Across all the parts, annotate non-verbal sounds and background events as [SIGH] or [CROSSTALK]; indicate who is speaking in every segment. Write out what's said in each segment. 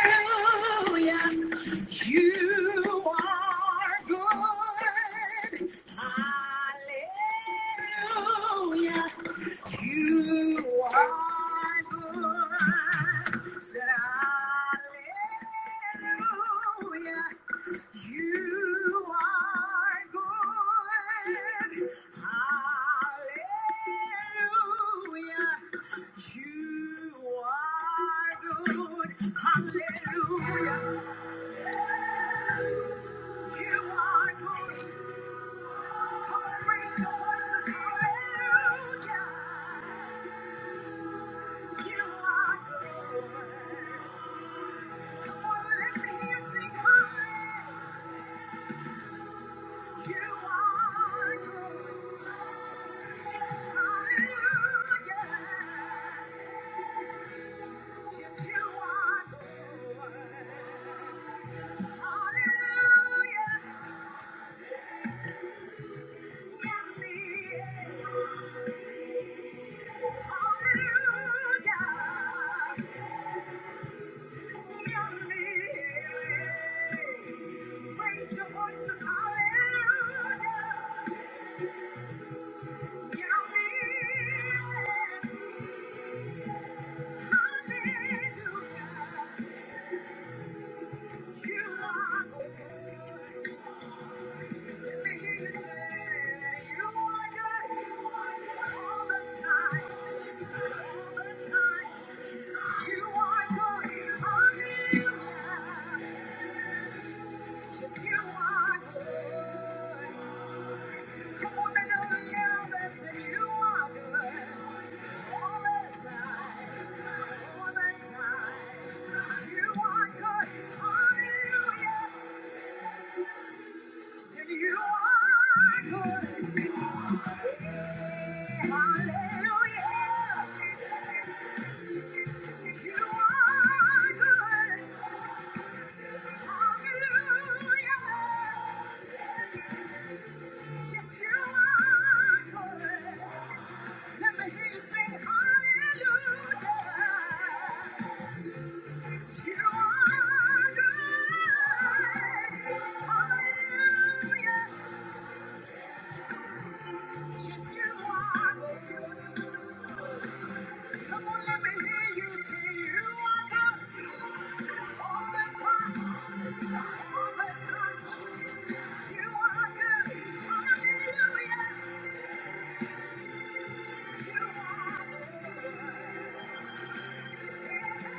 Speaker 1: Hallelujah. You are good. Hallelujah. You are good. Said hallelujah. You are good. Hallelujah. You are good. Hallelujah. You are good. Come and raise your voices. Hallelujah. Hallelujah. Raise your voices, hallelujah. Come on and look out and say you are good. Hallelujah. You are good. Hallelujah. you are good Hallelujah.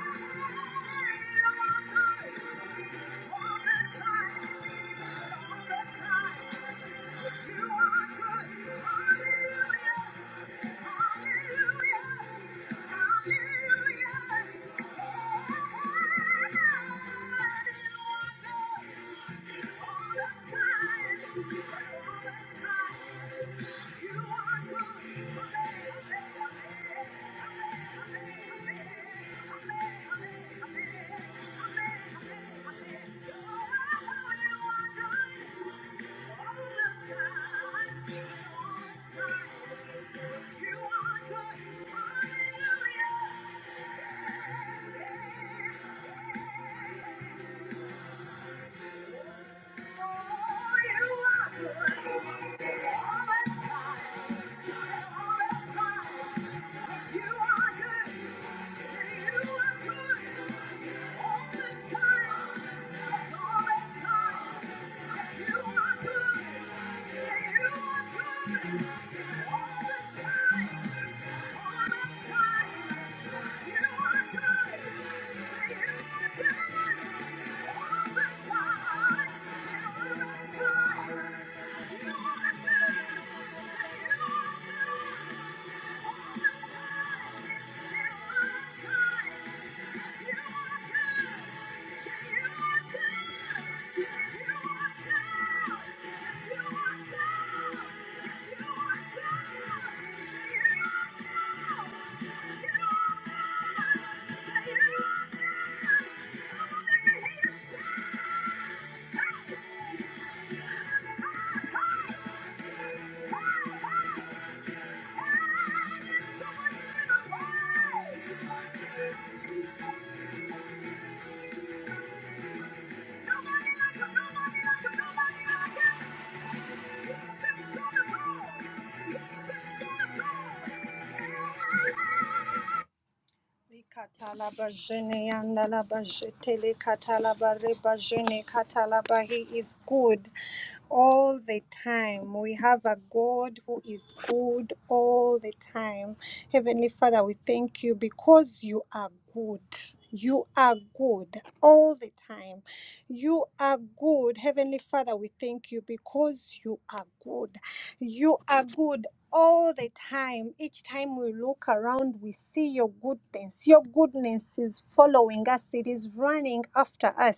Speaker 1: Hallelujah. Yeah, yeah, yeah. You are good. You are good. Thank you. are good. Fire! Fire! Someone's in the place! Katala He is good all the time. We have a God who is good all the time. Heavenly Father, we thank you because you are good. You are good all the time. You are good. Heavenly Father, we thank you because you are good. You are good all the time. Each time we look around, we see your goodness. Your goodness is following us, it is running after us.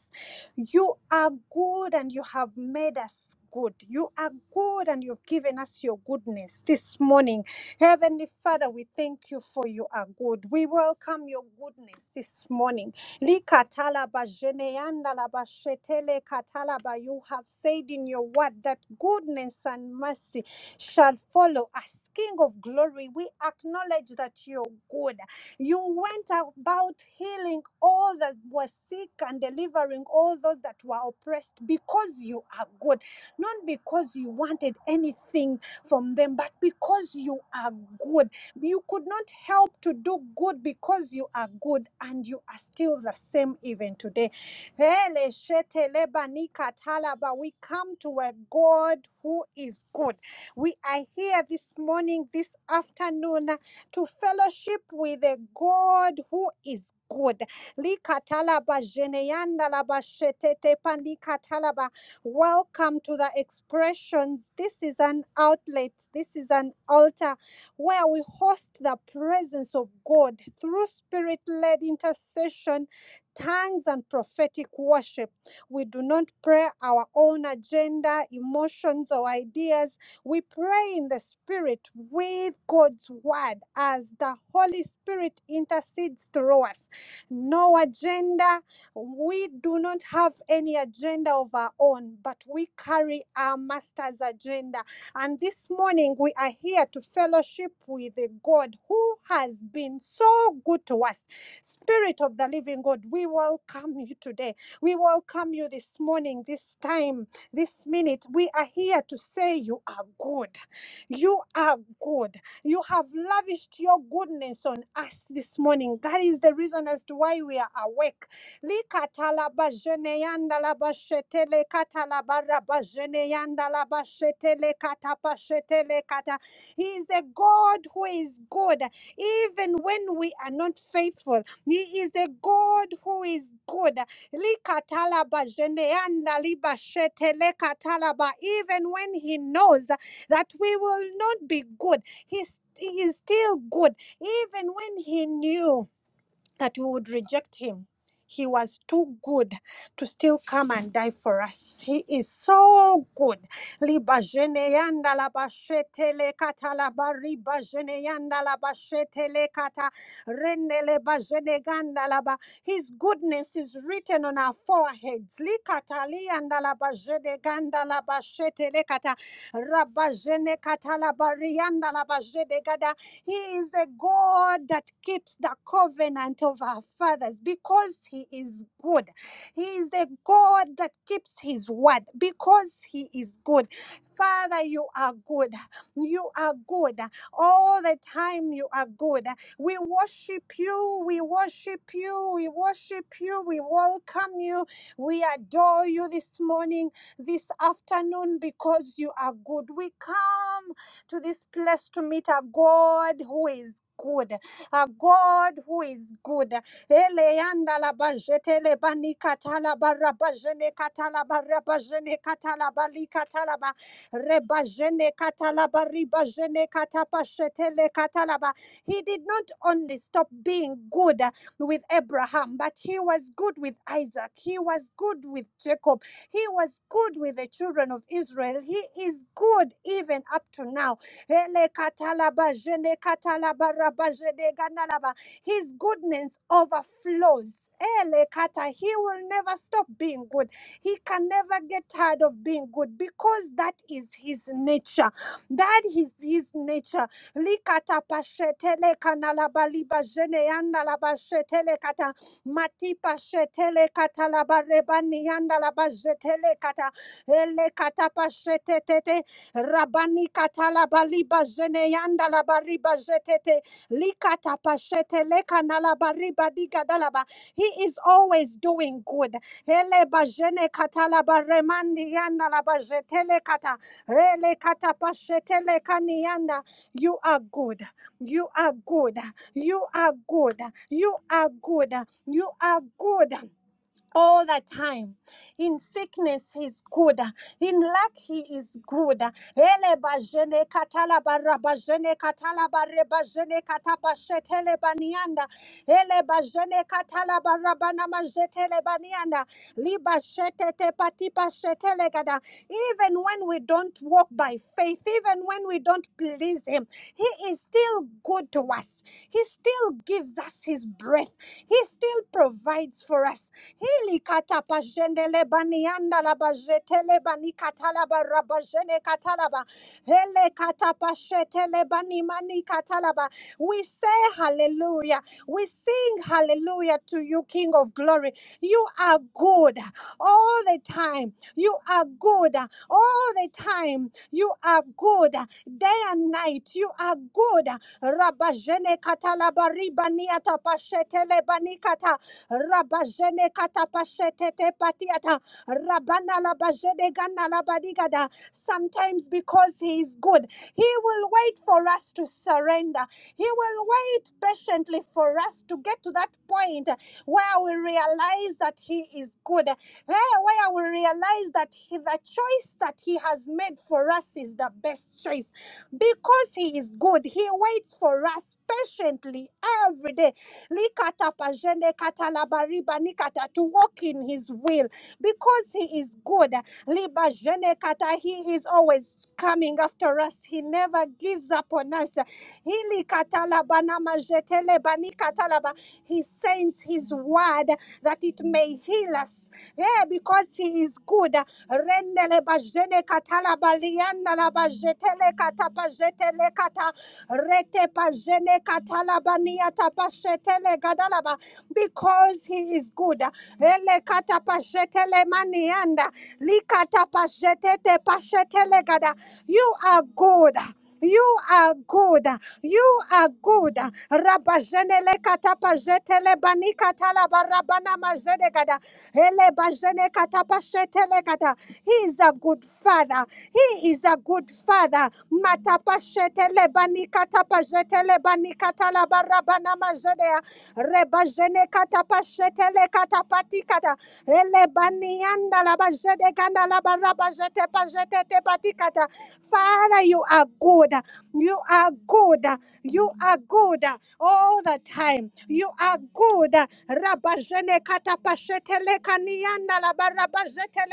Speaker 1: You are good and you have made us. Good. You are good and you've given us your goodness this morning. Heavenly Father, we thank you for you are good. We welcome your goodness this morning. Li katala ba jeneanda la ba shetele katala ba. You have said in your word that goodness and mercy shall follow us. King of glory, we acknowledge that you're good. You went about healing all that were sick and delivering all those that were oppressed because you are good, not because you wanted anything from them, but because you are good. You could not help to do good because you are good and you are still the same even today. Hele shete leba nika talaba. We come to a God who is good. We are here this morning, this afternoon, to fellowship with a God who is good. Lika jeneyanda laba shetete pandika Welcome to the expressions. This is an outlet. This is an altar where we host the presence of God through spirit led intercession, tongues, and prophetic worship. We do not pray our own agenda, emotions, or ideas. We pray in the Spirit with God's Word as the Holy Spirit intercedes through us. No agenda. We do not have any agenda of our own, but we carry our Master's agenda and this morning we are here to fellowship with a God who has been so good to us. Spirit of the living God, we welcome you today. We welcome you this morning, this time, this minute. We are here to say you are good. You are good. You have lavished your goodness on us this morning. That is the reason as to why we are awake likatala bajene yanda la bashete le katala barra bajene yanda la bashete le kata pashete le kata. He is a God who is good even when we are not faithful. He is a God who is good. Likatala bajene yanda li bashete le katala ba. Even when he knows that we will not be good, he st- he is still good. Even when he knew that we would reject him. He was too good to still come and die for us. He is so good. Liba jene yanda la ba le kata la ba jene yanda la ba le kata rende le ba ganda la ba. His goodness is written on our foreheads. Li kata li yanda la ba ganda la ba le kata raba jene kata la ba rianda la ba gada. He is a God that keeps the covenant of our fathers because He is good. He is a God that keeps His word because He is good. Father, you are good. You are good. All the time, you are good. We worship you. We worship you. We worship you. We welcome you. We adore you this morning, this afternoon, because you are good. We come to this place to meet a God who is good, a God who is good. Eleanda la bajete le bani katala barra bajene katala barra bajene katala bali katala ba rebajene katala bari bajene katapa shetele katala ba. He did not only stop being good with Abraham, but he was good with Isaac. He was good with Jacob. He was good with the children of Israel. He is good even up to now. Ele katalaba jene katalaba raba jene ganalaba. His goodness overflows. Ele kata. He will never stop being good. He can never get tired of being good because that is his nature. That is his nature. Likata pashetele kanalaba liba jene yanalaba shetele kata. Mati pashetele katalaba rebani yanalaba jetele kata. Ele kata pashetete. Rabani katala baliba jene yanda la bariba jetete. Likata pashete leka na la bariba diga dalaba. He is always doing good. Hele bajene katala baremandi yanda la bajetele kata. Rele kata pashetele kani yanda. You are good. You are good. You are good. You are good. You are good all the time. In sickness, he's good. In lack, he is good. Ele bajene katala barra bajene katala barre bajene katapa shetele banianda. Ele bajene katala barra bana majetele banianda. Liba shetete patipa shetele gada. Even when we don't walk by faith, even when we don't please him, he is still good to us. He still gives us his breath. He still provides for us. Hili katapa jendele banianda la bajetele bani katalaba rabajene katalaba. Hele katapa shetele bani mani katalaba. We say hallelujah. We sing hallelujah to you, King of glory. You are good all the time. You are good all the time. You are good day and night. You are good. Rabajene katalabari baniata pashetele banikata. Rabajene katapashete patiata. Rabana labajede gana labadigada. Sometimes because he is good, he will wait for us to surrender. He will wait patiently for for us to get to that point where we realize that He is good, eh, where we realize that he, the choice that He has made for us is the best choice because He is good. He waits for us patiently every day Likata pajene katalabariba nikata, to walk in His will because He is good. Liba jene kata, He is always coming after us us. He never gives up on us. He sends his word that it may heal us. Yeah, because he is good. because he is good manianda. Likata pashetete pashetelegada. You are good. You are good. You are good. Rabajenele katapa jetele banika talaba Ele bajene katapa shetelegada. He is a good father. He is a good father. Matapa shetele banika tapa jetele banika talaba rabana Father, you are good. You are good. You are good all the time. You are good. Rabajene katapashetele kanianda la barabajete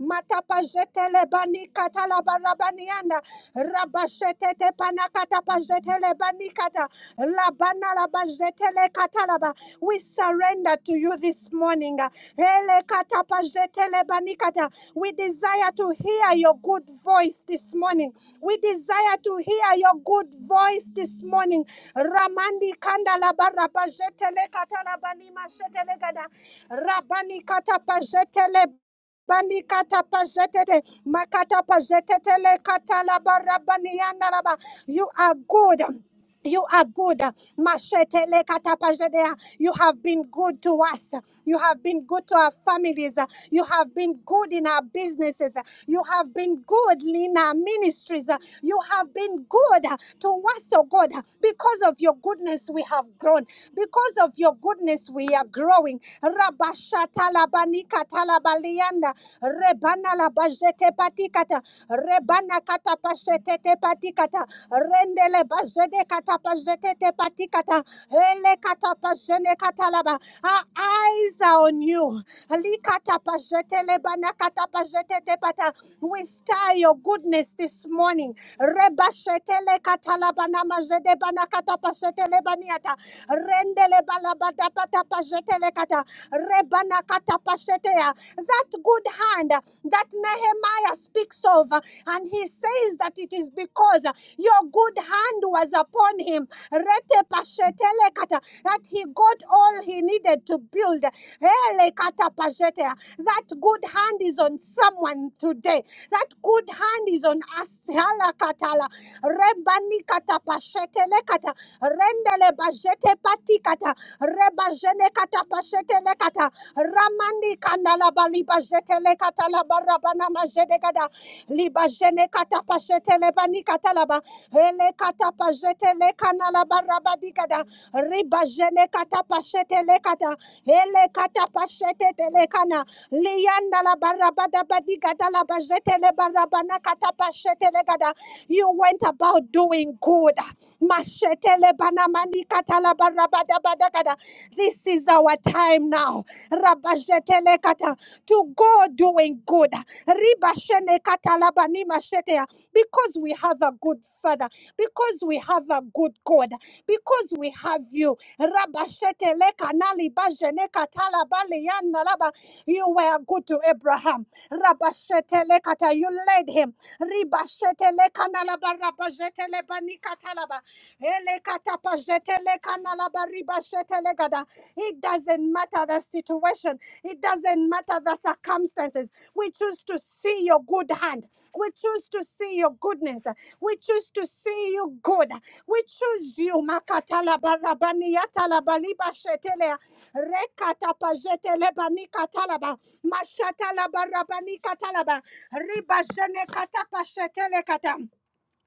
Speaker 1: Matapajetele bani katalabarabanianda. Rabashetete panakatapajetele banikata. Labana labajetele katalaba. We surrender to you this morning. Hele katapajetele banikata. We desire to hear your good voice this morning. We desire to hear your good voice this morning. Ramandi kandala barabajetele katalabani mashetele gada. Rabani katapajetele Bani Balikata pajetete, makata pajetete le kata katala barabani yandaraba. You are good. You are good. Mashete le kata pajetea. You have been good to us. You have been good to our families. You have been good in our businesses. You have been good in our ministries. You have been good to us, oh God. Because of your goodness, we have grown. Because of your goodness, we are growing. Rabashata labanika talabalianda rebana la bajete patikata rebana kata pashete te patikata rendele bajede kata pajete te patikata ele kata pajene kata laba our eyes are on you ali kata pajete lebana kata pajete te pata we star your goodness this morning rebashete le kata labana majede bana kata pashete lebaniata rendele balabada pata pajete le kata Rebana katapasetea. That good hand uh, that Nehemiah speaks of, uh, and he says that it is because uh, your good hand was upon him. Rete pashetele kata. That he got all he needed to build. Hele kata pashetea. That good hand is on someone today. That good hand is on us. Hala katala. Rembani kata pashetele kata. Rendele bajete patikata. Reba kata pashete le kata. Ramani kana la ba jete le kata la ba rabana ma gada. Liba kata pashete le bani kata la ba. Ele kata pashete le kana la ba gada. Riba kata pashete le kata. Ele kata pashete te kana. Lianda la ba badi gada la ba le ba kata pashete le gada. You went about doing good. Mashetele banamani katala barabada badakada. This is our time now. Rabajetele kata. To go doing good. Ribashene katala bani mashetea. Because we have a good father. Father, because we have a good God, because we have you. Rabashete lekanali bajene katala bali yana laba. You were good to Abraham. Rabashete lekata, you led him. Ribashete lekanalaba rabajete lebani katalaba. Elekata pajete lekanalaba ribashete legada. It doesn't matter the situation. It doesn't matter the circumstances. We choose to see your good hand. We choose to see your goodness. We choose to see you good. We choose you. Makatala barabani yatala baliba shetelea. Rekata pajetele bani katalaba. Mashatala barabani katalaba. Riba jene kata pashetele kata.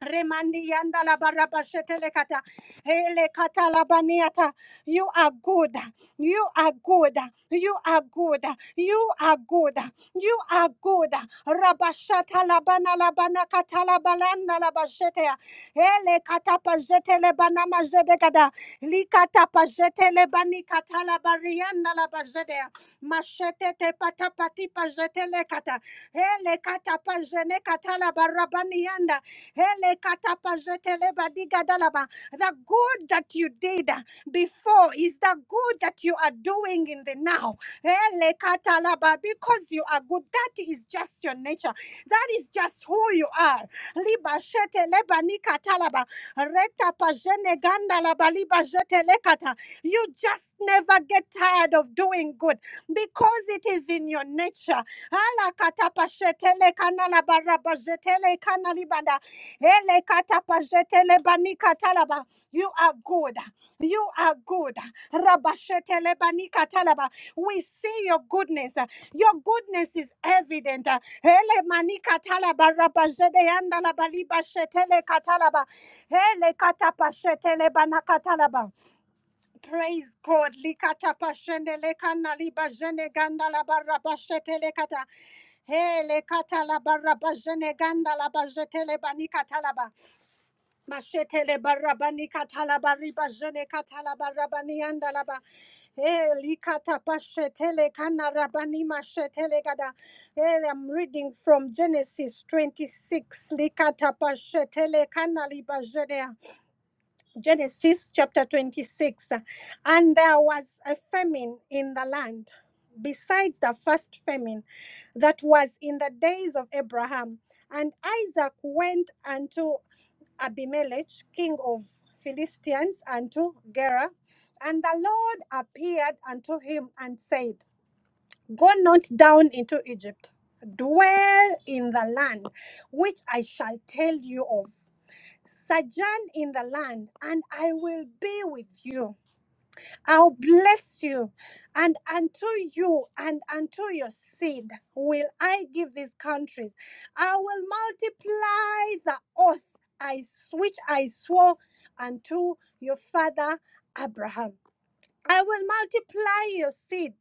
Speaker 1: Remandi yanda la baraba shetele kata. Hele kata la baniata. You are good. You are good. You are good. You are good. You are good. Rabashata la bana la bana kata la balanda la bashete. Hele kata pa jetele bana majede kada. Likata pa jetele bani kata la barianda la bajede. Machete te patapati pa jetele kata. Hele kata pa jene kata la barabani yanda. Hele katapa jetele badiga dalaba. The good that you did uh, before is the good that you are doing in the now. Hele katalaba. Because you are good, that is just your nature. That is just who you are. Liba shetele bani katalaba. Reta pajene gandalaba. Liba jetele kata. You just never get tired of doing good because it is in your nature. Ala katapa shetele kanala baraba jetele kanali Ele katapazete lebani katalaba. You are good. You are good. Rabashete lebani katalaba. We see your goodness. Your goodness is evident. Ele mani katalaba rabazede yanda labali bashete le katalaba. Ele katapashete lebana katalaba. Praise God. Likata pashende lekana libajene ganda la barabashete lekata. Hele kata la barabajene ganda la lebani katalaba. Mashetele barabani katala bariba jene katala barabani andalaba. Eh, likata kana rabani mashetele gada. Eh, I'm reading from Genesis 26. Likata kana liba jene. Genesis chapter 26. And there was a famine in the land, besides the first famine that was in the days of Abraham. And Isaac went unto Abimelech, king of Philistines, unto Gerar, And the Lord appeared unto him and said, Go not down into Egypt, dwell in the land which I shall tell you of sojourn in the land, and I will be with you. I'll bless you, and unto you and unto your seed will I give these countries. I will multiply the oath I s- which I swore unto your father Abraham. I will multiply your seed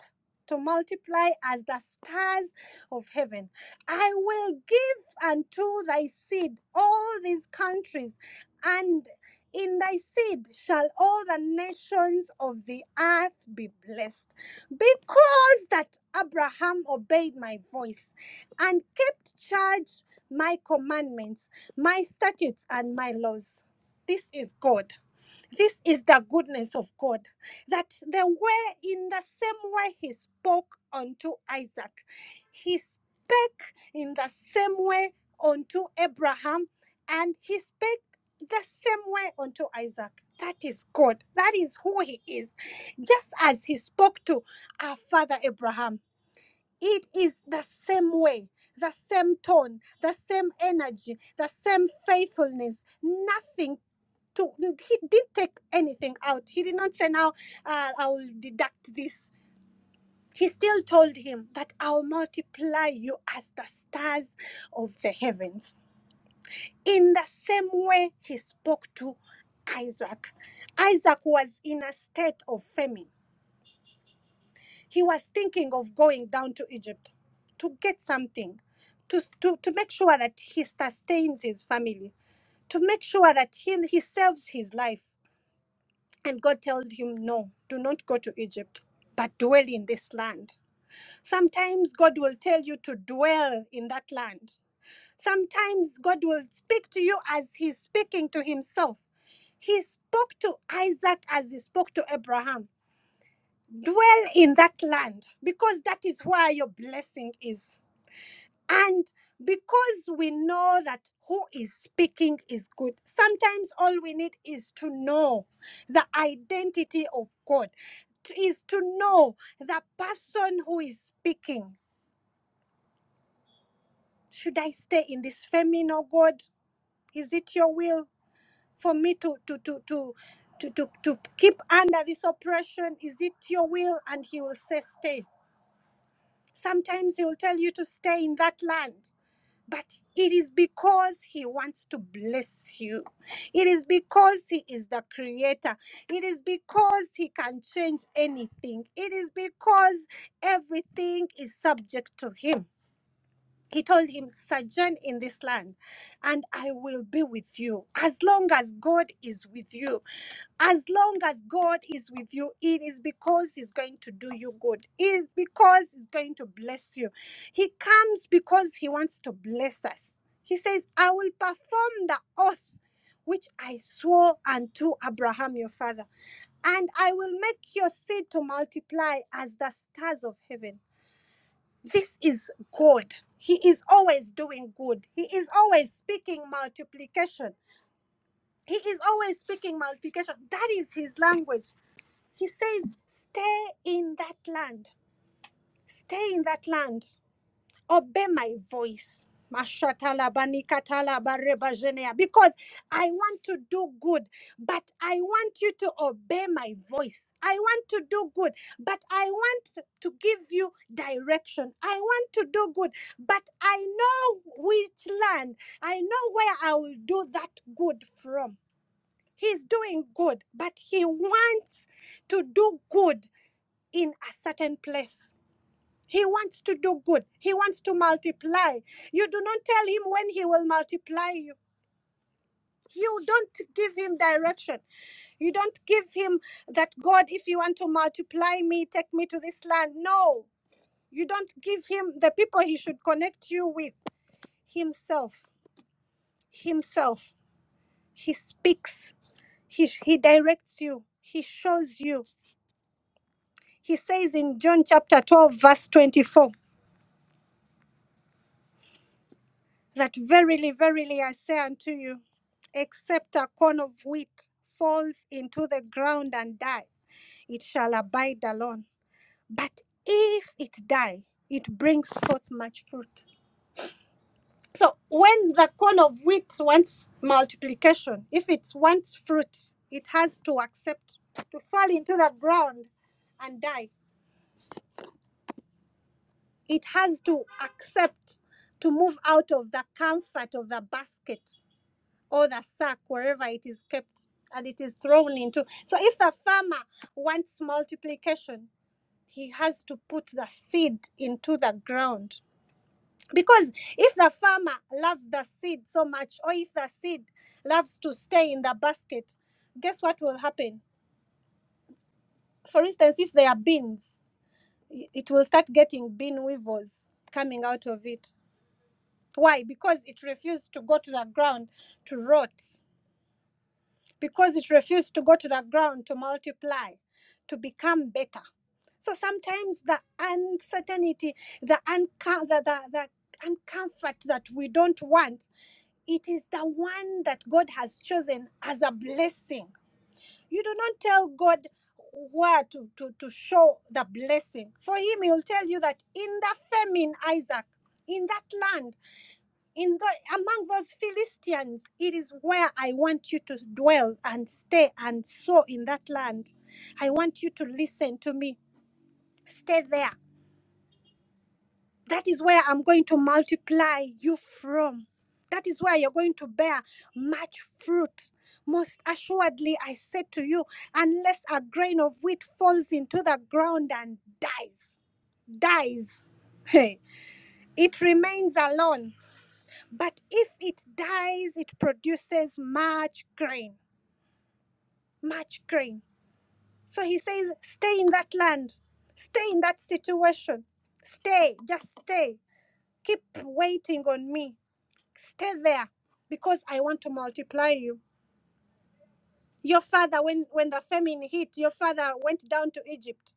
Speaker 1: to multiply as the stars of heaven. I will give unto thy seed all these countries, and in thy seed shall all the nations of the earth be blessed. Because that Abraham obeyed my voice and kept charge my commandments, my statutes, and my laws. This is God. This is the goodness of God. That the way, in the same way he spoke unto Isaac, he spake in the same way unto Abraham, and he spake the same way unto Isaac. That is God. That is who he is. Just as he spoke to our father Abraham, it is the same way, the same tone, the same energy, the same faithfulness. Nothing to, he didn't take anything out. He did not say, now uh, I will deduct this. He still told him that I'll multiply you as the stars of the heavens. In the same way he spoke to Isaac. Isaac was in a state of famine He was thinking of going down to Egypt to get something, to, to, to make sure that he sustains his family, to make sure that he he saves his life. And God told him, No, do not go to Egypt, but dwell in this land. Sometimes God will tell you to dwell in that land. Sometimes God will speak to you as he's speaking to himself. He spoke to Isaac as he spoke to Abraham dwell in that land because that is where your blessing is. And because we know that who is speaking is good, sometimes all we need is to know the identity of God, is to know the person who is speaking. Should I stay in this famine, oh God? Is it your will for me to to to to to, to, to keep under this oppression? Is it your will? And he will say, stay. Sometimes he will tell you to stay in that land, but it is because he wants to bless you. It is because he is the creator. It is because he can change anything. It is because everything is subject to him he told him, Sojourn in this land, and I will be with you. As long as God is with you, as long as God is with you, it is because He's going to do you good. It is because He's going to bless you. He comes because He wants to bless us. He says, I will perform the oath which I swore unto Abraham your father, and I will make your seed to multiply as the stars of heaven this is God. He is always doing good. He is always speaking multiplication. He is always speaking multiplication. That is his language. He says, Stay in that land. Stay in that land obey my voice. Mashatala banikatala barebajenea. Because I want to do good, but I want you to obey my voice. I want to do good, but I want to give you direction. I want to do good, but I know which land, I know where I will do that good from. He's doing good, but he wants to do good in a certain place. He wants to do good. He wants to multiply. You do not tell him when he will multiply you. You don't give him direction. You don't give him that, God, if you want to multiply me, take me to this land. No, you don't give him the people he should connect you with. Himself, himself. He speaks, he, he directs you, he shows you. He says in John chapter 12, verse 24. that verily, verily, I say unto you, except a corn of wheat falls into the ground and die, it shall abide alone. But if it die, it brings forth much fruit. So when the corn of wheat wants multiplication, if it wants fruit, it has to accept to fall into the ground and die. It has to accept to move out of the comfort of the basket or the sack wherever it is kept and it is thrown into. So if the farmer wants multiplication, he has to put the seed into the ground. Because if the farmer loves the seed so much, or if the seed loves to stay in the basket, guess what will happen? For instance, if there are beans, it will start getting bean weevils coming out of it. Why? Because it refused to go to the ground to rot because it refused to go to the ground to multiply, to become better. So sometimes the uncertainty, the, uncom- the, the, the uncomfort that we don't want, it is the one that God has chosen as a blessing. You do not tell God where to, to, to show the blessing. For Him, He will tell you that in the famine, Isaac, in that land, in the among those Philistines, it is where I want you to dwell and stay and sow in that land. I want you to listen to me. Stay there. That is where I'm going to multiply you from. That is where you're going to bear much fruit. Most assuredly, I said to you, unless a grain of wheat falls into the ground and dies, dies, [LAUGHS] it remains alone But if it dies, it produces much grain, much grain. So he says, stay in that land, stay in that situation, stay, just stay. Keep waiting on me, stay there because I want to multiply you. Your father, when, when the famine hit, your father went down to Egypt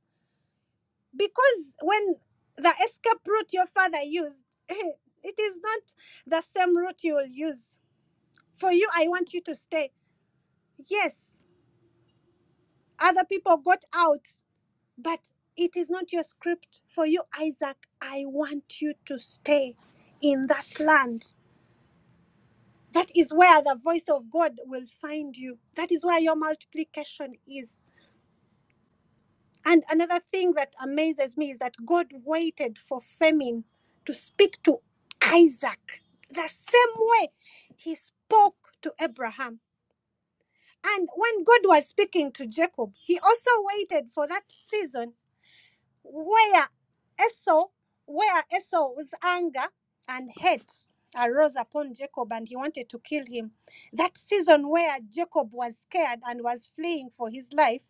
Speaker 1: because when the escape route your father used, [LAUGHS] it is not the same route you will use. For you, I want you to stay. Yes, Other people got out, but it is not your script. For you, Isaac, I want you to stay in that land. That is where the voice of God will find you. That is where your multiplication is. And another thing that amazes me is that God waited for famine to speak to Isaac the same way he spoke to Abraham. And when God was speaking to Jacob, he also waited for that season where Esau, where Esau's anger and hate arose upon Jacob and he wanted to kill him, that season where Jacob was scared and was fleeing for his life,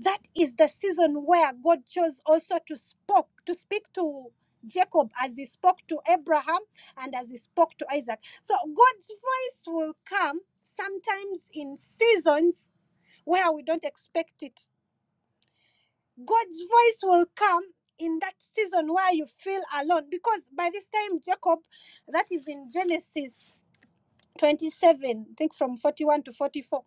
Speaker 1: that is the season where God chose also to spoke to speak to Jacob as he spoke to Abraham and as he spoke to Isaac. So God's voice will come sometimes in seasons where we don't expect it God's voice will come in that season where you feel alone because by this time Jacob that is in Genesis 27, I think from 41 to 44.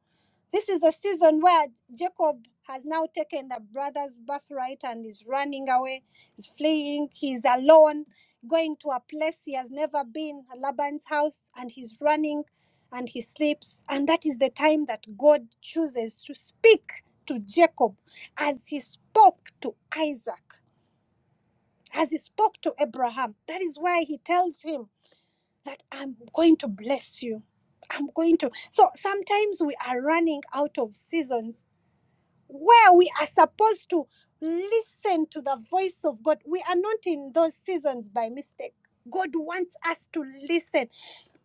Speaker 1: This is the season where Jacob has now taken the brother's birthright and is running away, is fleeing, he's alone, going to a place he has never been, Laban's house, and he's running and he sleeps. And that is the time that God chooses to speak to Jacob as he spoke to Isaac, as he spoke to Abraham. That is why he tells him that I'm going to bless you. I'm going to. So sometimes we are running out of seasons where we are supposed to listen to the voice of God. We are not in those seasons by mistake. God wants us to listen.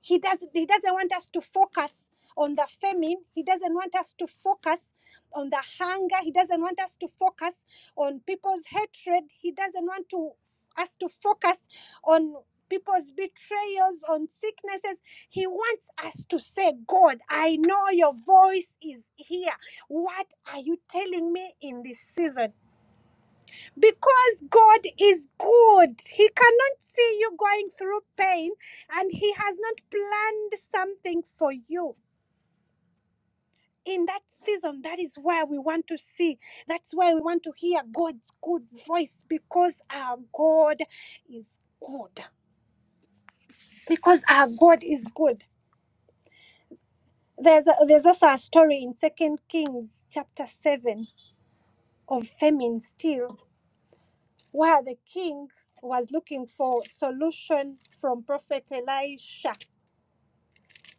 Speaker 1: He doesn't he doesn't want us to focus on the famine. He doesn't want us to focus on the hunger. He doesn't want us to focus on people's hatred. He doesn't want to us to focus on people's betrayals, on sicknesses. He wants us to say, God, I know your voice is here. What are you telling me in this season? Because God is good. He cannot see you going through pain and He has not planned something for you. In that season, that is where we want to see. That's why we want to hear God's good voice because our God is good. Because our God is good. There's, a, there's also a story in Second Kings chapter 7 of famine still where the king was looking for solution from prophet elisha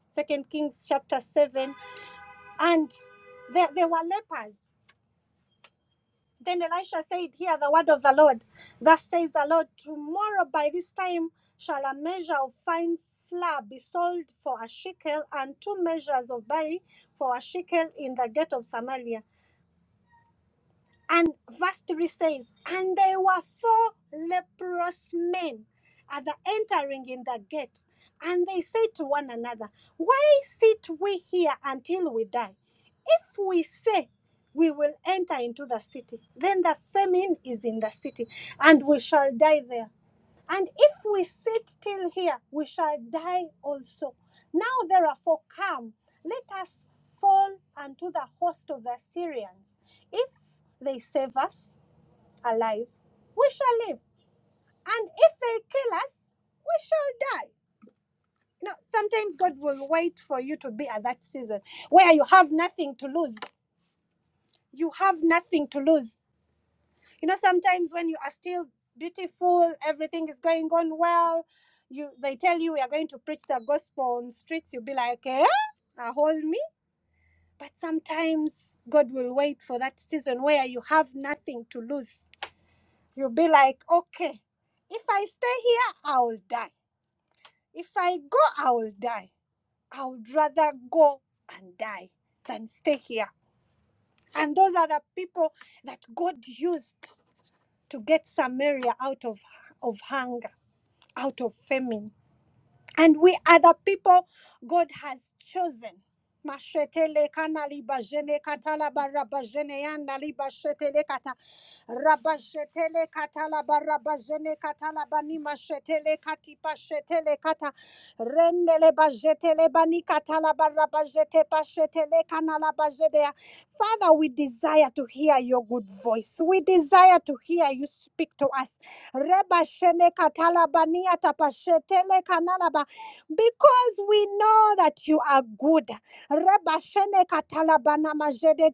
Speaker 1: second kings chapter 7 and there, there were lepers then elisha said hear the word of the lord thus says the lord tomorrow by this time shall a measure of fine flour be sold for a shekel and two measures of barley for a shekel in the gate of samaria And verse 3 says, And there were four leprous men at the entering in the gate. And they said to one another, Why sit we here until we die? If we say we will enter into the city, then the famine is in the city, and we shall die there. And if we sit till here, we shall die also. Now therefore come, let us fall unto the host of the Assyrians. If they save us alive, we shall live. And if they kill us, we shall die. You know, sometimes God will wait for you to be at that season where you have nothing to lose. You have nothing to lose you know sometimes when you are still beautiful everything is going on well you they tell you we are going to preach the gospel on streets you'll be like eh uh, hold me but sometimes god will wait for that season where you have nothing to lose you'll be like okay if i stay here i will die if i go i will die i would rather go and die than stay here and those are the people that god used to get samaria out of of hunger out of famine and we are the people God has chosen. Mashetele kanali bajene katala bara bajene yanda liba shetele kata raba katala bara bajene katala bani mashetele kati pashetele kata rendele bajetele bani katala bara bajete pashetele kanala bajede Father, we desire to hear your good voice. We desire to hear you speak to us. Reba shene katala bani atapashetele kanala ba because we know that you are good. Reba shene katalabana majede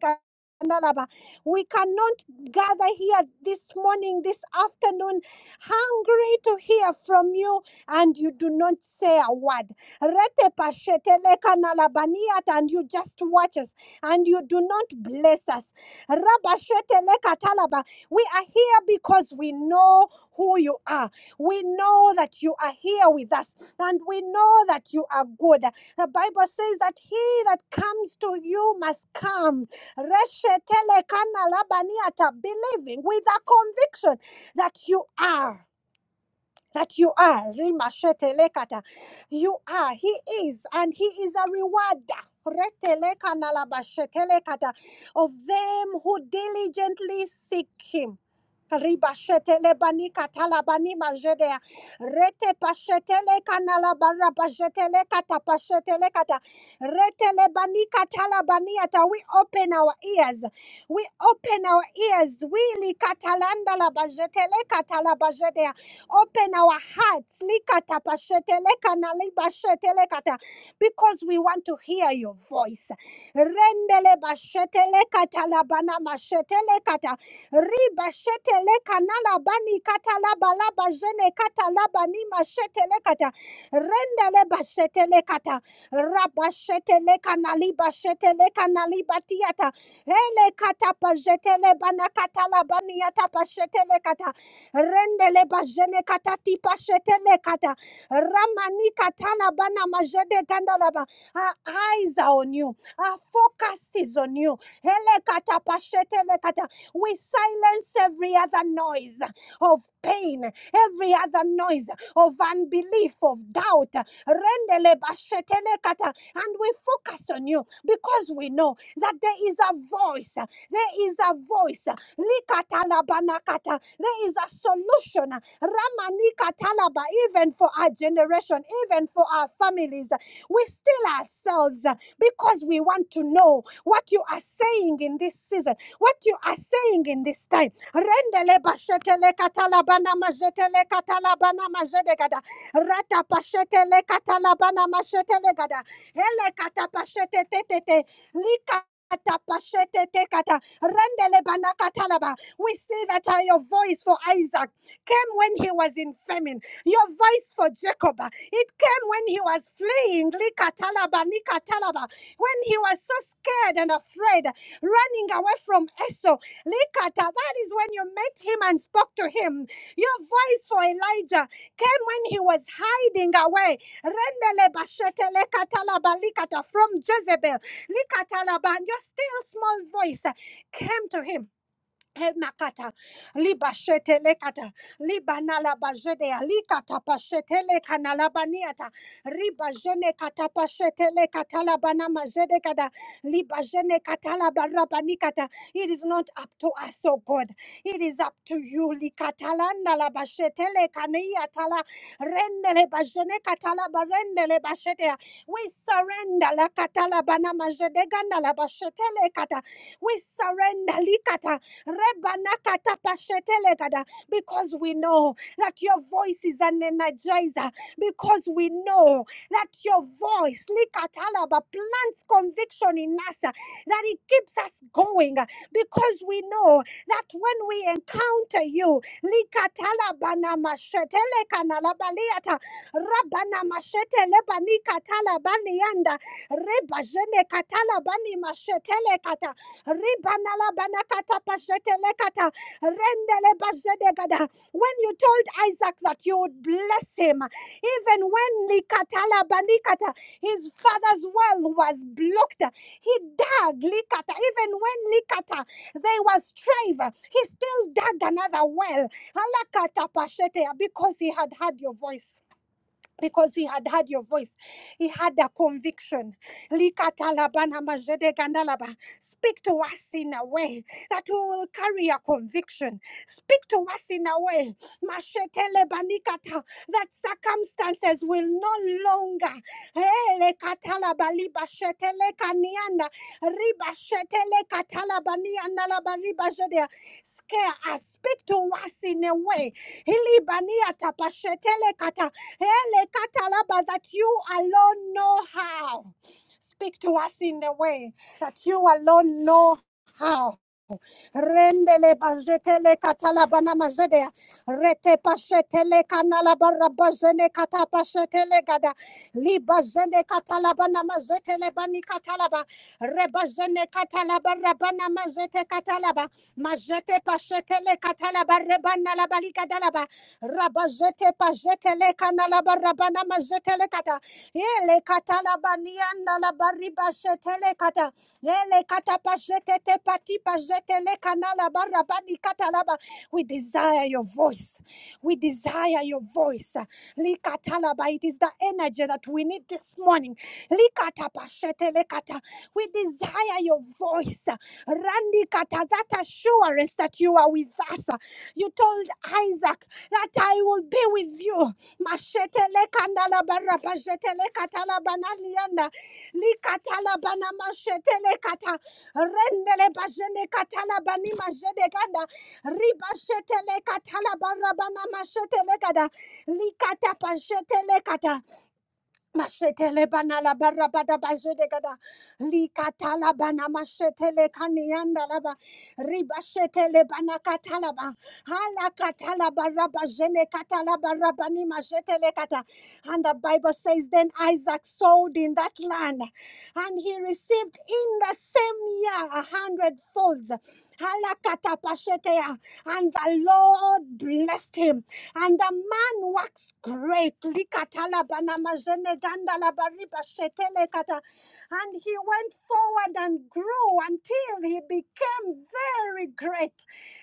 Speaker 1: We cannot gather here this morning, this afternoon, hungry to hear from you, and you do not say a word. Rete pasheteleka leka nalabaniat, And you just watch us, and you do not bless us. Raba talaba. We are here because we know who you are. We know that you are here with us and we know that you are good. The Bible says that he that comes to you must come. Reshetele kana Believing with a conviction that you are that you are rimashetelekata you are he is and he is a rewarder Retelekanalabashetelekata, of them who diligently seek him Ribashetelebanikatalabanimazhedea, retepashetelekanalabarabashetelekatapashetelekata, retelebanikatalabaniyata. we open our ears we open our ears. We Open our hearts. Likatapashetelekanalibashetelekata, Because we want to hear your voice. Rendelebashetelekatalabanamashetelekata, ribashetelekanalabanikatalabalabajenekatalabanimashetelekata, rendelebashetelekata, rabashetelekanalibashetelekanalibatiata, elekatapajetelebanakatalabaniatapashetelekata rendele bajene kata tipa shetele kata ramani katala bana majede gandalaba. Our eyes are on you. Our focus is on you. Hele kata pashetele kata. We silence every other noise of pain, every other noise of unbelief, of doubt. Rendele bashetele kata. And we focus on you because we know that there is a voice. There is a voice. Likata labanakata. There is a solution. Ramanika talaba, even for our generation, even for our families. We still ourselves uh, because we want to know what you are saying in this season, what you are saying in this time. Rendele bashetele katalabana majetele katalabana majedegada. Rata pashetele katalabana mashetele Hele katapashete tetete. Lika We see that are your voice for Isaac came when he was in famine. Your voice for Jacob, uh, it came when he was fleeing. Likatalaba, Nikatalaba. When he was so scared and afraid, uh, running away from Esau. Likata, that is when you met him and spoke to him. Your voice for Elijah came when he was hiding away. Rendele bashetele katalaba likata from Jezebel. Likatalaba, and your still small voice uh, came to him Emakata, liba lekata, liba nalaba alikata pashete leka nalabaniata, riba kata pashete lekata labana majede kada, liba kata labarabanikata. It is not up to us, oh God. It is up to you. Likatala nalaba shete rendele bajene katala barendele bashete. We surrender la katala bana majede ganda laba lekata. We surrender likata. Rebanakatapashetelegada, Because we know that your voice is an energizer. Because we know that your voice, likatalaba, plants conviction in us, uh, that it keeps us going. uh, Because we know that when we encounter you, likatalabanamashetelekanalabaliata, rabanamashete lebanikatala banianda reba jene katala Ribanala banakata pashetelekata. Rendele bashedegada. When you told Isaac that you would bless him, even when Likatala banikata, his father's well was blocked, he dug Likata. Even when Likata, they were strive, he still dug another well. Alakata pashete, Because he had heard your voice because he had heard your voice. He had a conviction. Likatalabana majedegandalaba. Speak to us in a way that we will carry a conviction. Speak to us in a way mashetelebanikata, that circumstances will no longer elekatalabalibashetelekanianda, ribashetelekatalabaniandalaba ribashedea, scare us. Speak to us in a way. Hilibaniatapashetelekata, Hele katalaba, that you alone know how. Speak to us in the way that you alone know how. Rendele bajetele katalabana mazede rete pashetele kanala barabazene kata pashetele gada libazene katalabana mazetele bani katalaba rebazene katalaba rabana mazete katalaba mazete pashetele katalaba rebana la bali Rabazete pazete le kanala barabana mazete le kata. Ele kata la banianda la bariba zete le kata. Ele kata pazete te pati pazete le kanala barabani kata laba. We desire your voice. We desire your voice. Likatalaba. It is the energy that we need this morning. Likata pashete lekata. We desire hear your voice. Randy Kata, that assurance that you are with us. You told Isaac that I will be with you. Mashetele kandala bara pashetele katala banalianda. Likatala bana mashetele kata. Rendele bajene katala bani majede kanda. Ribashetele katala bara mashetele kada. Likata pashetele kata. Mashetele bana la barra bada bajede gada likata la bana mashetele kanianda laba riba shetele bana katalaba hala katala barra bajene katala barra bani mashetele kata and the Bible says, Then Isaac sowed in that land, and he received in the same year a hundredfolds. Halakatapashetea. And the Lord blessed him, and the man waxed great. and he went forward and grew until he became very great.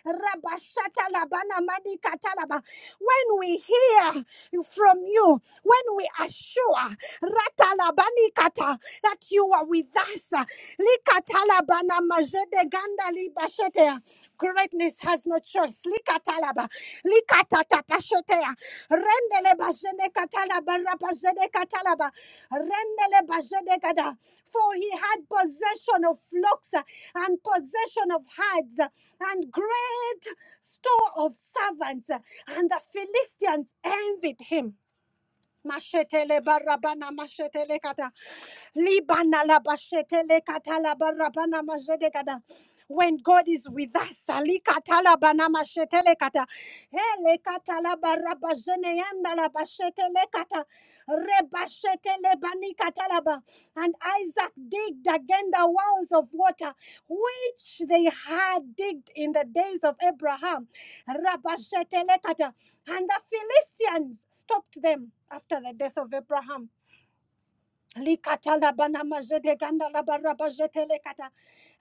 Speaker 1: Rabashatalabana manikatalaba. When we hear from you, when we assure Ratalabani kata that you are with us, likatalabana majede ganda libashete. Greatness has no choice. Likatalaba. Likatalaba katata pashotea. Rendele bashende katala barra pashende katalaba. Rendele bashende kata. For he had possession of flocks uh, and possession of herds uh, and great store of servants. uh, And the Philistines envied him. Mashetele barabana mashetele kata. Libana la bashetele kata la barabana mashete kata. When God is with us, ali la bana mashetele kata. Hele kata la baraba jene la bashetele kata. Reba bani kata la ba. And Isaac digged again the wells of water which they had digged in the days of Abraham. Rabashetelekata. And the Philistines stopped them after the death of Abraham. Likata labana majedeganda labarabajetelekata.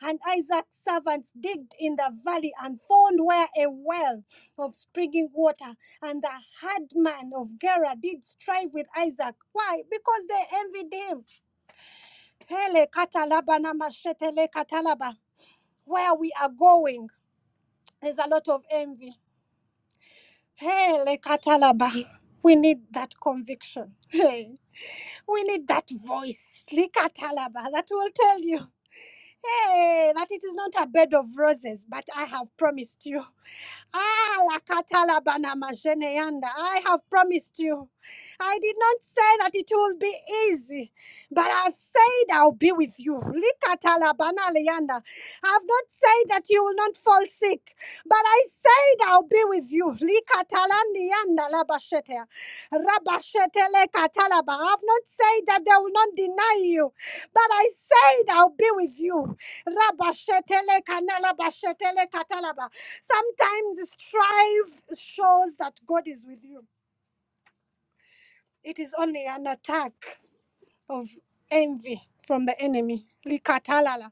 Speaker 1: And Isaac's servants digged in the valley and found where a well of springing water. And the hard man of Gerar did strive with Isaac. Why? Because they envied him. Hele na mashetele Where we are going. There's a lot of envy. Hey, Lekatalaba. We need that conviction. Hey, we need that voice, Lekatalaba, that will tell you, hey, that it is not a bed of roses, but I have promised you. Ah, lakatalabana majeneyanda. I have promised you. I did not say that it will be easy, but I've said I'll be with you. Likatalabana leyanda. I've not said that you will not fall sick, but I said I'll be with you. Likatalandi yanda labashete. Rabashete lekatalaba. I've not said that they will not deny you. But I said, I'll be with you. Rabashetele kanala bashetele katalaba. Sometimes strife shows that God is with you. It is only an attack of envy from the enemy. Likatalala.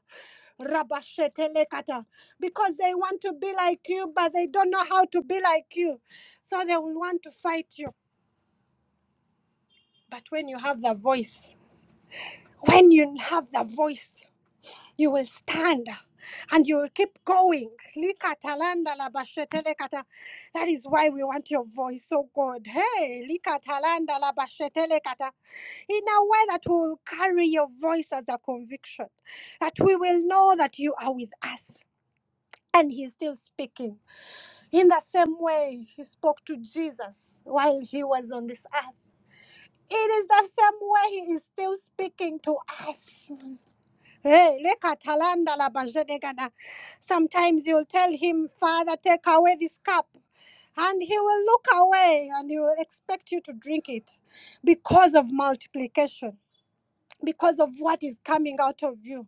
Speaker 1: Rabashetelekata. Because they want to be like you, but they don't know how to be like you. So they will want to fight you. But when you have the voice, when you have the voice, You will stand and you will keep going. Likatalanda la bashetele That is why we want your voice, oh God. Hey, likatalanda la bashetele in a way that we will carry your voice as a conviction, that we will know that you are with us. And he's still speaking. In the same way he spoke to Jesus while he was on this earth. It is the same way he is still speaking to us. Hey, leka talanda la bajedegada. Sometimes you'll tell him, Father, take away this cup. And he will look away and he will expect you to drink it because of multiplication, because of what is coming out of you.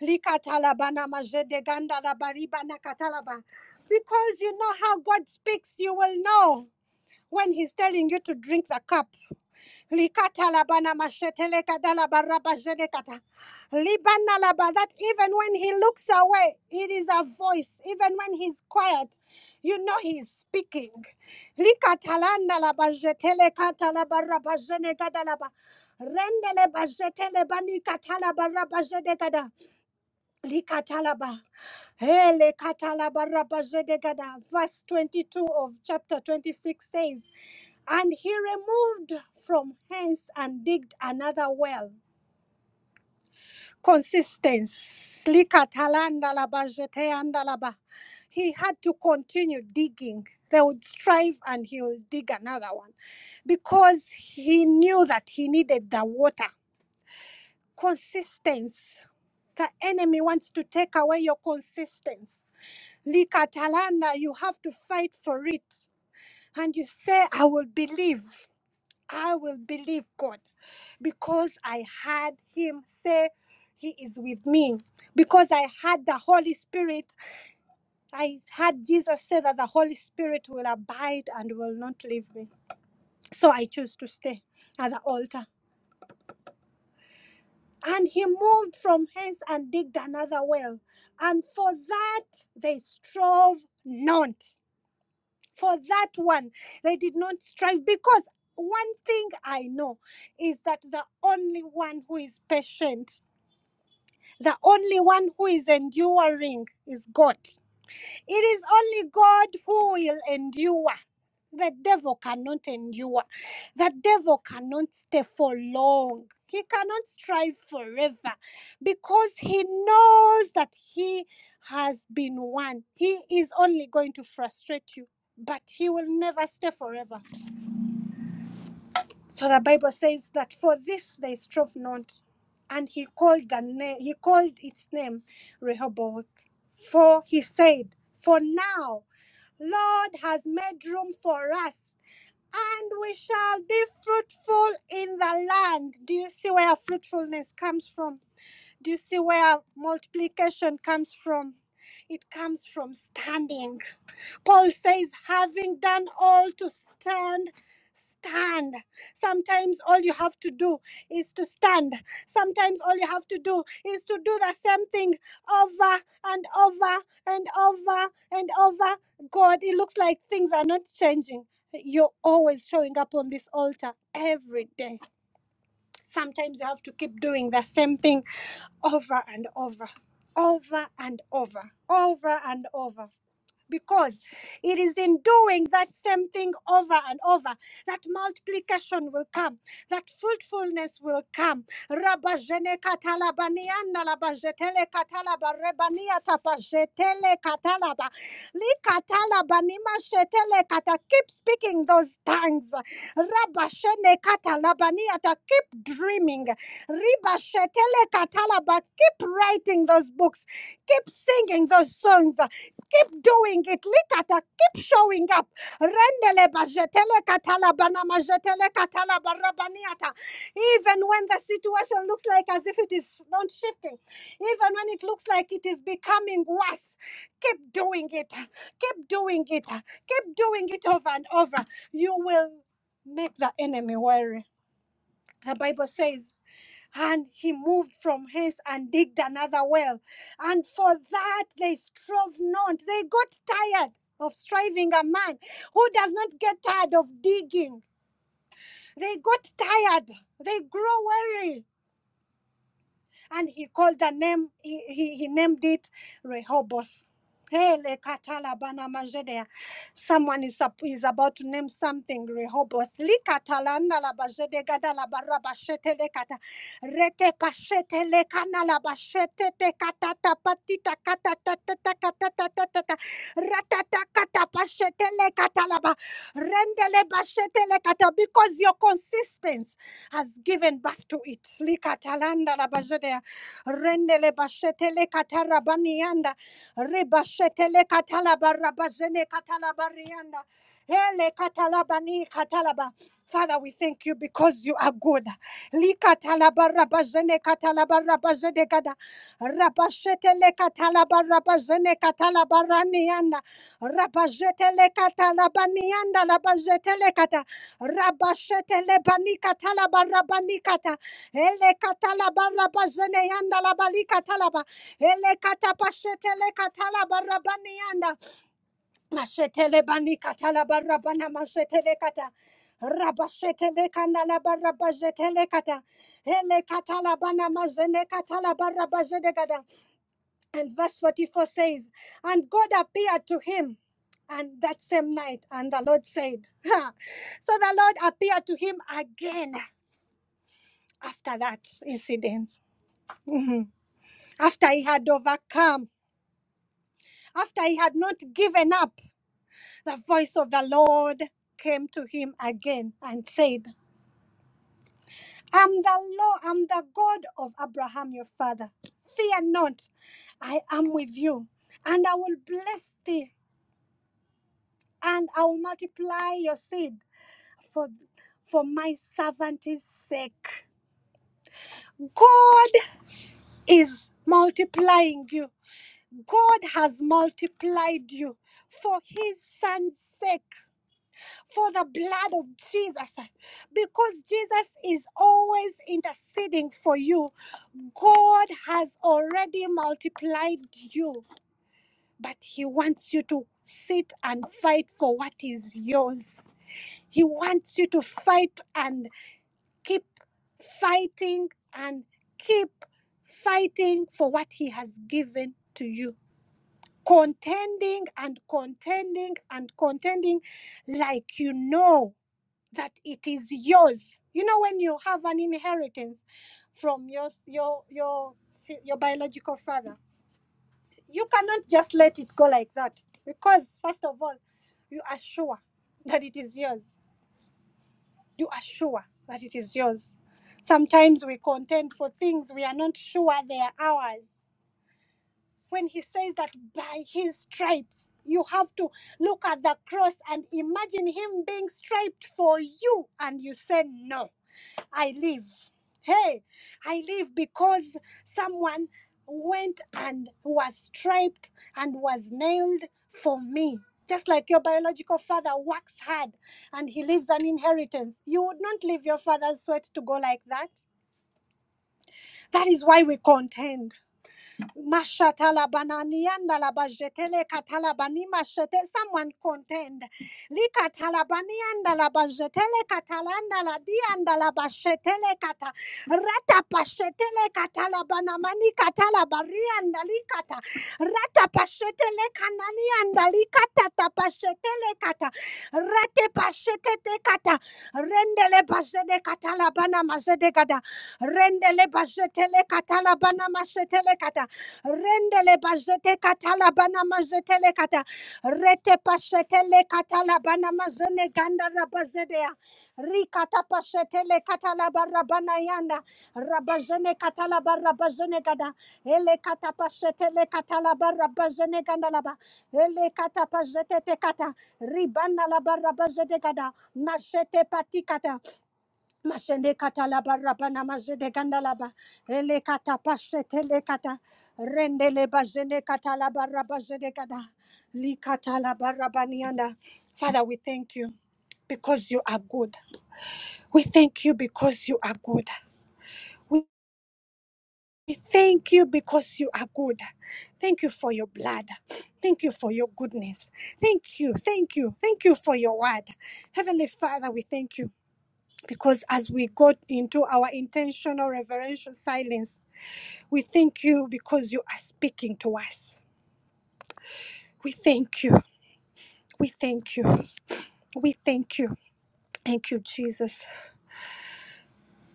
Speaker 1: Lika majedeganda la bariba katalaba. Because you know how God speaks, you will know when he's telling you to drink the cup. Likata labana mashetele kadala baraba jene kata. Libana laba, That even when he looks away, it is a voice. Even when he's quiet, you know he's speaking. Likata landa laba jetele kata laba raba jene kada laba. Rendele ba jetele bani kata laba raba jene kada. Likatalaba. Hele katalaba rabazedegada. Verse 22 of chapter 26 says, And he removed from hence and digged another well. Consistence. Likatalanda labajeteanda laba. He had to continue digging. They would strive and he will dig another one because he knew that he needed the water. Consistency. The enemy wants to take away your consistency Likatalana, you have to fight for it. And you say, I will believe. I will believe God because I heard Him say, He is with me. Because I heard the Holy Spirit, I heard Jesus say that the Holy Spirit will abide and will not leave me. So I choose to stay at the altar. And he moved from hence and digged another well. And for that they strove not. for that one. They did not strive because one thing I know is that the only one who is patient, the only one who is enduring is God. It is only God who will endure. The devil cannot endure. The devil cannot stay for long. He cannot strive forever because he knows that he has been won. He is only going to frustrate you, but he will never stay forever. So the Bible says that for this they strove not. And he called the name he called its name Rehoboth. For he said, For now Lord has made room for us, and we shall be fruitful in the land. Do you see where fruitfulness comes from? Do you see where multiplication comes from? It comes from standing. Paul says, having done all to stand, stand. Sometimes all you have to do is to stand. Sometimes all you have to do is to do the same thing over and over and over and over. God, it looks like things are not changing. You're always showing up on this altar every day Sometimes you have to keep doing the same thing over and over, over and over, over and over. Because it is in doing that same thing over and over that multiplication will come, that fruitfulness will come, Rabazene katalabaniana labazetele katalaba rebania tapazetele katalaba. Li katalabanima shetele kata. Keep speaking those tongues. Rabashene katalabaniata. Keep dreaming. Ribashetele katalaba. Keep writing those books. Keep singing those songs. Keep doing it. Likata. Keep showing up. Rendele bajetele katalabana majetele katalaba rabaniata. Even when the situation looks like as if it is not shifting, even when it looks like it is becoming worse, keep doing it. Keep doing it. Keep doing it over and over. You will make the enemy worry. The Bible says, and he moved from hence and digged another well. And for that they strove not. They got tired of striving a man who does not get tired of digging. They got tired. They grow weary and he called the name, he, he, he named it Rehoboth. Hey, lekatala bana majedea. Someone is, up, is about to name something Rehoboth. Likatala ndala bajede gada la barra bashete lekata. Rete pashete lekana la bashete te katata patita katata tata katata tata. Ratata kata pashete lekata la ba. Rendele bashete lekata because your consistence has given birth to it. Likata la ndala rendele bashetele katarabanianda rebashetele katalabarabazene katalabarianda hele katalabani katalaba Father, we thank you because you are good. Likatalabarabazene katalabarabazene gada. Rabashetele katalabarabazene katalabaranianda. Rabazetele katalabanianda labazetele kata. Rabashetele banikatalabarabani kata. Ele katala barra bazene yanda la bali katala Ele katapa shetele katala barra bani yanda. Mashetele bani katala barra bana mashetele kata. Rabashetele kanda barra bazetele kata. Ele katala bana mazene katala barra bazede kata. And verse 44 says, And God appeared to him. And that same night, and the Lord said, [LAUGHS] So the Lord appeared to him again after that incident. Mhm. after he had overcome, after he had not given up, the voice of the Lord came to him again and said, I'm the Lord, I'm the God of Abraham your father. Fear not, I am with you, and I will bless thee, and I will multiply your seed for, for my servant's sake. God is multiplying you. God has multiplied you for his son's sake. for the blood of Jesus because Jesus is always interceding for you. God has already multiplied you, but He wants you to sit and fight for what is yours. He wants you to fight and keep fighting and keep fighting for what He has given to you. Contending and contending and contending like you know that it is yours. You know, when you have an inheritance from your your your your biological father, you cannot just let it go like that because first of all, you are sure that it is yours. You are sure that it is yours. Sometimes we contend for things we are not sure they are ours. When he says that by his stripes, you have to look at the cross and imagine him being striped for you, and you say no. I live. Hey, I live because someone went and was striped and was nailed for me. Just like your biological father works hard and he leaves an inheritance. You would not leave your father's sweat to go like that. That is why we contend. Mashatalabananiandalabajetele katalabani mashete. Someone contend. Likatalabaniandalabajetele katalandaladiandalabashetele kata. Ratapashetele katalabanamani katalabariandalikata. Ratapashetele kananiandalikatatatapashetele kata. Ratepashetete kata. Rendele bajede katalabana majede kata. Rendele bajetele katalabana mashetele kata. Rendele bazete katala bana mazetele kata. Rete pashetele katala bana mazene ganda rabazedea. Rikata pashetele katala barabana yanda. Rabazene katala barabazene gada. Ele kata pashetele katala barabazene ganda laba. Ele kata pazete te kata. Ribana la barabazede gada. Mashete patikata. Mashende katalaba rabana mazede gandalaba ele kata pashete le kata rendele le bazende katalaba rabazede kada li katalaba rabanianda. Father, we thank you because you are good. We thank you because you are good. We we thank you because you are good. Thank you for your blood. Thank you for your goodness. Thank you. Thank you. Thank you for your word. Heavenly Father, we thank you. because as we got into our intentional reverential silence, we thank you because you are speaking to us. We thank you. We thank you. We thank you. Thank you, Jesus.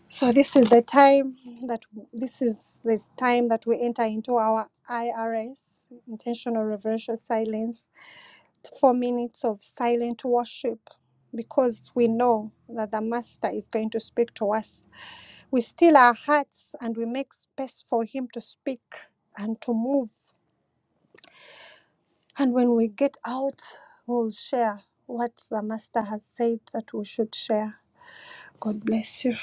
Speaker 1: So this is the time that this is the time that we enter into our IRS, intentional reverential silence four minutes of silent worship because we know that the Master is going to speak to us. We still our hearts and we make space for Him to speak and to move. And when we get out, we'll share what the Master has said that we should share. God bless you.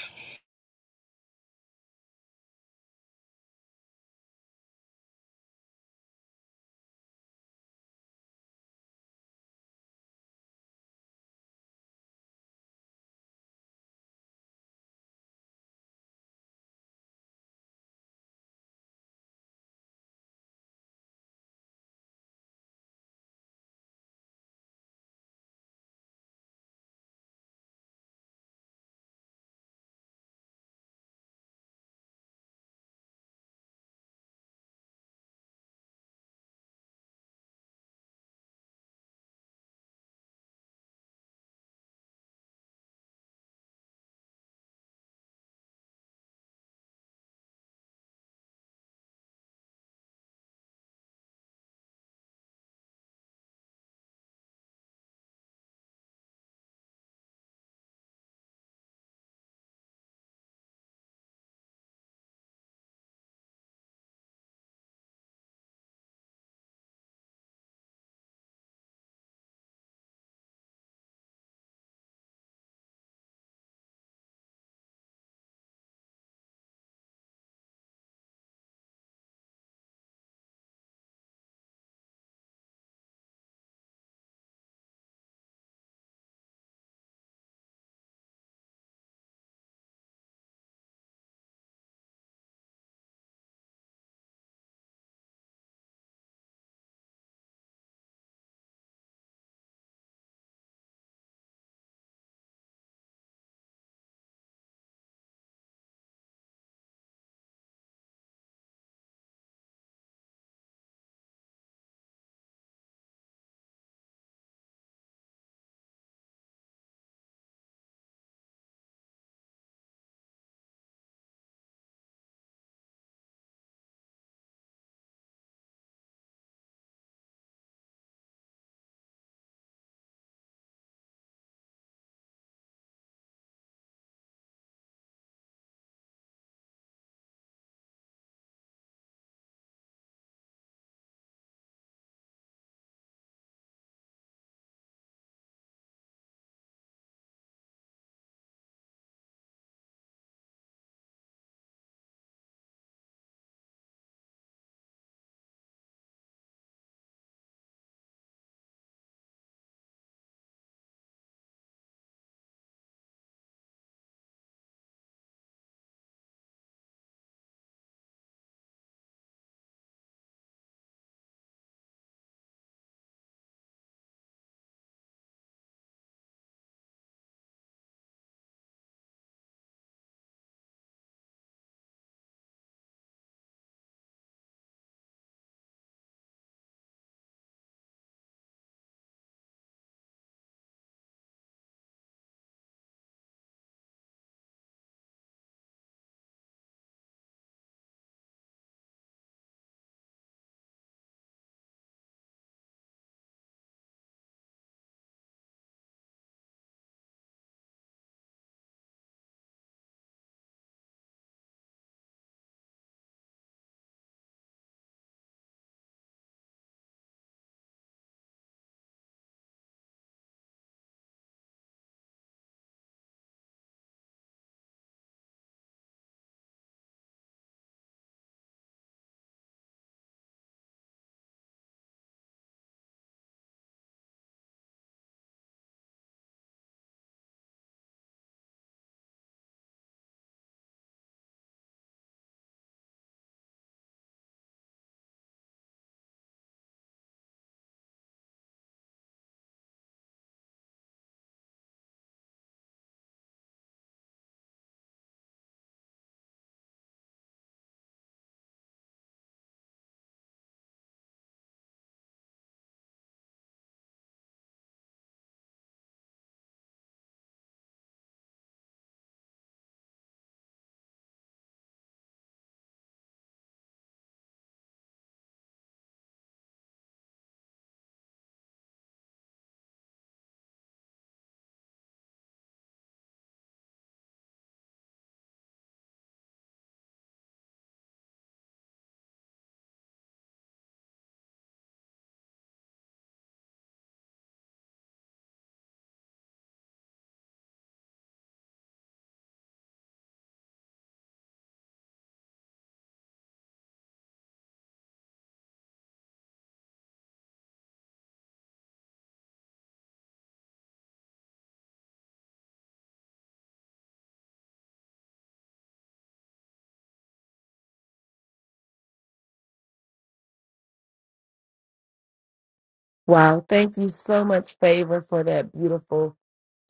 Speaker 2: Wow. Thank you so much, Favor, for that beautiful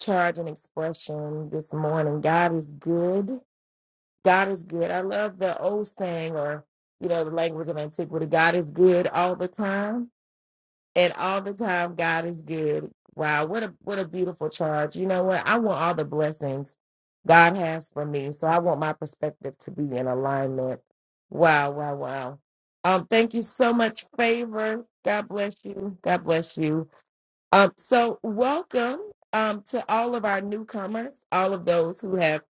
Speaker 2: charge and expression this morning. God is good. God is good. I love the old saying or, you know, the language of antiquity God is good all the time. And all the time, God is good. Wow. What a what a beautiful charge. You know what? I want all the blessings God has for me. So I want my perspective to be in alignment. Wow, wow, wow. Um, thank you so much, Favor. God bless you. God bless you. Um, so, welcome um, to all of our newcomers, all of those who have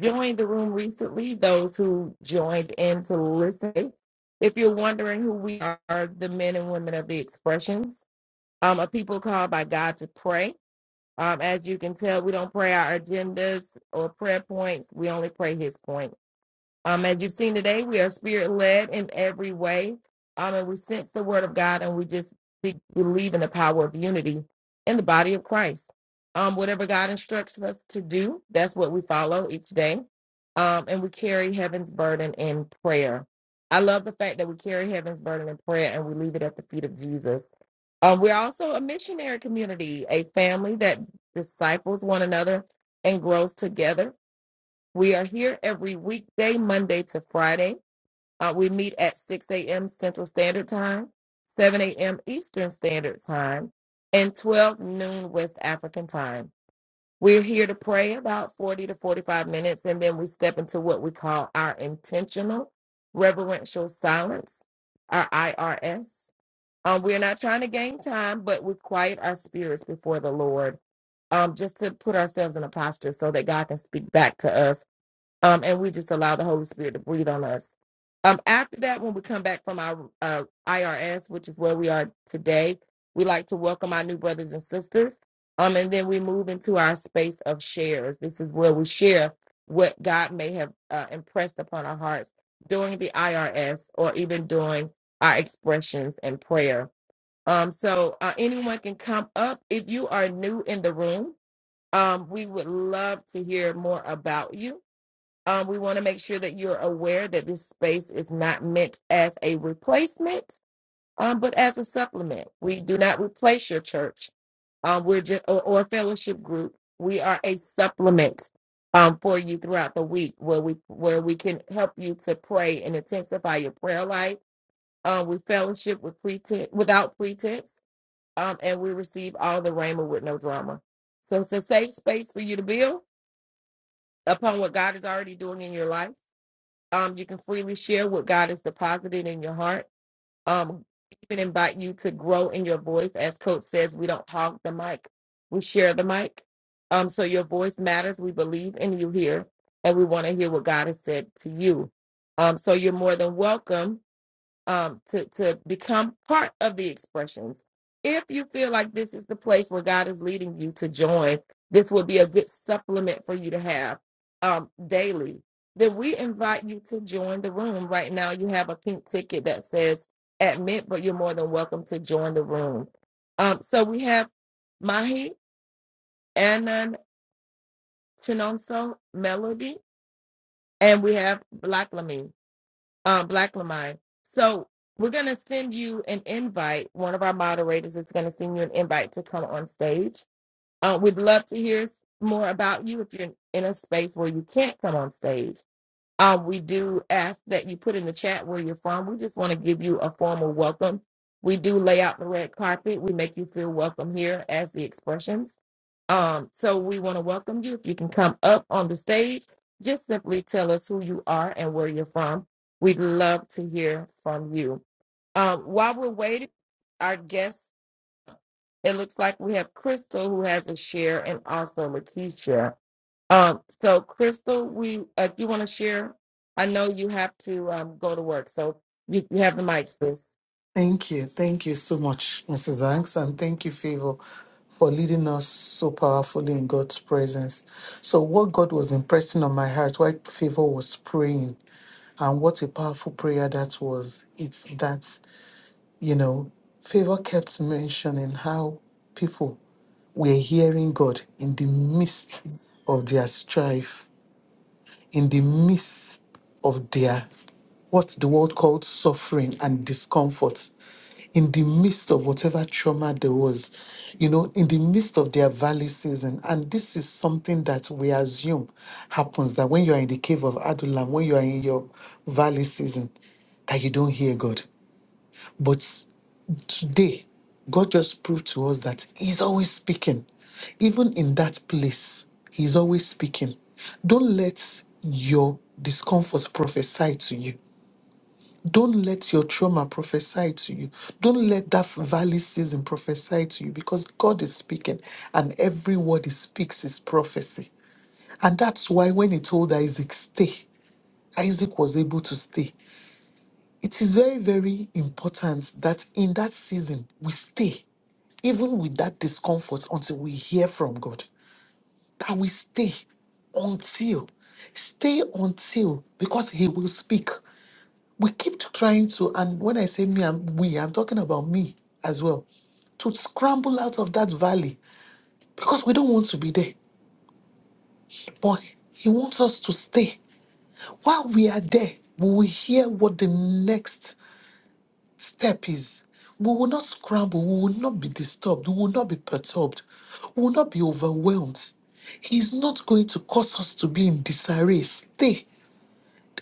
Speaker 2: joined the room recently, those who joined in to listen. If you're wondering who we are, the men and women of the expressions, um, a people called by God to pray. Um, as you can tell, we don't pray our agendas or prayer points. We only pray His points. Um, as you've seen today, we are spirit led in every way. Um, and we sense the word of God and we just be, believe in the power of unity in the body of Christ. Um, whatever God instructs us to do, that's what we follow each day. Um, and we carry heaven's burden in prayer. I love the fact that we carry heaven's burden in prayer and we leave it at the feet of Jesus. Um, we're also a missionary community, a family that disciples one another and grows together we are here every weekday, Monday to Friday. Uh, we meet at 6 a.m. Central Standard Time, 7 a.m. Eastern Standard Time, and 12 noon West African Time. We're here to pray about 40 to 45 minutes, and then we step into what we call our intentional reverential silence, our IRS. Um, we're not trying to gain time, but we quiet our spirits before the Lord um, just to put ourselves in a posture so that God can speak back to us um, and we just allow the Holy Spirit to breathe on us. Um, after that, when we come back from our uh, IRS, which is where we are today, we like to welcome our new brothers and sisters. Um, and then we move into our space of shares. This is where we share what God may have uh, impressed upon our hearts during the IRS or even during our expressions and prayer. Um, so uh, anyone can come up if you are new in the room. Um, we would love to hear more about you um, we want to make sure that you're aware that this space is not meant as a replacement, um, but as a supplement. We do not replace your church um, we're just, or, or fellowship group. We are a supplement um, for you throughout the week, where we where we can help you to pray and intensify your prayer life. Um, we fellowship with pretense, without pretense, um, and we receive all the rhema with no drama. So it's a safe space for you to build upon what God is already doing in your life um, you can freely share what God has deposited in your heart. Um, even invite you to grow in your voice. As Coach says, we don't hog the mic, we share the mic. Um, so your voice matters. We believe in you here, and we want to hear what God has said to you. Um, so you're more than welcome um, to, to become part of the expressions. If you feel like this is the place where God is leading you to join, this would be a good supplement for you to have um, daily. Then we invite you to join the room. Right now, you have a pink ticket that says admit, but you're more than welcome to join the room. Um, so we have Mahi, Anan, Chinonso, Melody, and we have Black Lamin um, Black Lamine. So we're gonna send you an invite. One of our moderators is gonna send you an invite to come on stage. Uh, we'd love to hear more about you if you're in a space where you can't come on stage um, we do ask that you put in the chat where you're from. We just want to give you a formal welcome. We do lay out the red carpet. We make you feel welcome here as the expressions. Um, so we want to welcome you. If you can come up on the stage, just simply tell us who you are and where you're from. We'd love to hear from you. Um, while we're waiting, our guests, it looks like we have Crystal who has a share and also Lakeisha. Um, so Crystal, we uh, if you want to share, I know you have to um go to work, so you, you have the mic, sis.
Speaker 3: Thank you. Thank you so much, Mrs. Hanks, and thank you, Favor, for leading us so powerfully in God's presence. So, what God was impressing on my heart while Favor was praying, and what a powerful prayer that was, it's that, you know, Favor kept mentioning how people were hearing God in the midst of their strife in the midst of their what the world called suffering and discomfort, in the midst of whatever trauma there was, you know, in the midst of their valley season. And this is something that we assume happens that when you are in the cave of Adullam, when you are in your valley season, that you don't hear God. But today, God just proved to us that He's always speaking. Even in that place, He's always speaking. Don't let your discomfort prophesy to you. Don't let your trauma prophesy to you. Don't let that valley season prophesy to you because God is speaking and every word He speaks is prophecy. And that's why when He told Isaac, stay, Isaac was able to stay. It is very, very important that in that season we stay even with that discomfort until we hear from God, that we stay until, stay until, because He will speak. We keep trying to, and when I say me, and we, I'm talking about me as well, to scramble out of that valley because we don't want to be there. But He wants us to stay. While we are there, we will hear what the next step is we will not scramble, we will not be disturbed, we will not be perturbed, we will not be overwhelmed. He's not going to cause us to be in disarray. Stay.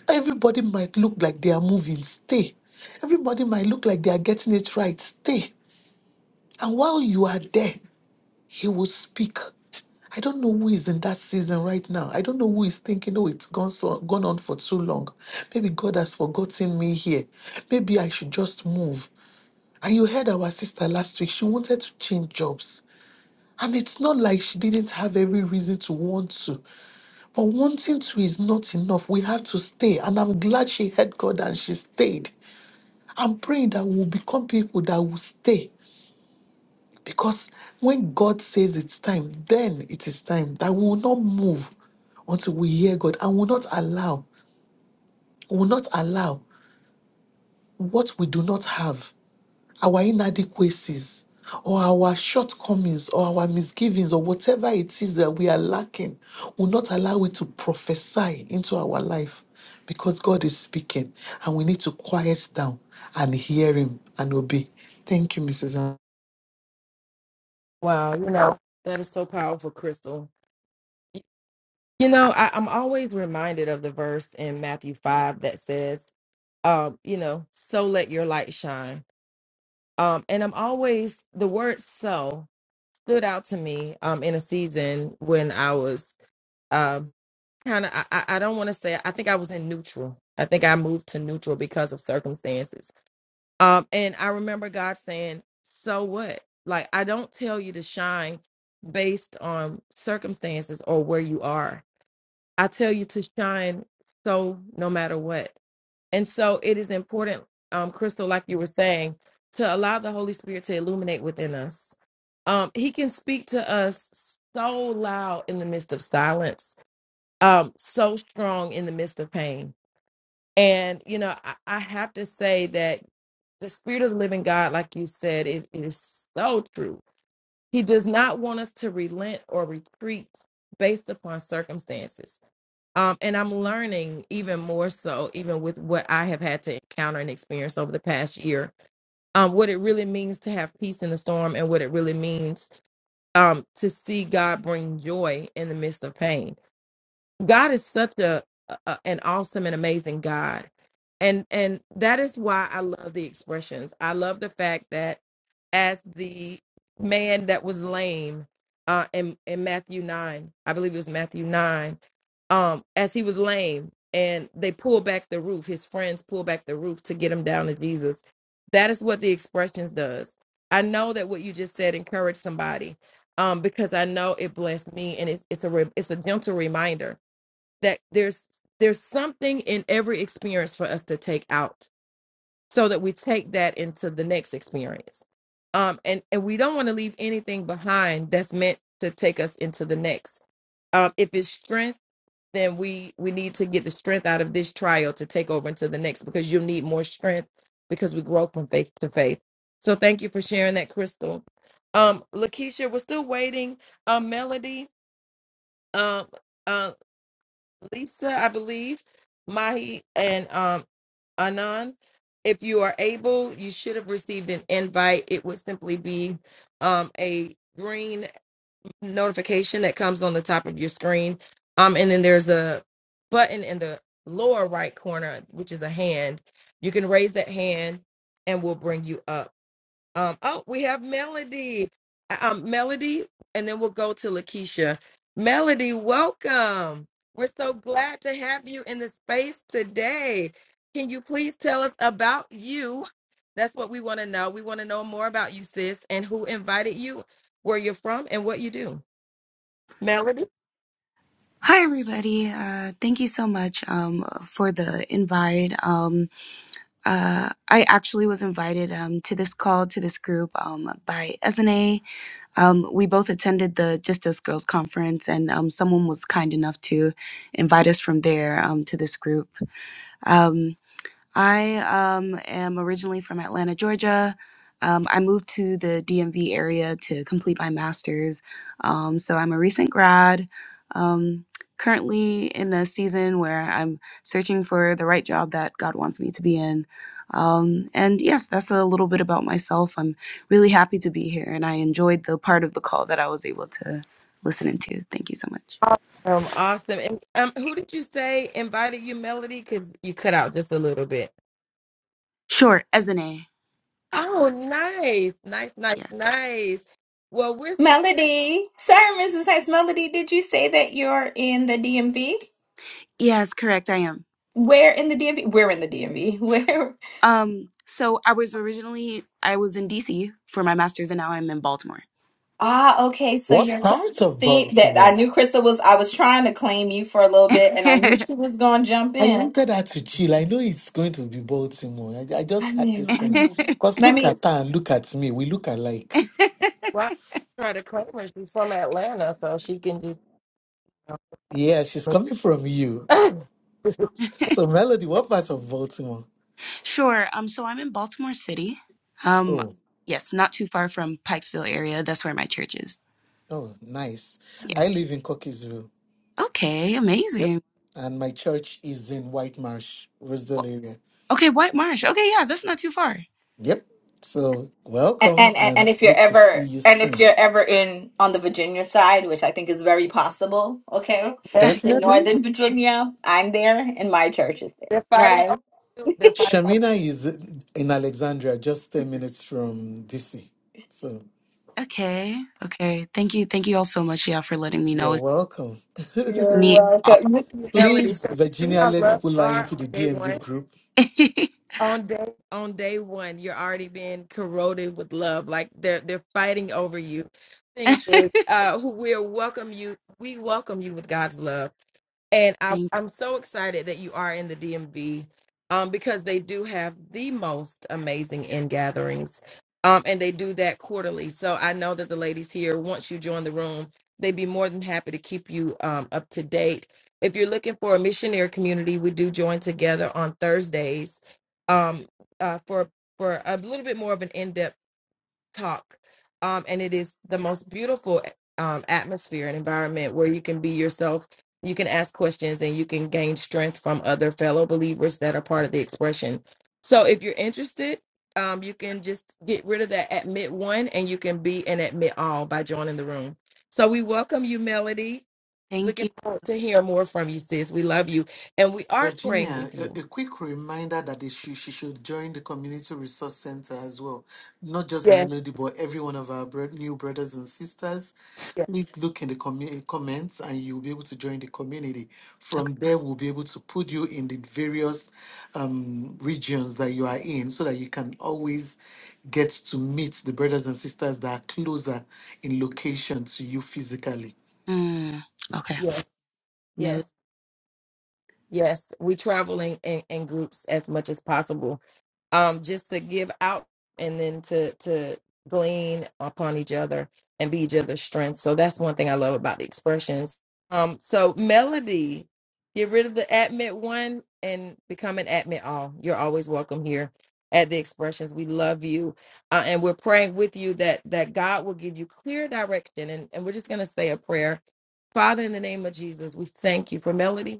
Speaker 3: Everybody might look like they are moving. Stay. Everybody might look like they are getting it right. Stay. And while you are there, He will speak. I don't know who is in that season right now. I don't know who is thinking, oh, it's gone so gone on for too long. Maybe God has forgotten me here. Maybe I should just move. And you heard our sister last week, she wanted to change jobs. And it's not like she didn't have every reason to want to. But wanting to is not enough. We have to stay. And I'm glad she heard God and she stayed. I'm praying that we'll become people that will stay. Because when God says it's time, then it is time that we will not move until we hear God and will not allow, will not allow what we do not have our inadequacies or our shortcomings or our misgivings or whatever it is that we are lacking will not allow it to prophesy into our life because God is speaking and we need to quiet down and hear Him and obey. Thank you, Mrs. Ann.
Speaker 2: Wow, you know that is so powerful, Crystal. Y- You know, I, I'm always reminded of the verse in Matthew five that says, um, you know, so let your light shine. Um, and I'm always the word so stood out to me um in a season when I was um kind of I, I I don't want to say I think I was in neutral. I think I moved to neutral because of circumstances Um, and I remember God saying, So what? Like, I don't tell you to shine based on circumstances or where you are. I tell you to shine so no matter what. And so it is important, um, Crystal, like you were saying, to allow the Holy Spirit to illuminate within us. Um, he can speak to us so loud in the midst of silence, um, so strong in the midst of pain. And, you know, I, I have to say that the spirit of the living God, like you said, it, it is so true. He does not want us to relent or retreat based upon circumstances. Um, and I'm learning even more so, even with what I have had to encounter and experience over the past year, um, what it really means to have peace in the storm and what it really means um, to see God bring joy in the midst of pain God is such a, a an awesome and amazing God. And and that is why I love the expressions. I love the fact that as the man that was lame uh in, in Matthew 9, I believe it was Matthew 9, um as he was lame and they pulled back the roof, his friends pulled back the roof to get him down to Jesus. That is what the expressions does. I know that what you just said encouraged somebody um because I know it blessed me and it's it's a re- it's a gentle reminder that there's there's something in every experience for us to take out so that we take that into the next experience um and and we don't want to leave anything behind that's meant to take us into the next um if it's strength then we we need to get the strength out of this trial to take over into the next because you'll need more strength because we grow from faith to faith so thank you for sharing that crystal um lakeisha we're still waiting um melody um uh. Lisa, I believe, Mahi, and um, Anan. If you are able, you should have received an invite. It would simply be um, a green notification that comes on the top of your screen. Um, and then there's a button in the lower right corner, which is a hand. You can raise that hand and we'll bring you up. Um, oh, we have Melody. Uh, Um, Melody, and then we'll go to Lakeisha. Melody, welcome. We're so glad to have you in the space today. Can you please tell us about you? That's what we want to know. We want to know more about you, sis, and who invited you, where you're from, and what you do. Melody?
Speaker 4: Hi, everybody. Uh, thank you so much um, for the invite. Um, uh, I actually was invited um, to this call, to this group um, by SNA. Um, we both attended the Just Us Girls Conference, and um, someone was kind enough to invite us from there um, to this group. Um, I um, am originally from Atlanta, Georgia. Um, I moved to the DMV area to complete my master's. Um, so I'm a recent grad, um, currently in a season where I'm searching for the right job that God wants me to be in. Um, and yes, that's a little bit about myself. I'm really happy to be here, and I enjoyed the part of the call that I was able to listen into. Thank you so much.
Speaker 2: Awesome. Awesome. And um, who did you say invited you, Melody? Because you cut out just a little bit.
Speaker 4: Sure, as
Speaker 2: Oh, nice. Nice, nice,
Speaker 4: Yes.
Speaker 2: nice. Well, we're
Speaker 5: Melody, sorry, Mrs. Heights. Melody, did you say that you're in the DMV?
Speaker 4: Yes, correct, I am.
Speaker 5: Where in the DMV? We're in the DMV. [LAUGHS] Where?
Speaker 4: Um, so I was originally I was in DC for my master's and now I'm in Baltimore.
Speaker 5: Ah, okay. So
Speaker 3: What
Speaker 5: you're cl-
Speaker 3: part of
Speaker 5: see that I
Speaker 3: Baltimore?
Speaker 5: knew Crystal was. I was trying to claim you for a little bit,
Speaker 4: [LAUGHS]
Speaker 5: and I knew she was going to jump
Speaker 3: I
Speaker 5: in.
Speaker 3: wanted her to chill. I know it's going to be Baltimore. I, I
Speaker 5: I
Speaker 3: just had
Speaker 5: knew.
Speaker 3: this
Speaker 5: I knew.
Speaker 3: sense. Because
Speaker 5: Let
Speaker 3: look
Speaker 5: me.
Speaker 3: at her and look at me. We look alike.
Speaker 2: Well, I tried to claim her. She's from Atlanta, so she can just.
Speaker 3: Yeah, she's coming from you. So, Melody, what part of Baltimore?
Speaker 4: sure. Um, so I'm in Baltimore City. Um,
Speaker 3: Oh,
Speaker 4: yes, not too far from Pikesville area. That's where my church is.
Speaker 3: oh, nice.
Speaker 4: Yeah.
Speaker 3: I live in Cockeysville.
Speaker 4: Okay,
Speaker 3: Yep.
Speaker 4: amazing.
Speaker 3: And my church is in White Marsh, Rosedale
Speaker 4: Well,
Speaker 3: area.
Speaker 4: okay, White Marsh. Okay, yeah, that's not too far.
Speaker 3: Yep. So
Speaker 5: And,
Speaker 3: welcome
Speaker 5: and and and
Speaker 3: and
Speaker 5: if you're
Speaker 3: hope to see
Speaker 5: ever
Speaker 3: you
Speaker 5: and if
Speaker 3: soon.
Speaker 5: you're ever in on the Virginia side, which I think is very possible, okay,
Speaker 4: [LAUGHS]
Speaker 5: in
Speaker 2: Everything [LAUGHS] you
Speaker 3: Definitely.
Speaker 2: see,
Speaker 5: Northern Virginia, I'm there, and my church is there.
Speaker 2: they're fighting
Speaker 5: Right.
Speaker 2: over you. They're fighting
Speaker 3: Shamina is in Alexandria, just 10 minutes from DC. So
Speaker 4: okay, okay. Thank you. Thank you all so much, yeah, for letting me know.
Speaker 3: you're
Speaker 4: It's
Speaker 3: welcome.
Speaker 4: to
Speaker 5: You're
Speaker 4: me
Speaker 3: [LAUGHS]
Speaker 4: all-
Speaker 5: welcome.
Speaker 2: over you, Melody.
Speaker 3: Please,
Speaker 2: So you see
Speaker 3: Virginia,
Speaker 2: how
Speaker 3: let's
Speaker 2: love
Speaker 3: pull her
Speaker 2: are
Speaker 3: into
Speaker 2: on
Speaker 3: the
Speaker 2: day
Speaker 3: DMV
Speaker 2: one.
Speaker 3: group.
Speaker 4: [LAUGHS]
Speaker 2: on day on day one you're already being corroded with love like they're they're fighting over you thing is
Speaker 4: thank
Speaker 2: uh who we welcome you we welcome you with god's love and I, i'm so excited that you are in the dmv um because they do have the most amazing in gatherings um and they do that quarterly so i know that the ladies here once you join the room they'd be more than happy to keep you um up to date if you're looking for a missionary community we do join together on thursdays um, uh, for for a little bit more of an in-depth talk. Um, and it is the most beautiful um, atmosphere and environment where you can be yourself. You can ask questions and you can gain strength from other fellow believers that are part of the expression. So if you're interested, um, you can just get rid of that admit one and you can be an admit all by joining the room. So we welcome you, Melody.
Speaker 4: thank
Speaker 2: Looking
Speaker 4: you.
Speaker 2: forward to hear more from you, sis. We love you. And we are praying
Speaker 3: Virginia,
Speaker 2: with
Speaker 3: a,
Speaker 2: you.
Speaker 3: a quick reminder that they should, she should join the Community Resource Center as well. Not just
Speaker 2: Yes,
Speaker 3: Monodi, but every one of our bro- new brothers and sisters.
Speaker 2: yes,
Speaker 3: Please look in the commu- eh, comments and you'll be able to join the community.
Speaker 4: Okay.
Speaker 3: From there, we'll be able to put you in the various um, regions that you are in so that you can always get to meet the brothers and sisters that are closer in location to you physically.
Speaker 4: Mm, okay.
Speaker 2: yes.
Speaker 4: No.
Speaker 2: Yes. Yes, we traveling in, in groups as much as possible, um, just to give out and then to to glean upon each other and be each other's strength. So that's one thing I love about the expressions. Um, so melody, get rid of the admit one and become an admit all. You're always welcome here at the expressions. We love you, uh, and we're praying with you that that God will give you clear direction. And and we're just gonna say a prayer. Father, in the name of Jesus, we thank you for melody.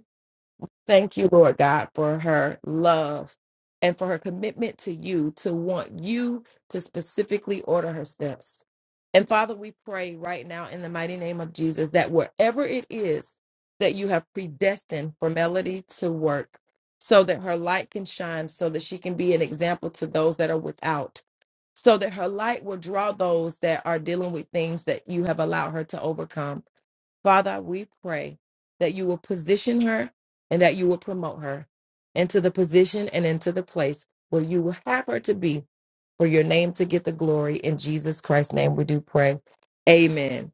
Speaker 2: Thank you, Lord God, for her love and for her commitment to you to want you to specifically order her steps. And Father, we pray right now in the mighty name of Jesus that wherever it is that you have predestined for Melody to work, so that her light can shine, so that she can be an example to those that are without, so that her light will draw those that are dealing with things that you have allowed her to overcome. Father, we pray that you will position her and that you will promote her into the position and into the place where you will have her to be for your name to get the glory. In Jesus Christ's name, we do pray. Amen.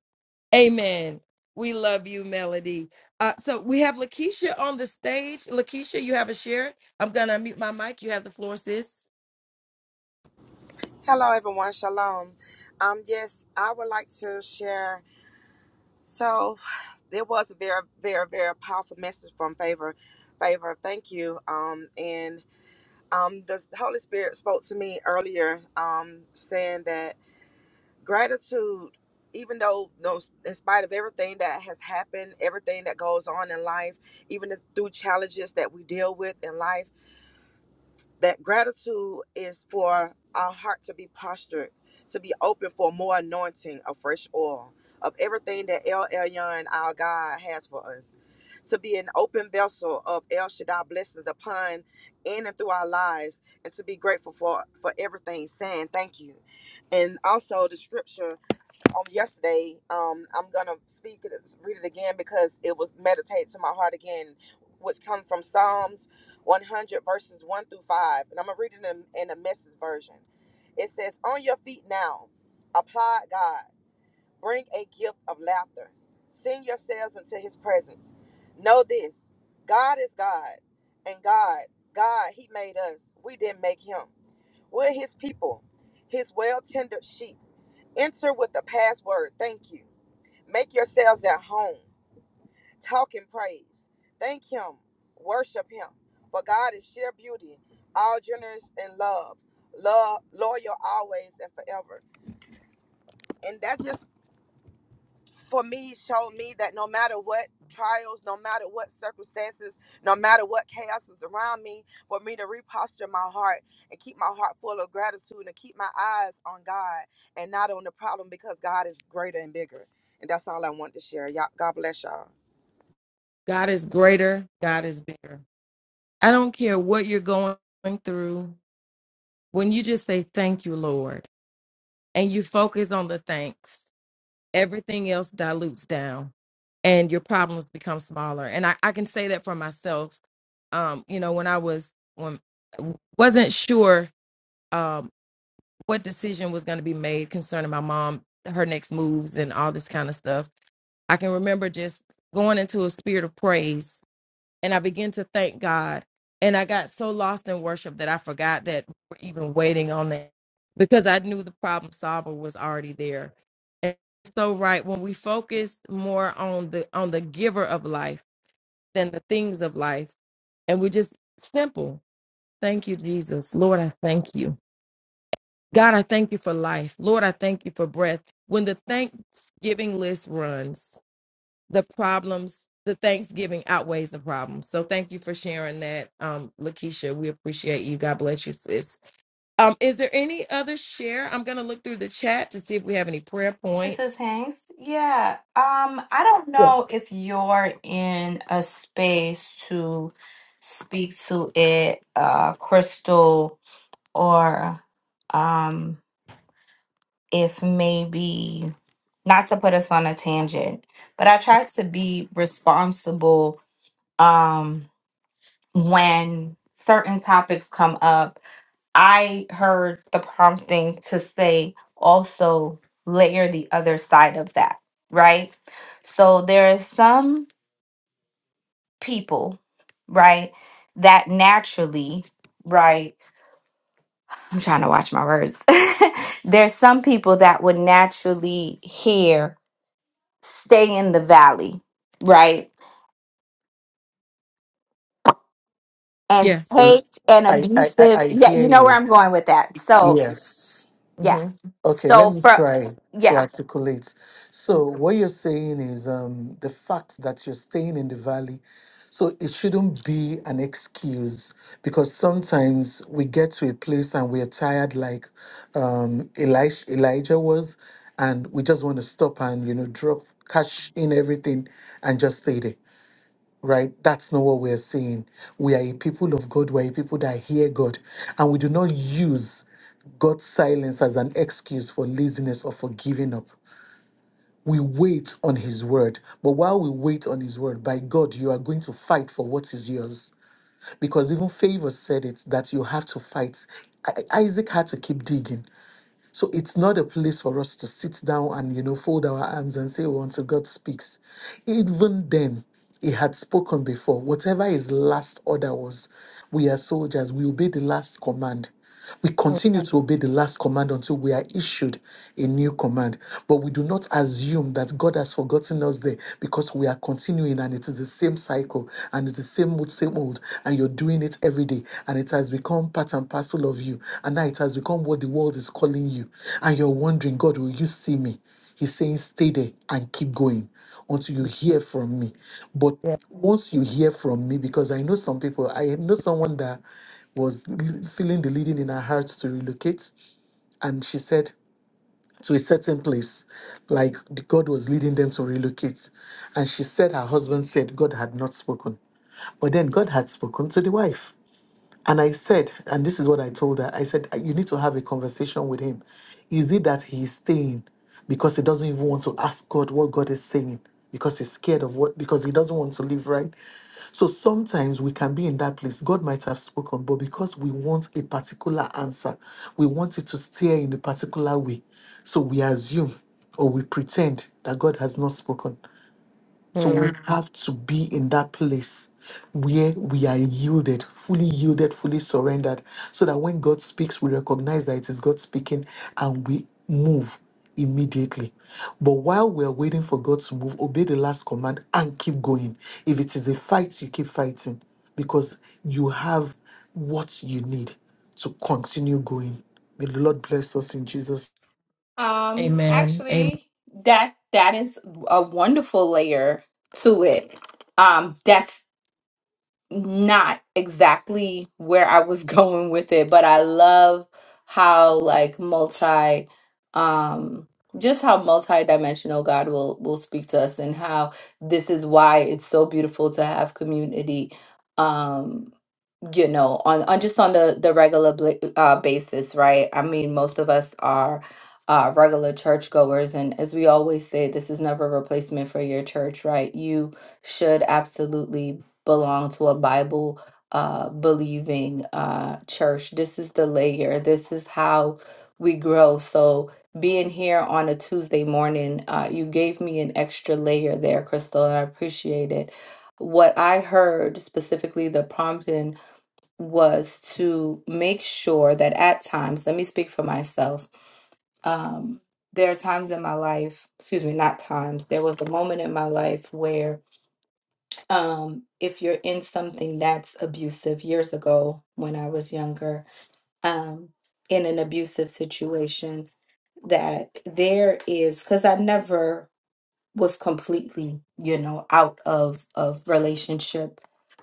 Speaker 2: Amen. We love you, Melody. Uh, so we have Lakeisha on the stage. Lakeisha, you have a share. I'm going to unmute my mic. You have the floor, sis.
Speaker 6: Hello, everyone. Shalom. Um, yes, I would like to share. So, [SIGHS] there was a very, very, very powerful message from Favor. Favor, thank you. Um, and um, the Holy Spirit spoke to me earlier, um, saying that gratitude, even though those, in spite of everything that has happened, everything that goes on in life, even the, through challenges that we deal with in life that gratitude is for our heart to be postured, to be open for more anointing of fresh oil, of everything that El Elyon, our God, has for us, to be an open vessel of El Shaddai blessings upon in and through our lives, and to be grateful for, for everything, saying thank you. And also the scripture on yesterday. Um, I'm gonna speak it, read it again because it was meditated to my heart again, which comes from Psalms 100 verses one through five, and I'm gonna read it in, in the message version. It says, "On your feet now, applaud God. Bring a gift of laughter. Send yourselves into His presence. Know this: God is God, and God, God, He made us. We didn't make Him. We're His people, His well-tended sheep." Enter with the password. Thank you. Make yourselves at home. Talk and praise. Thank Him. Worship Him. For God is sheer beauty, all generous and love. Love, loyal always and forever. And that just for me showed me that no matter what trials, no matter what circumstances, no matter what chaos is around me, for me to reposture my heart and keep my heart full of gratitude and keep my eyes on God and not on the problem because God is greater and bigger. And that's all I want to share. Y'all, God bless y'all.
Speaker 2: God is greater. God is bigger. I don't care what you're going through. When you just say, Thank you, Lord. and you focus on the thanks, everything else dilutes down and your problems become smaller. And I, I can say that for myself. Um, you know, when I was when wasn't sure um what decision was gonna be made concerning my mom, her next moves and all this kind of stuff. I can remember just going into a spirit of praise and I began to thank God. And I got so lost in worship that I forgot that we're even waiting on that because I knew the problem solver was already there. And so right when we focus more on the on the giver of life than the things of life, and we just simple. Thank you, Jesus. Lord, I thank you. God, I thank you for life. Lord, I thank you for breath. When the Thanksgiving list runs, the problems, the Thanksgiving outweighs the problems. So thank you for sharing that, um, Lakeisha. We appreciate you. God bless you, sis. Um, is there any other share? I'm gonna look through the chat to see if we have any prayer
Speaker 5: Mrs.
Speaker 2: points.
Speaker 5: Hanks, yeah, um, I don't
Speaker 2: Yeah.
Speaker 5: know if you're in a space to speak to it, uh, Crystal, or um, if maybe not to put us on a tangent, but I try to be responsible um, when certain topics come up I heard the prompting to say also layer the other side of that, right? So there are some people, right, that naturally, right, I'm trying to watch my words. [LAUGHS] There's some people that would naturally hear stay in the valley, right? And
Speaker 2: Yeah.
Speaker 5: take an
Speaker 3: I, I, I
Speaker 5: abusive,
Speaker 3: I
Speaker 5: yeah, you
Speaker 3: hear
Speaker 5: know where
Speaker 3: you.
Speaker 5: I'm going with that. So,
Speaker 3: Yes.
Speaker 5: yeah.
Speaker 2: hmm
Speaker 3: Okay, let
Speaker 5: So
Speaker 3: me
Speaker 5: for
Speaker 3: try to
Speaker 5: yeah.
Speaker 3: articulate. So, what you're saying is um, the fact that you're staying in the valley. So, it shouldn't be an excuse because sometimes we get to a place and we're tired, like um, Elisha, Elijah was, and we just want to stop and, you know, drop, cash in everything and just stay there right? That's not what we're saying. We are a people of God. We're a people that hear God. And we do not use God's silence as an excuse for laziness or for giving up. We wait on His word. But while we wait on His word, by God, you are going to fight for what is yours. Because even Favor said it that you have to fight. I- Isaac had to keep digging. So it's not a place for us to sit down and, you know, fold our arms and say, well, until God speaks. Even then, he had spoken before. Whatever his last order was, we are soldiers, we obey the last command. We continue to obey the last command until we are issued a new command. But we do not assume that God has forgotten us there because we are continuing and it is the same same cycle and it's the same old same old and you're doing it every day and it has become part and parcel of you and now it has become what the world is calling you and you're wondering god will you see me he's saying stay there and keep going until you hear from me but
Speaker 2: Yeah.
Speaker 3: once you hear from me because i know some people i know someone that was l- feeling the leading in her heart to relocate and she said to a certain place, like the God was leading them to relocate. And she said her husband said God had not spoken. But then God had spoken to the wife. And I said, and this is what I told her I said, "Uh, you need to have a conversation with him. Is it that he's staying because he doesn't even want to ask God what God is saying? Because he's scared of what, because he doesn't want to live right. So sometimes we can be in that place. God might have spoken, but because we want a particular answer, we want it to steer in a particular way. So we assume or we pretend that God has not spoken. So we
Speaker 2: Mhm.
Speaker 3: have to be in that place where we are yielded, fully yielded, fully surrendered, so that when God speaks, we recognize that it is God speaking and we move immediately. But while we're waiting for God to move, obey the last command and keep going. If it is a fight, you keep fighting because you have what you need to continue going. May the Lord bless us in Jesus'
Speaker 5: Um,
Speaker 2: Amen. Amen.
Speaker 5: actually, that that is a wonderful layer to it. Um, that's not exactly where I was [LAUGHS] going with it, but I love how like multi um just how multi-dimensional God will will speak to us and how this is why it's so beautiful to have community. Um you know on, on just on the the regular bla- uh, basis right i mean most of us are uh, regular churchgoers and as we always say this is never a replacement for your church right you should absolutely belong to a bible uh, believing uh, church this is the layer this is how we grow so being here on a tuesday morning uh, you gave me an extra layer there crystal and i appreciate it what i heard specifically the prompting was to make sure that at times, let me speak for myself. Um, there are times in my life, excuse me, not times, there was a moment in my life where um, if you're in something that's abusive years ago when I was younger, um, in an abusive situation, that there is, because I never was completely, you know, out of of relationship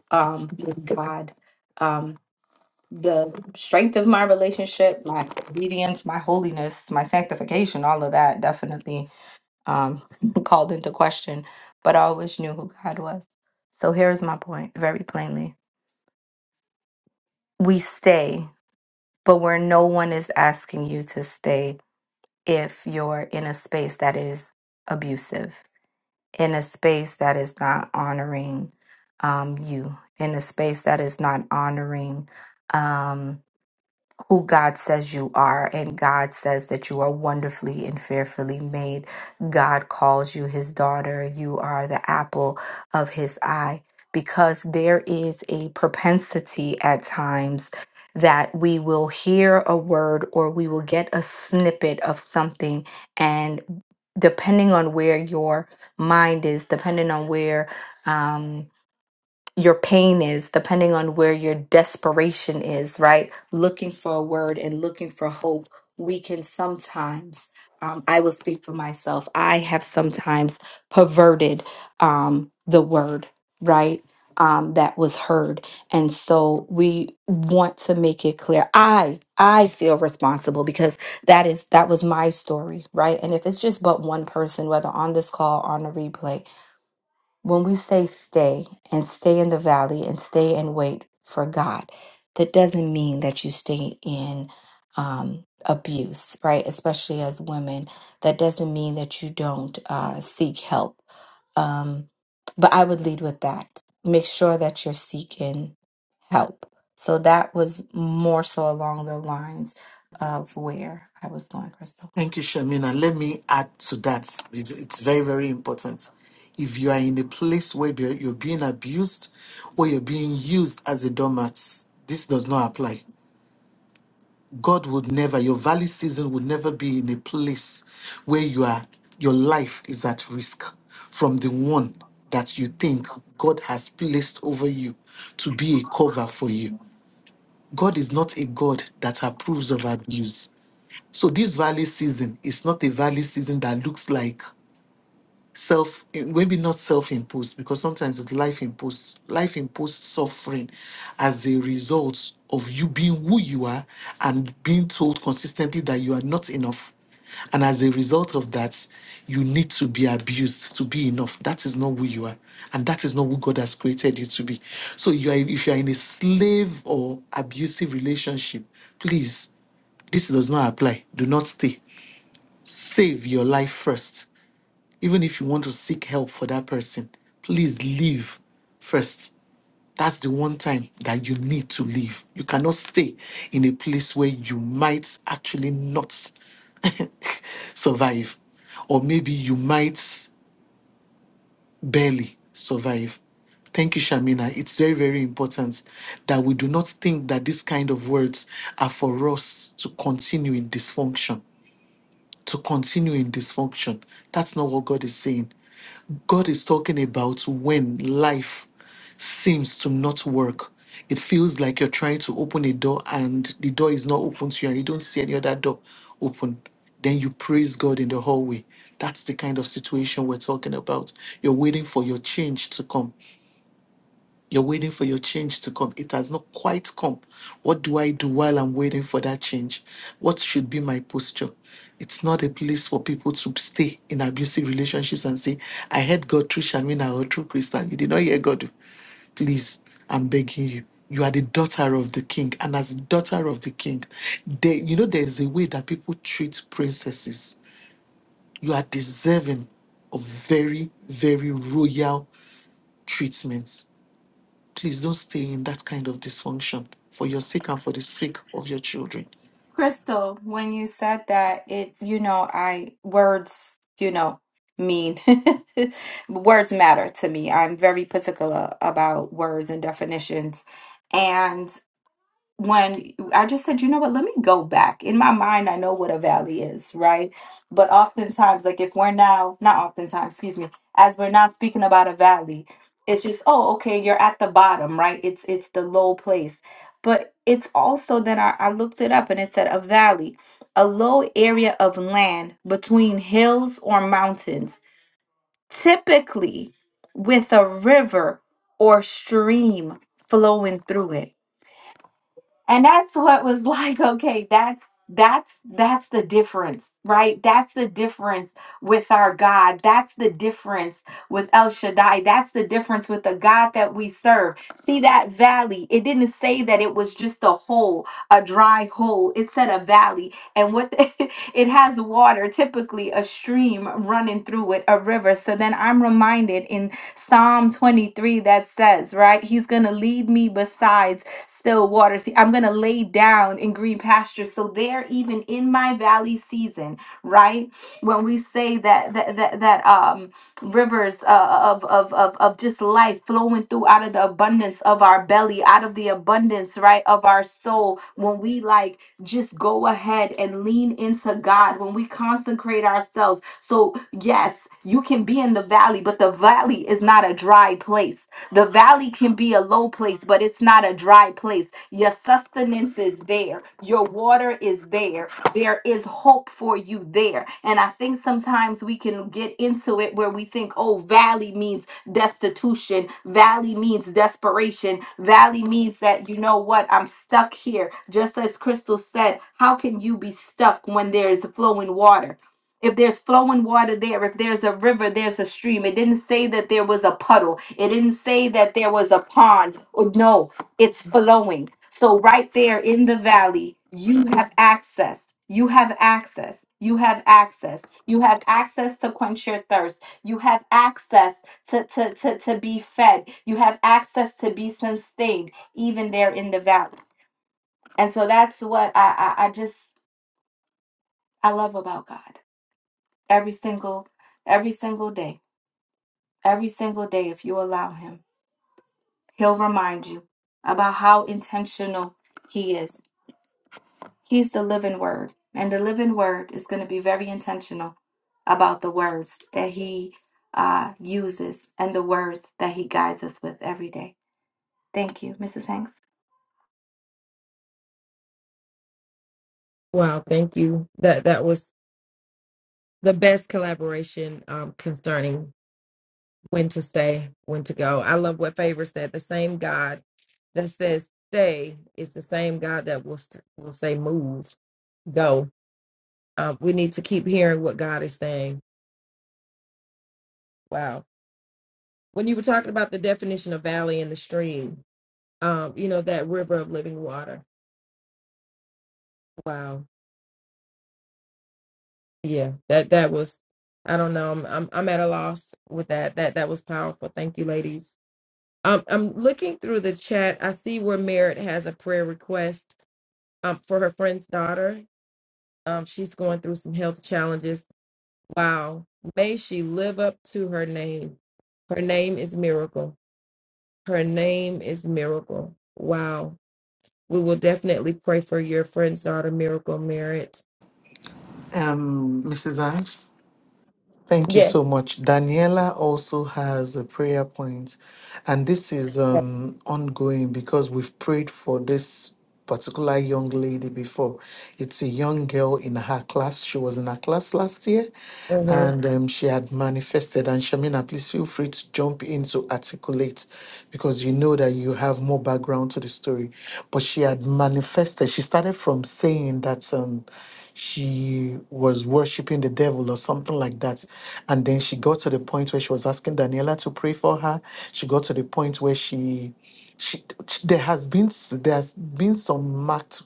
Speaker 5: um, with God. um the strength of my relationship, my obedience, my holiness, my sanctification, all of that definitely um, [LAUGHS] called into question. But I always knew who God was. So here's my point very plainly we stay, but where no one is asking you to stay if you're in a space that is abusive, in a space that is not honoring um, you, in a space that is not honoring. Um, who God says you are, and God says that you are wonderfully and fearfully made. God calls you his daughter. You are the apple of his eye because there is a propensity at times that we will hear a word or we will get a snippet of something and depending on where your mind is depending on where um, your pain is, depending on where your desperation is, right? Looking for a word and looking for hope, we can sometimes, um, I will speak for myself, I have sometimes perverted um, the word, right? Um, that was heard and so we want to make it clear i i feel responsible because that is that was my story right and if it's just but one person whether on this call on a replay when we say stay and stay in the valley and stay and wait for God, that doesn't mean that you stay in um, abuse, right? Especially as women, that doesn't mean that you don't uh, seek help. Um, but I would lead with that. Make sure that you're seeking help. So that was more so along the lines of where I was going, Crystal.
Speaker 3: Thank you, Shamina. Let me add to that. It- It's very, very important. If you are in a place where be- you're being abused or you're being used as a doormat, this does not apply. God would never, your valley season would never be in a place where you are, your life is at risk from the one that you think God has placed over you to be a cover for you. God is not a God that approves of abuse. So this valley season is not a valley season that looks like self, maybe not self-imposed, because sometimes it's life-imposed, life-imposed suffering as a result of you being who you are and being told consistently that you are not enough. And as a result of that, you need to be abused to be enough. That is not who you are. And that is not who God has created you to be. So you are if you are in a slave or abusive relationship, please, this does not apply. Do not stay save your life first. Even if you want to seek help for that person, please leave first. That's the one time that you need to leave. You cannot stay in a place where you might actually not [LAUGHS] survive, or maybe you might barely survive. Thank you, Shamina. It's very, very important that we do not think that these kind of words are for us to continue in dysfunction. To continue in dysfunction. That's not what God is saying. God is talking about when life seems to not work. It feels like you're trying to open a door and the door is not open to you and you don't see any other door open. Then you praise God in the hallway. That's the kind of situation we're talking about. You're waiting for your change to come. You're waiting for your change to come. It has not quite come. What do I do while I'm waiting for that change? What should be my posture? It's not a place for people to stay in abusive relationships and say, I heard God through Shamina or through Christian. You did not hear God. Please, I'm begging you. You are the daughter of the king. And as the daughter of the king, there, you know, there is a way that people treat princesses. You are deserving of very, very royal treatments please don't stay in that kind of dysfunction for your sake and for the sake of your children.
Speaker 5: Crystal, when you said that, it, you know, I, words, you know, mean. [LAUGHS] Words matter to me. I'm very particular about words and definitions. and when I just said, you know what, let me go back. In my mind, I know what a valley is, right? But oftentimes, like if we're now, not oftentimes, excuse me, as we're now speaking about a valley, it's just, oh, okay, you're at the bottom, right? It's it's the low place. But it's also then I, I looked it up and it said a valley, a low area of land between hills or mountains, typically with a river or stream flowing through it and that's what was [LAUGHS] like okay that's that's that's the difference right that's the difference with our god that's the difference with el shaddai that's the difference with the god that we serve see that valley it didn't say that it was just a hole a dry hole it said a valley and what the- [LAUGHS] it has water, typically a stream running through it, a river. So then I'm reminded in Psalm 23 that says, right, he's going to lead me besides still waters. He- I'm going to lay down in green pastures. So there, even in my valley season, right, when we say that, that, that, that, um, rivers uh, of, of of of just life flowing through out of the abundance of our belly out of the abundance right of our soul when we like just go ahead and lean into God when we consecrate ourselves so yes you can be in the valley but the valley is not a dry place the valley can be a low place but it's not a dry place your sustenance is there your water is there there is hope for you there. And I think sometimes we can get into it where we think, oh, valley means destitution, valley means desperation, valley means that, you know what, I'm stuck here. Just as Crystal said, how can you be stuck when there is flowing water? If there's flowing water there, if there's a river, there's a stream. It didn't say that there was a puddle. It didn't say that there was a pond. Oh, no, it's flowing. So, right there in the valley, you have access. You have access. You have access. You have access to quench your thirst. You have access to, to, to, to be fed. You have access to be sustained, even there in the valley. And so that's what I, I, I just I love about God. Every single, every single day. Every single day, if you allow him, he'll remind you about how intentional he is He's the living word. And the living word is going to be very intentional about the words that he uh, uses and the words that he guides us with every day. Thank you, Mrs. Hanks.
Speaker 2: Wow. Thank you. That that was the best collaboration um, concerning when to stay, when to go. I love what Favor said. The same God that says stay is the same God that will st- will say move, go. Um, we need to keep hearing what God is saying. Wow. When you were talking about the definition of valley and the stream, um, you know that river of living water. Wow. Yeah. That that was. I don't know. I'm I'm, I'm at a loss with that. That that was powerful. Thank you, ladies. Um, I'm looking through the chat. I see where Merritt has a prayer request um, for her friend's daughter. Um, she's going through some health challenges. Wow. May she live up to her name. Her name is Miracle. Her name is Miracle. Wow. We will definitely pray for your friend's daughter, Miracle Merritt.
Speaker 3: Um, Mrs. Anne? Thank you so
Speaker 2: Yes.
Speaker 3: much. Daniela also has a prayer point, and this is um, ongoing because we've prayed for this particular young lady before. It's a young girl in her class. She was in her class last year,
Speaker 2: Mhm.
Speaker 3: and um, she had manifested. And Shamina, please feel free to jump in to articulate because you know that you have more background to the story. But she had manifested. She started from saying that. Um, she was worshiping the devil or something like that. And then she got to the point where she was asking Daniela to pray for her. She got to the point where she, she there has been there's been some marked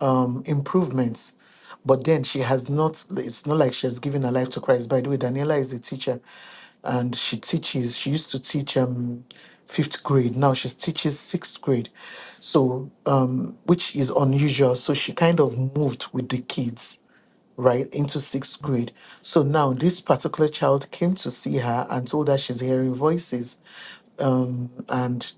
Speaker 3: um, improvements. But then she has not, it's not like she has given her life to Christ. By the way, Daniela is a teacher and she teaches, she used to teach. Um, fifth grade. Now she teaches sixth grade, so um, which is unusual. So she kind of moved with the kids right into sixth grade. So now this particular child came to see her and told her she's hearing voices, um, and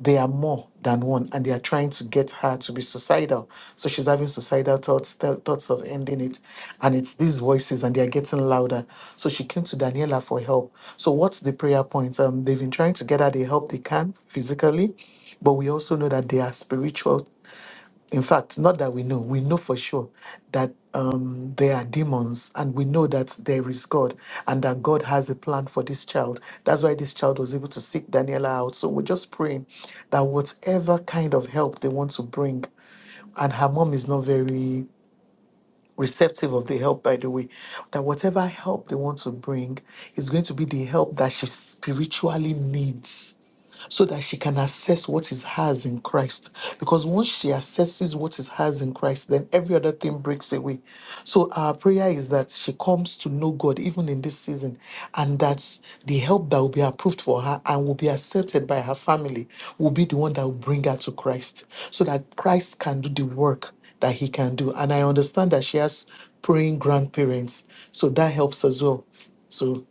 Speaker 3: they are more than one and they are trying to get her to be suicidal so she's having suicidal thoughts th- thoughts of ending it and it's these voices and they are getting louder so she came to daniela for help so what's the prayer point um they've been trying to get her the help they can physically but we also know that there are spiritual in fact, not that we know, we know for sure that um, there are demons and we know that there is God and that God has a plan for this child. That's why this child was able to seek Daniela out. So we're just praying that whatever kind of help they want to bring, and her mom is not very receptive of the help, by the way, that whatever help they want to bring is going to be the help that she spiritually needs so that she can assess what is hers in Christ. Because once she assesses what is hers in Christ, then every other thing breaks away. So our prayer is that she comes to know God even in this season, and that the help that will be approved for her and will be accepted by her family will be the one that will bring her to Christ, so that Christ can do the work that he can do. And I understand that she has praying grandparents, so that helps as well. So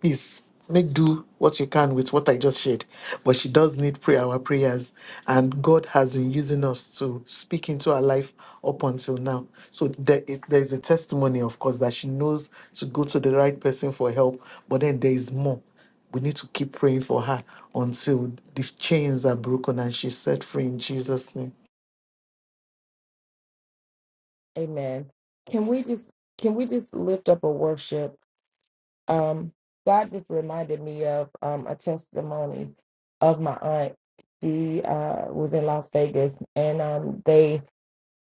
Speaker 3: please make do what you can with what I just shared. But she does need prayer, our prayers. And God has been using us to speak into her life up until now. So there, it, there is a testimony, of course, that she knows to go to the right person for help. But then there is more. We need to keep praying for her until the chains are broken and she's set free in Jesus' name.
Speaker 2: Amen. Can we just can we just lift up a worship? Um, God just reminded me of um, a testimony of my aunt. She uh, was in Las Vegas, and um, they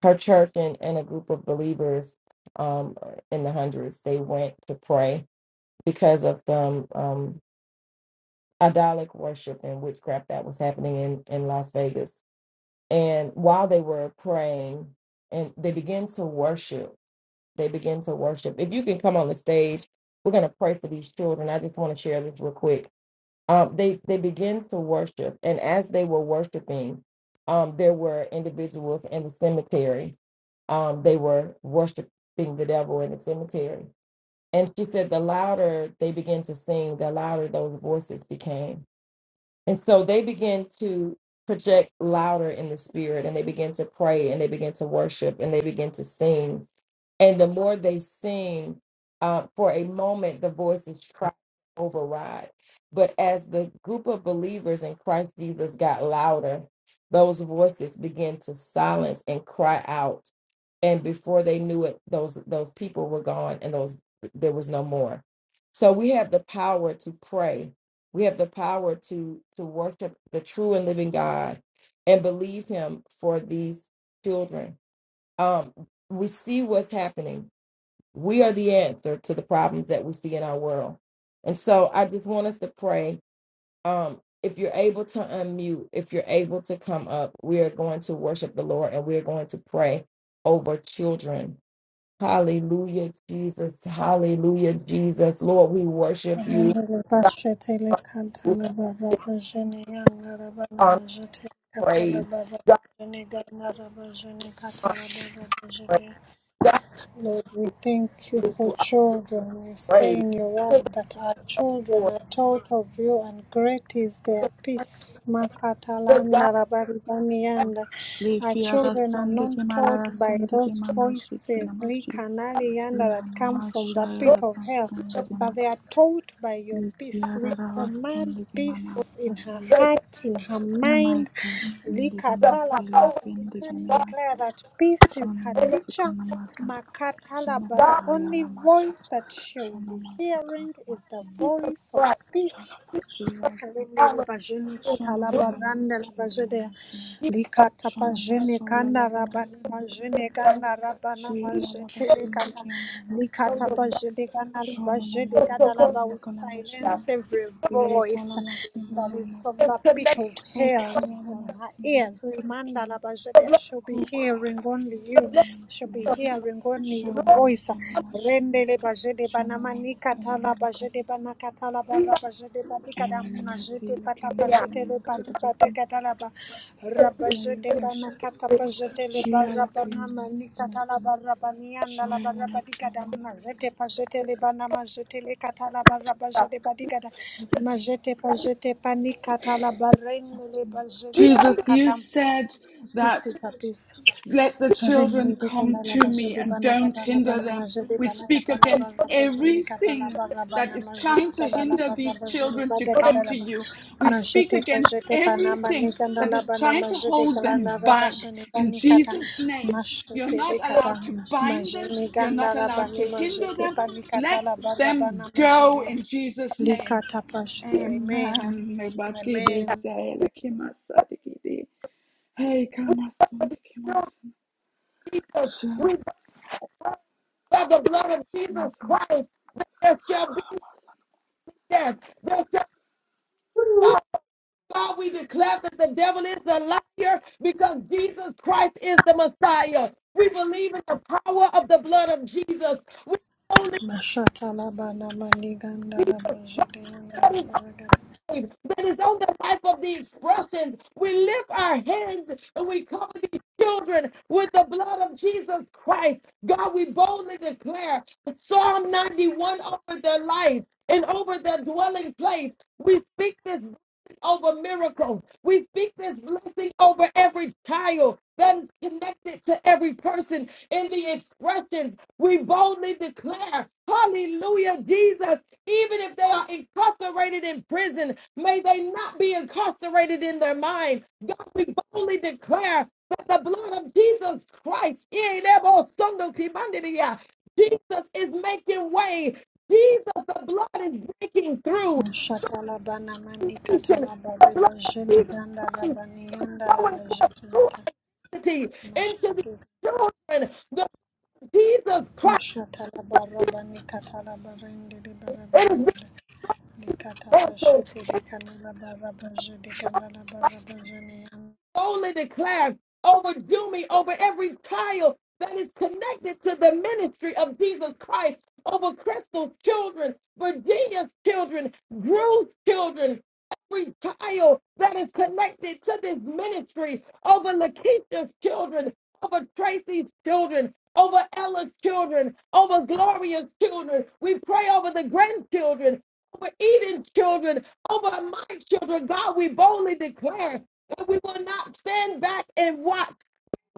Speaker 2: her church and, and a group of believers um, in the hundreds they went to pray because of the um, um, idolic worship and witchcraft that was happening in, in las vegas and while they were praying and they began to worship they began to worship if you can come on the stage we're going to pray for these children i just want to share this real quick um, they they begin to worship and as they were worshiping um, there were individuals in the cemetery um, they were worshiping the devil in the cemetery. And she said, the louder they began to sing, the louder those voices became. And so they began to project louder in the spirit, and they began to pray, and they began to worship, and they began to sing and the more they sing, uh, for a moment, the voices try to override. But as the group of believers in Christ Jesus got louder, those voices began to silence and cry out. And before they knew it, those those people were gone, and those there was no more. So we have the power to pray. We have the power to to worship the true and living God, and believe Him for these children um, we see what's happening. We are the answer to the problems that we see in our world. And so I just want us to pray. Um, if you're able to unmute, if you're able to come up, we are going to worship the Lord and we are going to pray over children. Hallelujah, Jesus. Hallelujah, Jesus. Lord, we worship you. We honor and praise. God, honor and
Speaker 1: [LAUGHS]
Speaker 2: praise. God,
Speaker 1: Lord, we thank you
Speaker 2: give
Speaker 1: for
Speaker 2: you our
Speaker 1: children. You
Speaker 2: praise.
Speaker 1: say in your
Speaker 2: To the
Speaker 1: word that our children
Speaker 2: Lord,
Speaker 1: are taught of you, and great is
Speaker 2: to
Speaker 1: their
Speaker 2: the Lord,
Speaker 1: peace.
Speaker 2: to God,
Speaker 1: Makatalanda rabaribanianda. Our
Speaker 7: Lekiada
Speaker 2: give the
Speaker 1: children are
Speaker 7: sonde ke
Speaker 1: not taught
Speaker 7: malara
Speaker 1: by
Speaker 7: sonde ke
Speaker 1: those
Speaker 7: manashi ke
Speaker 1: voices
Speaker 7: namashi.
Speaker 1: likanalianda that
Speaker 7: Liana
Speaker 1: come from the
Speaker 7: mashaya
Speaker 2: Lord,
Speaker 1: pit of
Speaker 7: latan
Speaker 1: hell,
Speaker 7: sonde ke
Speaker 1: but they
Speaker 7: mana.
Speaker 1: are taught by your peace.
Speaker 7: Likiada
Speaker 1: We
Speaker 7: rava
Speaker 1: command
Speaker 7: sonde ke mana
Speaker 1: peace in
Speaker 7: saya
Speaker 1: her
Speaker 7: leke.
Speaker 1: heart, in her mind.
Speaker 7: Yamaika sinde ke
Speaker 2: to the
Speaker 7: masele
Speaker 2: power
Speaker 1: Likatalaba, we
Speaker 7: fende
Speaker 1: declare,
Speaker 7: ke
Speaker 1: declare
Speaker 7: menasi.
Speaker 1: that peace is
Speaker 7: Shana
Speaker 1: her
Speaker 7: masika
Speaker 1: teacher
Speaker 7: namasa.
Speaker 1: Makatala,
Speaker 7: Shana
Speaker 1: but the
Speaker 7: makaya
Speaker 1: only
Speaker 7: namasha.
Speaker 1: voice that she will
Speaker 7: Shana
Speaker 1: be
Speaker 7: masaka
Speaker 1: hearing is
Speaker 7: namasi
Speaker 1: the
Speaker 2: Jesus
Speaker 7: namas.
Speaker 1: voice of
Speaker 2: Christ,
Speaker 1: peace
Speaker 7: Shana masaya namas.
Speaker 1: Kalende
Speaker 2: hallelujah.
Speaker 1: ribajene
Speaker 7: Shana
Speaker 1: katala
Speaker 2: Lord
Speaker 7: mana mana
Speaker 1: baranda
Speaker 7: kele
Speaker 1: rabajede
Speaker 7: nama sinama.
Speaker 2: Jesus,
Speaker 1: likata
Speaker 7: Shana
Speaker 1: pajene
Speaker 7: masola
Speaker 1: kanda
Speaker 7: la la
Speaker 1: rabani
Speaker 7: masini kana
Speaker 1: majene
Speaker 7: mas.
Speaker 2: the
Speaker 1: ganda rabana
Speaker 2: leader
Speaker 7: Shila la
Speaker 1: majetele
Speaker 7: basindi
Speaker 1: kata
Speaker 7: kana
Speaker 2: of
Speaker 1: likata
Speaker 7: masina nama.
Speaker 2: the
Speaker 1: pajene ganda
Speaker 7: Shana nama
Speaker 1: ribajede
Speaker 7: da la
Speaker 1: gada laba
Speaker 7: kala
Speaker 2: Sakotokoya,
Speaker 7: la
Speaker 1: we
Speaker 7: kana
Speaker 1: silence
Speaker 7: masina.
Speaker 1: every
Speaker 7: Le
Speaker 1: voice
Speaker 7: kala masina
Speaker 1: that is
Speaker 7: nama.
Speaker 1: from
Speaker 2: is
Speaker 1: the pit
Speaker 2: connected
Speaker 1: of
Speaker 7: E
Speaker 1: hell
Speaker 7: kaya la
Speaker 1: on her
Speaker 7: masina
Speaker 1: ears rimanda
Speaker 7: masikina.
Speaker 1: rabajede I shall be
Speaker 7: O
Speaker 1: hearing
Speaker 7: kona
Speaker 1: only you
Speaker 7: masina
Speaker 1: I shall
Speaker 7: masina
Speaker 1: be
Speaker 7: mas.
Speaker 1: hearing only
Speaker 7: Ekaya
Speaker 1: your
Speaker 7: namasinam masikinam.
Speaker 1: voice
Speaker 7: Okoya namasinam masinam. Shana masana masina.
Speaker 1: Rendele bajede
Speaker 7: Shana
Speaker 1: banamani
Speaker 7: nama sana
Speaker 1: katala
Speaker 7: mana kas.
Speaker 1: bajede banakatala
Speaker 2: to you.
Speaker 1: barra bajede batikada
Speaker 7: Amana
Speaker 1: majete
Speaker 7: masile
Speaker 1: pata
Speaker 7: kema
Speaker 2: yeah.
Speaker 1: pajete le
Speaker 7: sinama
Speaker 1: pati
Speaker 7: sita
Speaker 1: pate
Speaker 7: basin.
Speaker 1: katala ba rabajede
Speaker 7: Ayakash.
Speaker 1: banakata pajete le
Speaker 7: Shia
Speaker 1: barra
Speaker 7: Lakimana
Speaker 1: banamani katala
Speaker 7: Sinamasan.
Speaker 1: barra banianda la
Speaker 7: Shia
Speaker 1: barra
Speaker 7: Lamasana
Speaker 1: batikada
Speaker 7: Manakina
Speaker 1: majete pajete le banamajete le katala barra bajede batikada
Speaker 7: Madhadaya
Speaker 1: majete pajete panikatala barrendele
Speaker 7: Masinam.
Speaker 1: bajede ali
Speaker 7: Jesus, you
Speaker 1: katam
Speaker 7: said that.
Speaker 1: Peace is a peace.
Speaker 7: Let the
Speaker 1: Rende
Speaker 7: children
Speaker 1: de
Speaker 7: come
Speaker 1: candala
Speaker 7: to
Speaker 1: baje
Speaker 7: me
Speaker 1: de
Speaker 7: and
Speaker 1: bana
Speaker 7: don't
Speaker 1: candala
Speaker 7: hinder
Speaker 1: bana
Speaker 7: them.
Speaker 1: maje de
Speaker 7: We
Speaker 1: bana
Speaker 7: speak
Speaker 1: catala
Speaker 7: against
Speaker 1: barra baje ne catala
Speaker 7: everything
Speaker 1: barra
Speaker 7: that
Speaker 1: bana
Speaker 7: is
Speaker 1: maje de
Speaker 7: trying to
Speaker 1: candala
Speaker 7: hinder
Speaker 1: barra
Speaker 7: these
Speaker 1: baje de
Speaker 7: children to
Speaker 1: bada
Speaker 7: come
Speaker 1: catala
Speaker 7: to
Speaker 1: ba
Speaker 7: you. We
Speaker 1: maje
Speaker 7: speak
Speaker 1: te
Speaker 7: against
Speaker 1: paje te panama
Speaker 7: everything
Speaker 1: ne
Speaker 7: that
Speaker 1: candala
Speaker 7: is
Speaker 1: bana
Speaker 7: trying to
Speaker 1: maje de
Speaker 7: hold them
Speaker 1: galana
Speaker 7: back
Speaker 1: rabaje ne
Speaker 7: in
Speaker 1: bani cata
Speaker 7: Jesus' name.
Speaker 1: maje
Speaker 7: You're
Speaker 1: te
Speaker 7: not
Speaker 1: de cata
Speaker 7: allowed to bind
Speaker 1: maje
Speaker 7: them,
Speaker 1: ne
Speaker 7: you're not
Speaker 1: gandala
Speaker 7: allowed
Speaker 1: bani
Speaker 7: to
Speaker 1: maje
Speaker 7: hinder
Speaker 1: te
Speaker 7: them.
Speaker 1: pani
Speaker 7: Let
Speaker 1: catala barra bana
Speaker 7: them
Speaker 1: maje
Speaker 7: go
Speaker 1: de
Speaker 7: in Jesus' name.
Speaker 1: likata paje de amen
Speaker 7: Amen.
Speaker 1: amen
Speaker 2: Lord
Speaker 7: Hey,
Speaker 2: Jesus, we
Speaker 7: Amen.
Speaker 2: by the blood of Jesus Christ, there shall be death. There shall
Speaker 8: Woo
Speaker 2: God, God, we declare that the devil is a liar because Jesus Christ is the Messiah. We believe in the power of the blood of Jesus. We only
Speaker 1: mashata bana mani gandala baje de
Speaker 2: praise
Speaker 1: Ragada.
Speaker 2: that is on the life of the expressions. We lift our hands and we cover these children with the blood of Jesus Christ. God, we boldly declare Psalm 91 over their life and over their dwelling place. We speak this over miracles. We speak this blessing over every child that is connected to every person in the expressions. We boldly declare, Hallelujah, Jesus. Even if they are incarcerated in prison, may they not be incarcerated in their mind. God, we boldly declare that the blood of Jesus Christ, Jesus is making way. Jesus, the blood is breaking through
Speaker 1: Mashatala bana mani
Speaker 2: nation.
Speaker 1: katala
Speaker 2: The blood
Speaker 1: bariba
Speaker 2: of
Speaker 1: jeni
Speaker 2: Jesus
Speaker 1: ganda
Speaker 2: Christ
Speaker 1: rabani yanda
Speaker 2: going
Speaker 1: raba jeti
Speaker 2: through
Speaker 1: yata
Speaker 2: entity into the
Speaker 1: mashati
Speaker 2: children. The Jesus Christ,
Speaker 1: mashatala barabani katala barindi riba raba
Speaker 2: it is being
Speaker 1: dagada likata
Speaker 2: canceled.
Speaker 1: pasheti likana raba raba jedi ganda raba raba jeni yanda
Speaker 2: boldly declare over Jumi, over every child that is connected to the ministry of Jesus Christ, over Crystal's children, Virginia's children, Drew's children, every child that is connected to this ministry, over Lakeisha's children, over Tracy's children, over Ella's children, over Gloria's children. We pray over the grandchildren, over Eden's children, over my children. God, we boldly declare but we will not stand back and watch,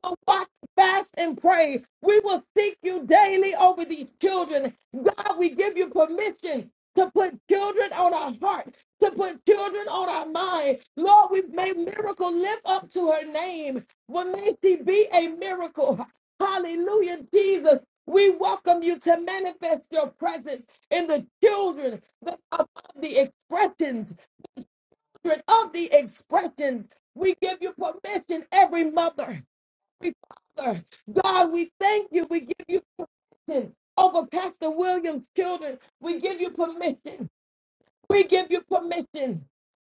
Speaker 2: but watch, fast, and pray. We will seek you daily over these children. God, we give you permission to put children on our heart, to put children on our mind. Lord, we've made miracle live up to her name. Well, may she be a miracle. Hallelujah, Jesus. We welcome you to manifest your presence in the children that- of the expressions of the expressions. We give you permission, every mother, every father. God, we thank you. We give you permission over Pastor Williams' children. We give you permission. We give you permission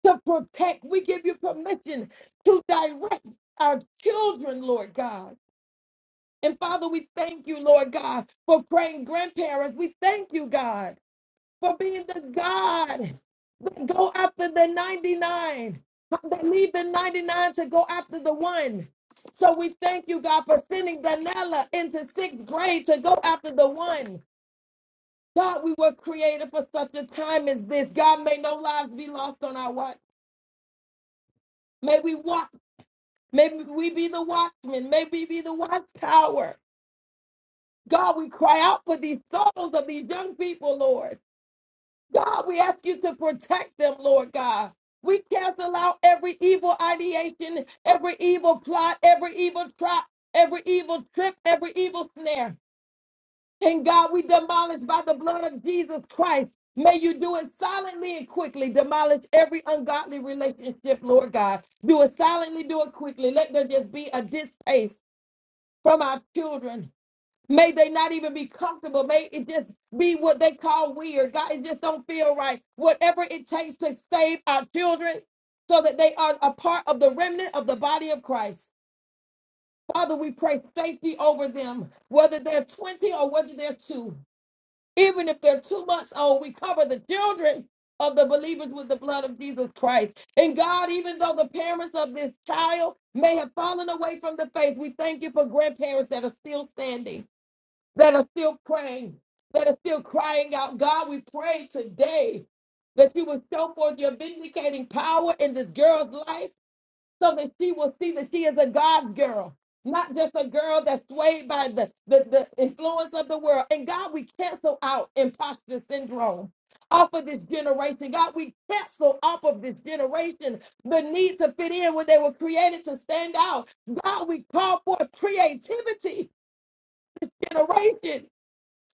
Speaker 2: to protect. We give you permission to direct our children, Lord God. And Father, we thank you, Lord God, for praying grandparents. We thank you, God for being the God that go after the 99, huh, that leave the 99 to go after the one. So we thank you, God, for sending Daniela into sixth grade to go after the one. God, we were created for such a time as this. God, may no lives be lost on our watch. May we watch. May we be the watchman. May we be the watchtower. God, we cry out for these souls of these young people, Lord. God, we ask you to protect them, Lord God. We cancel out every evil ideation, every evil plot, every evil trap, every evil trip, every evil snare. And God, we demolish by the blood of Jesus Christ. May you do it silently and quickly. Demolish every ungodly relationship, Lord God. Do it silently, do it quickly. Let there just be a distaste from our children May they not even be comfortable. May it just be what they call weird. God, it just don't feel right. Whatever it takes to save our children so that they are a part of the remnant of the body of Christ. Father, we pray safety over them, whether they're 20 or whether they're two. Even if they're two months old, we cover the children of the believers with the blood of Jesus Christ. And God, even though the parents of this child may have fallen away from the faith, we thank you for grandparents that are still standing that are still praying, that are still crying out, God, we pray today that you will show forth your vindicating power in this girl's life so that she will see that she is a God's girl, not just a girl that's swayed by the, the, the influence of the world. And God, we cancel out imposter syndrome. Off of this generation, God, we cancel off of this generation the need to fit in when they were created to stand out. God, we call for creativity generation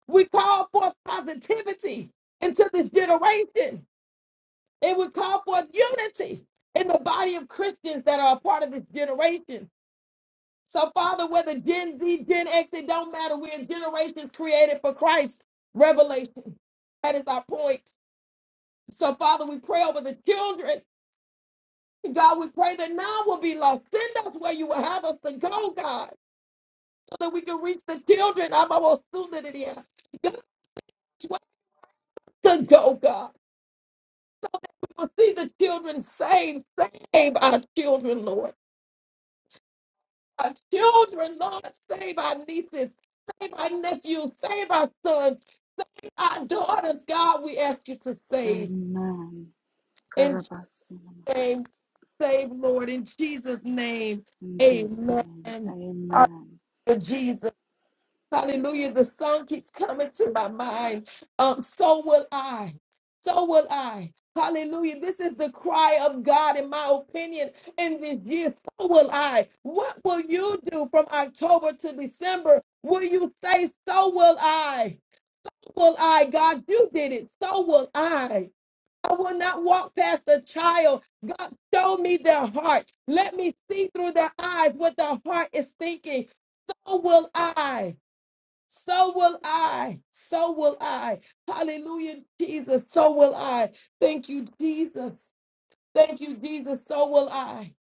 Speaker 2: we call forth positivity into this generation. It would call forth unity in the body of Christians that are a part of this generation. So, Father, whether Gen Z, Gen X, it don't matter. We're generations created for Christ. Revelation. That is our point. So, Father, we pray over the children. God, we pray that none will be lost. Send us where you will have us to go, God, so that we can reach the children. I'm almost soon to the end. Where to go, God. will see the children saved. Save our children, Lord. Our children, Lord, save our nieces, save our nephews, save our sons, our daughters, God, we ask you to save. In Jesus' name, save, Lord. In Jesus' name,
Speaker 7: In Jesus'
Speaker 2: amen.
Speaker 7: name,
Speaker 2: Hallelujah,
Speaker 7: amen.
Speaker 2: Jesus. Hallelujah. The song keeps coming to my mind. Um, so will I. So will I. Hallelujah. This is the cry of God, in my opinion, in this year. So will I. What will you do from October to December? Will you say, So will I? Will I? God, you did it. So will I. I will not walk past a child. God, show me their heart. Let me see through their eyes what their heart is thinking. So will I. So will I. So will I. Hallelujah, Jesus. So will I. Thank you, Jesus. Thank you, Jesus. So will I.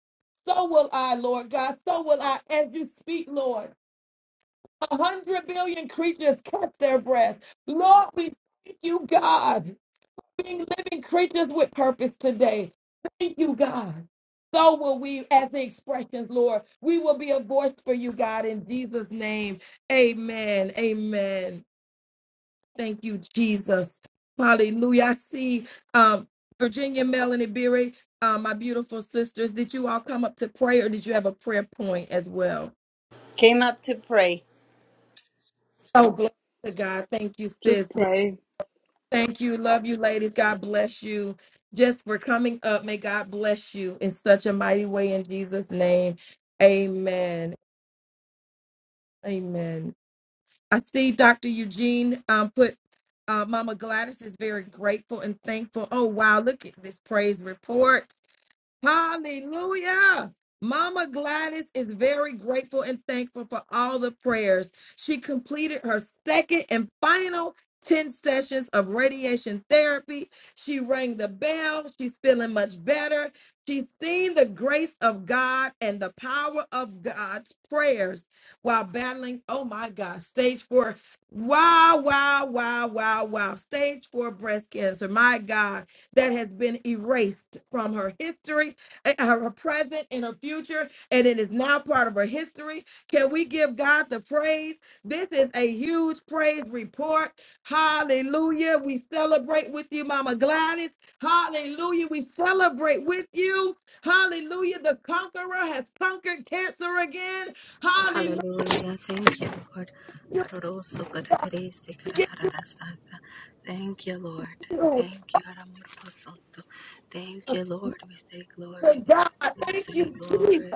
Speaker 2: So will I, Lord God. So will I as you speak, Lord. A hundred billion creatures catch their breath. Lord, we thank you, God, for being living creatures with purpose today. Thank you, God. So will we as the expressions, Lord. We will be a voice for you, God, in Jesus' name. Amen. Amen. Thank you, Jesus. Hallelujah. I see um, Virginia, Melanie, Beery, uh, my beautiful sisters. Did you all come up to pray or did you have a prayer point as well? Oh, glory to God. Thank you,
Speaker 7: Just
Speaker 2: sis.
Speaker 7: pray.
Speaker 2: Thank you. Love you, ladies. God bless you. Just for coming up, may God bless you in such a mighty way in Jesus' name. Amen. Amen. I see Dr. Eugene um, put uh, Mama Gladys is very grateful and thankful. Oh, wow. Look at this praise report. Hallelujah. Mama Gladys is very grateful and thankful for all the prayers. She completed her second and final 10 sessions of radiation therapy. She rang the bell. She's feeling much better. She's seen the grace of God and the power of God's prayers while battling, oh my God, stage four. Wow, wow, wow, wow, wow. Stage four breast cancer. My God that has been erased from her history, eh, uh, her present, and her future, and it is now part of her history. Can we give God the praise? This is a huge praise report. Hallelujah. We celebrate with you, Mama Gladys. Hallelujah. We celebrate with you. Hallelujah. The conqueror has conquered cancer again. Hallelujah. We give you a to God. Thank you, Jesus.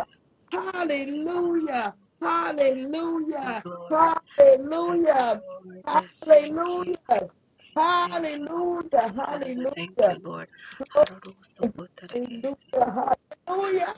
Speaker 2: Hallelujah. Hallelujah. Hallelujah. Hallelujah. Hallelujah. Hallelujah. Hallelujah. Hallelujah.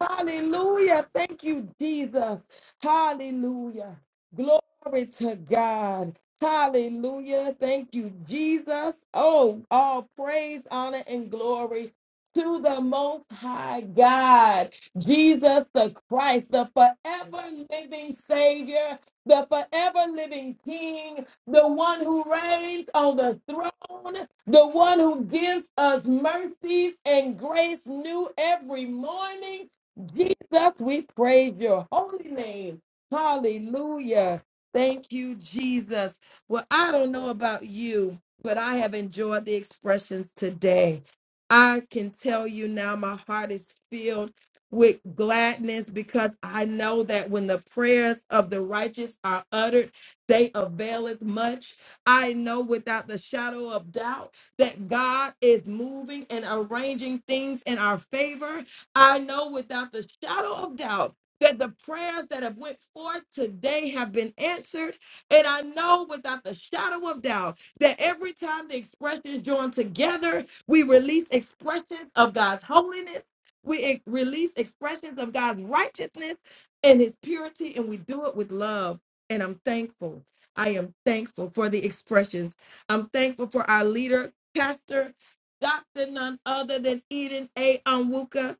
Speaker 2: Hallelujah. Thank you, Jesus. Hallelujah. Glory to God. Hallelujah. Thank you, Jesus. Oh, all praise, honor, and glory to the Most High God, Jesus the Christ, the forever living Savior, the forever living King, the one who reigns on the throne, the one who gives us mercies and grace new every morning Jesus, we praise your holy name. Hallelujah. Thank you, Jesus. Well, I don't know about you, but I have enjoyed the expressions today. I can tell you now, my heart is filled with gladness because I know that when the prayers of the righteous are uttered, they availeth much. I know without the shadow of doubt that God is moving and arranging things in our favor I know without the shadow of doubt that the prayers that have went forth today have been answered and i know without the shadow of doubt that every time the expressions join together we release expressions of god's holiness we e- release expressions of god's righteousness and his purity and we do it with love and i'm thankful i am thankful for the expressions i'm thankful for our leader pastor dr none other than eden a onwuka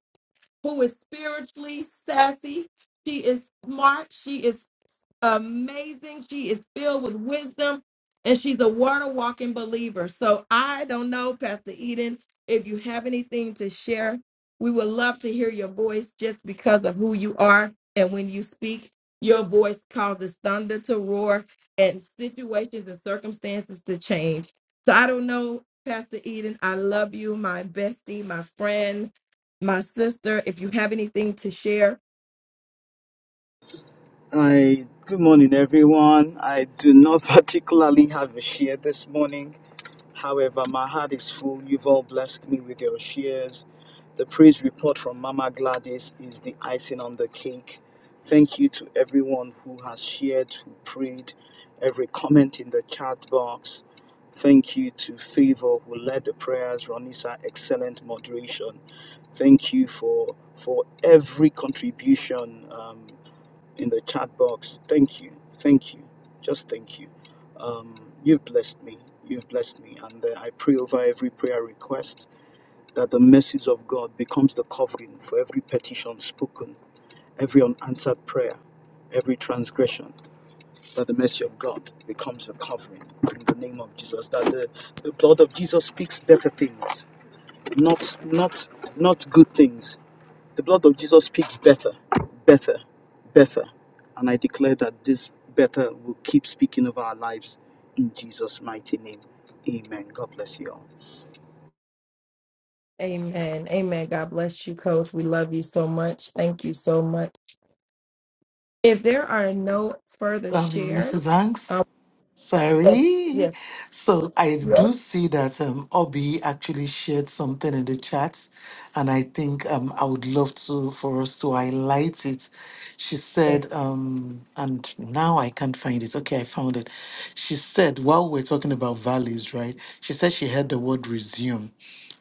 Speaker 2: who is spiritually sassy. She is smart. She is amazing. She is filled with wisdom and she's a water walking believer. So I don't know, Pastor Eden, if you have anything to share, we would love to hear your voice just because of who you are. And when you speak, your voice causes thunder to roar and situations and circumstances to change. So I don't know, Pastor Eden, I love you, my bestie, my friend, my sister. If you have anything to share,
Speaker 9: I good morning everyone. I do not [LAUGHS] particularly have a share this morning. However, my heart is full. You've all blessed me with your shares. The praise report from Mama Gladys is the icing on the cake. Thank you to everyone who has shared, who prayed, every comment in the chat box. Thank you to Favor who led the prayers, Ronisa, excellent moderation. Thank you for for every contribution. Um, in the chat box. Thank you. Thank you. Just thank you. Um, you've blessed me. You've blessed me. And uh, I pray over every prayer request that the mercies of God becomes the covering for every petition spoken, every unanswered prayer, every transgression, that the mercy of God becomes the covering in the name of Jesus. That the, the blood of Jesus speaks better things, not not not good things the blood of Jesus speaks better, better, better. And I declare that this better will keep speaking over our lives in Jesus' mighty name. Amen. God bless you all.
Speaker 2: Amen. Amen. God bless you, Coach. We love you so much. Thank you so much. If there are no further
Speaker 3: Um, Mrs.
Speaker 2: shares,
Speaker 3: Hanks,
Speaker 2: um,
Speaker 3: sorry.
Speaker 2: yes.
Speaker 3: So I
Speaker 2: Yes.
Speaker 3: do see that um, Obi actually shared something in the chat, and I think um, I would love to for us to highlight it. She said, um, and now I can't find it. Okay, I found it. She said, while we're talking about valleys, right? She said she heard the word resume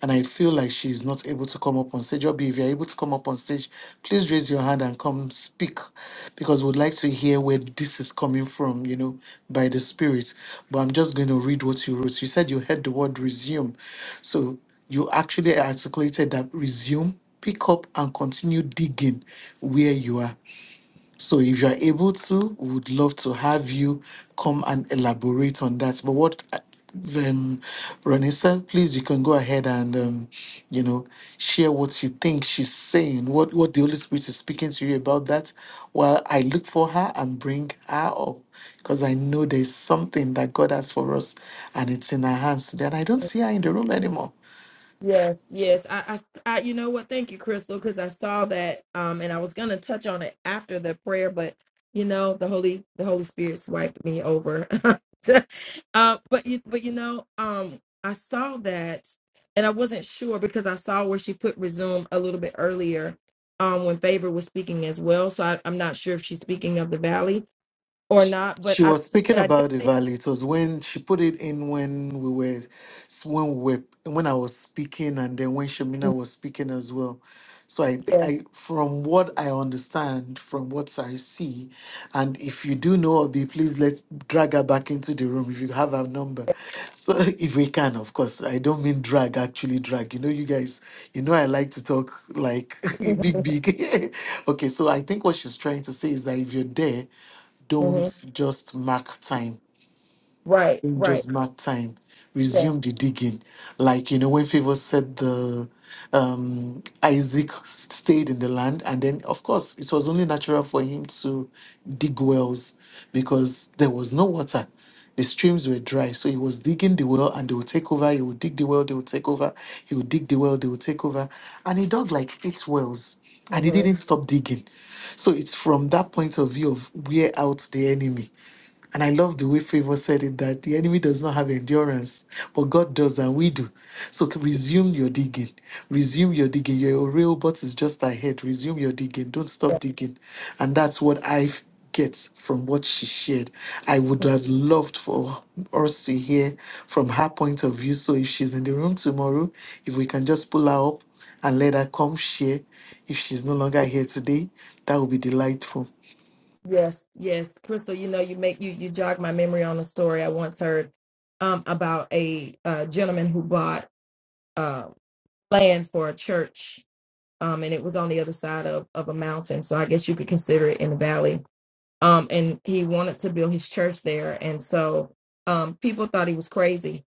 Speaker 3: and I feel like she's not able to come up on stage. Obi, if you're able to come up on stage, please raise your hand and come speak because we'd like to hear where this is coming from, you know, by the Spirit. But I'm just going to read what you wrote. You said you heard the word resume. So you actually articulated that resume, pick up, and continue digging where you are. So if you are able to, we would love to have you come and elaborate on that. But what uh, um Ranisa, please you can go ahead and um, you know, share what you think she's saying, what what the Holy Spirit is speaking to you about that while I look for her and bring her up. Because I know there's something that God has for us and it's in our hands today. And I don't see her in the room anymore.
Speaker 2: Yes, yes. I, I, s- I- you know what? Thank you, Crystal, because I saw that, um, and I was gonna touch on it after the prayer, but you know, the Holy, the Holy Spirit swiped me over. [LAUGHS] So, uh, but you, but you know, um, I saw that, and I wasn't sure because I saw where she put resume a little bit earlier, um, when Favor was speaking as well. So I, I'm not sure if she's speaking of the Valley or not, but
Speaker 3: she
Speaker 2: I,
Speaker 3: was speaking
Speaker 2: but I
Speaker 3: about
Speaker 2: did
Speaker 3: the
Speaker 2: think,
Speaker 3: valley. It was when she put it in when we were when we were when I was speaking and then when Shamina was speaking as well. So I think I from what I understand, from what I see, and if you do know Obi, please let drag her back into the room if you have her number. So [LAUGHS] if we can, of course. I don't mean drag, actually drag. You know, you guys, you know I like to talk like [LAUGHS] big
Speaker 2: yeah,
Speaker 3: big. [LAUGHS] okay, so I think what she's trying to say is that if you're there
Speaker 2: [LAUGHS] hmm
Speaker 3: don't just mark time
Speaker 2: right, right,
Speaker 3: just mark time
Speaker 2: yeah.
Speaker 3: resume the digging like you know when favor said the um isaac stayed in the land and then of course it was only natural for him to dig wells because there was no water the streams were dry so he was digging the well and they would take over he would dig the well they would take over he would dig the well they would take over and he dug like eight wells and he
Speaker 2: Mm-hmm.
Speaker 3: didn't stop digging so it's from that point of view of wear out the enemy and I love the way Favor said it that the enemy does not have endurance, but God does, and we do. So c- resume your digging. Resume your digging. Your robot is just ahead. Resume your digging. Don't stop digging. And that's what I f- get from what she shared. I would have loved for us to hear from her point of view. So if she's in the room tomorrow, if we can just pull her up and let her come share. If she's no longer here today, that would be delightful.
Speaker 2: Yes, yes, Crystal. You know, you make you you jog my memory on a story I once heard um, about a uh, gentleman who bought uh, land for a church, um, and it was on the other side of of a mountain. So I guess you could consider it in the valley. Um, and he wanted to build his church there, and so um, people thought he was crazy.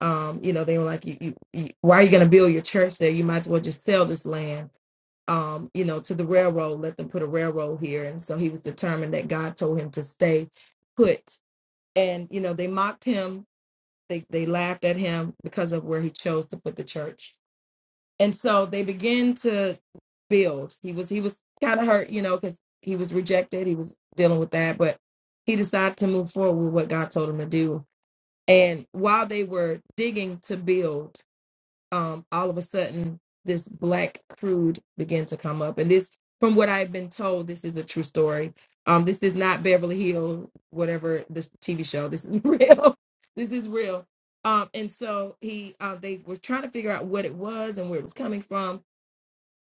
Speaker 2: Um, you know, they were like, you, you, you, "Why are you going to build your church there? You might as well just sell this land." um, you know, to the railroad, let them put a railroad here. And so he was determined that God told him to stay put. And, you know, they mocked him, they, they laughed at him because of where he chose to put the church. And so they began to build. He was he was kind of hurt, you know, because he was rejected. He was dealing with that, but he decided to move forward with what God told him to do. And while they were digging to build, um, all of a sudden this black crude began to come up. And this, from what I've been told, this is a true story. Um, this is not Beverly Hill, whatever this TV show. This is [LAUGHS] real. this is real. Um, and so he, uh, they were trying to figure out what it was and where it was coming from.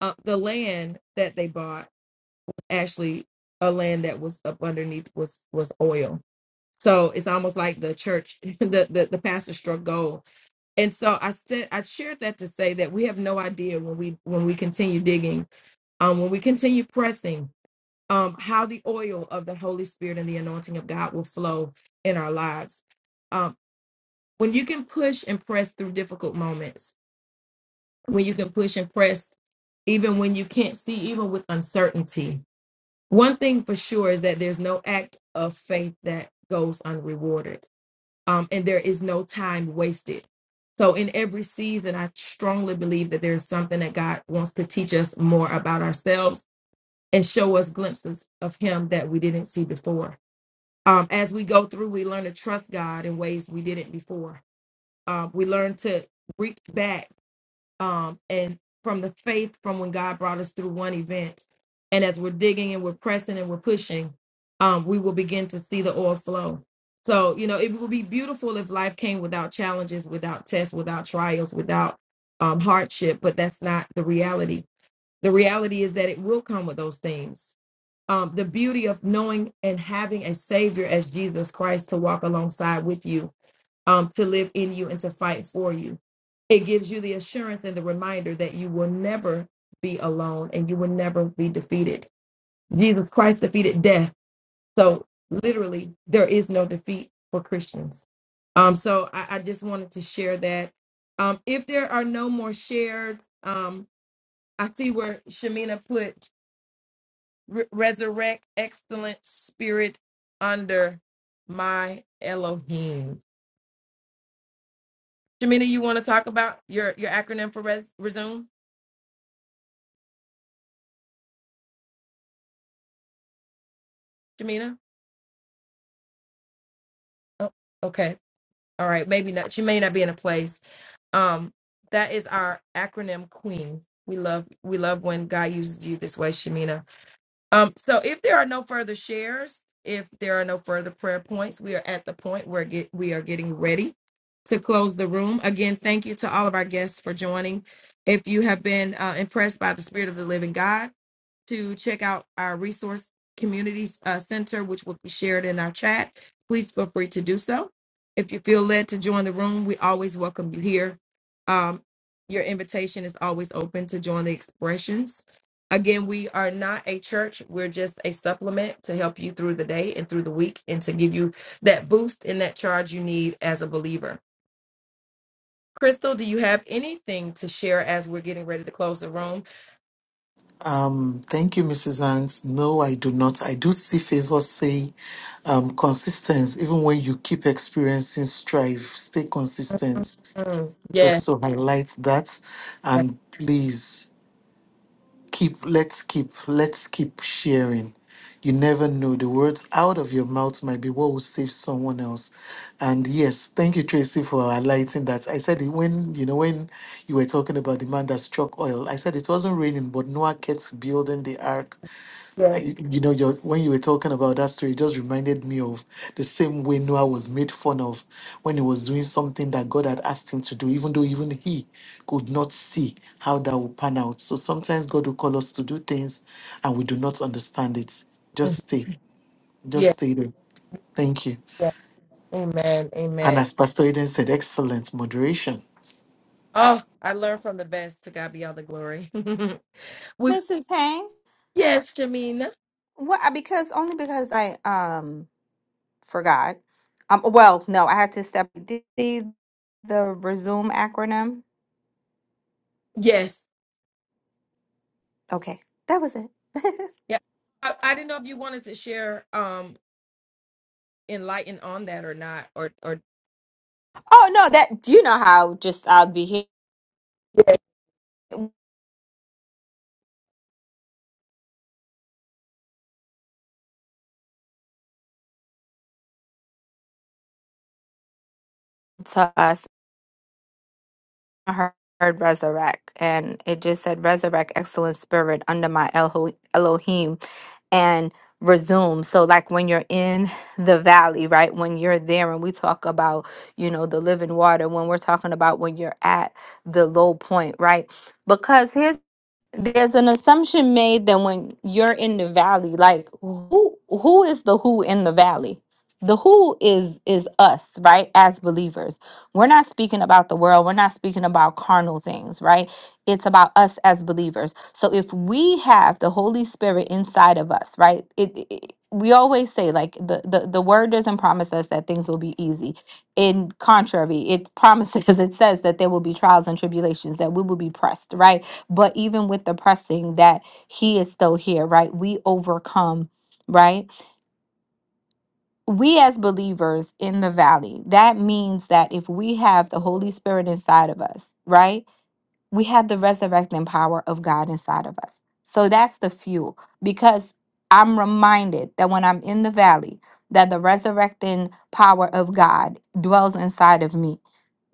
Speaker 2: Uh, the land that they bought actually a land that was up underneath was was oil. So it's almost like the church, [LAUGHS] the the, the pastor struck gold and so i said i shared that to say that we have no idea when we when we continue digging um when we continue pressing um how the oil of the holy spirit and the anointing of god will flow in our lives um when you can push and press through difficult moments when you can push and press even when you can't see even with uncertainty one thing for sure is that there's no act of faith that goes unrewarded um, and there is no time wasted. So, in every season, I strongly believe that there is something that God wants to teach us more about ourselves and show us glimpses of Him that we didn't see before. Um, as we go through, we learn to trust God in ways we didn't before. Um, we learn to reach back um, and from the faith from when God brought us through one event. And as we're digging and we're pressing and we're pushing, um, we will begin to see the oil flow. So, you know, it would be beautiful if life came without challenges, without tests, without trials, without um, hardship, but that's not the reality. The reality is that it will come with those things. Um, the beauty of knowing and having a Savior as Jesus Christ to walk alongside with you um, to live in you and to fight for you. It gives you the assurance and the reminder that you will never be alone and you will never be defeated. Jesus Christ defeated death. So, literally, there is no defeat for Christians. Um, so, I, I just wanted to share that. Um, if there are no more shares, um, I see where Shamina put "Re- resurrect excellent spirit under my Elohim. Jamina, you want to talk about your your acronym for res, resume, Jamina? Oh, okay. All right. Maybe not. She may not be in a place. Um, that is our acronym queen. We love we love when God uses you this way, Shamina. Um, so if there are no further shares, if there are no further prayer points, we are at the point where get, we are getting ready to close the room. Again, thank you to all of our guests for joining. If you have been uh, impressed by the Spirit of the Living God to check out our resource communities uh, center, which will be shared in our chat, please feel free to do so. If you feel led to join the room, we always welcome you here. Um, your invitation is always open to join the expressions. Again, we are not a church. We're just a supplement to help you through the day and through the week and to give you that boost and that charge you need as a believer. Crystal, do you have anything to share as we're getting ready to close the room?
Speaker 3: Um, thank you, Mrs. Hanks. No, I do not. I do see favor say um, consistency, even when you keep experiencing strife, stay consistent.
Speaker 2: Mm, yes,
Speaker 3: Just to highlight that.
Speaker 2: yes,
Speaker 3: And please keep, let's keep, let's keep sharing. You never know. The words out of your mouth might be what will save someone else. And yes, thank you, Tracy, for highlighting that. I said it when you know when you were talking about the man that struck oil. I said it wasn't raining, but Noah kept building the ark
Speaker 2: yes,
Speaker 3: I- you know, your, when you were talking about that story, it just reminded me of the same way Noah was made fun of when he was doing something that God had asked him to do, even though even he could not see how that would pan out. So sometimes God will call us to do things and we do not understand it. Just stay, just
Speaker 2: yes,
Speaker 3: stay there. Thank you.
Speaker 2: yes. Amen.
Speaker 3: And
Speaker 2: Amen.
Speaker 3: as Pastor Eden said, excellent moderation.
Speaker 2: Oh, I learned from the best. To God be all the glory. [LAUGHS] we
Speaker 5: Mrs. Hang,
Speaker 2: yes, Jamina.
Speaker 5: what? I- Because only because I um forgot. Um, well, no, I had to step D the resume acronym.
Speaker 2: Yes.
Speaker 5: Okay, that was it. [LAUGHS]
Speaker 2: Yeah. I, I didn't know if you wanted to share um enlighten on that or not or or
Speaker 5: oh no, that you know how just I'll be here to us. heard heard resurrect and it just said resurrect excellent spirit under my Elho- elohim and resume so like when you're in the valley right when you're there and we talk about you know the living water when we're talking about when you're at the low point right Because here's there's an assumption made that when you're in the valley like who who is the who in the valley the who is is us right as believers we're not speaking about the world we're not speaking about carnal things right it's about us as believers so if we have the holy spirit inside of us right it, it it- we always say like the, the the word doesn't promise us that things will be easy in contrary it promises [LAUGHS] it says that there will be trials and tribulations that we will be pressed right but even with the pressing that he is still here right we overcome right we as believers in the valley that means that if we have the holy spirit inside of us right we have the resurrecting power of God inside of us. So that's the fuel because I'm reminded that when I'm in the valley, that the resurrecting power of God dwells inside of me.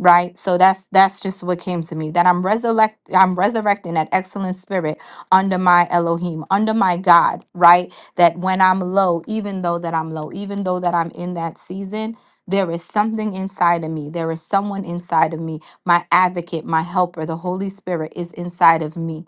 Speaker 5: Right? So that's that's just what came to me that I'm resurrect I'm resurrecting that excellent spirit under my Elohim, under my God, right? That when I'm low, even though that I'm low, even though that I'm in that season, there is something inside of me. There is someone inside of me my advocate, my helper, the Holy Spirit is inside of me.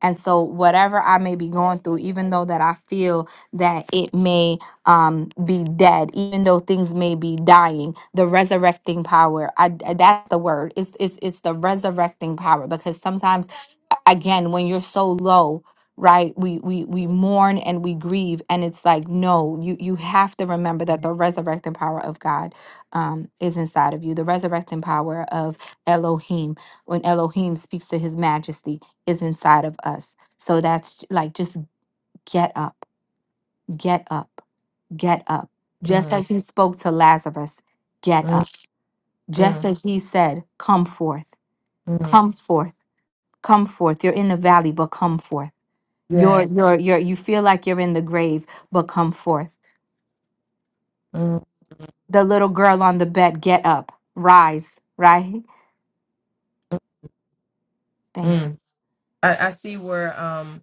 Speaker 5: And so, whatever I may be going through, even though that I feel that it may um, be dead, even though things may be dying, the resurrecting power, I, that's the word. It's, it's, it's the resurrecting power because sometimes, again, when you're so low, right we, we we mourn and we grieve and it's like no you you have to remember that the resurrecting power of god um, is inside of you the resurrecting power of elohim when elohim speaks to his majesty is inside of us. So that's j- like just get up, get up, get up. Just
Speaker 2: Mm,
Speaker 5: as he spoke to Lazarus, get
Speaker 2: mm,
Speaker 5: up. Just
Speaker 2: mm,
Speaker 5: as he said, come forth,
Speaker 2: mm.
Speaker 5: come forth, come forth. You're in the valley, but come forth. You're
Speaker 2: yes.
Speaker 5: you're you're you feel like you're in the grave, but come forth.
Speaker 2: Mm,
Speaker 5: The little girl on the bed, get up, rise, right? Thank you.
Speaker 2: mm. I, I see where um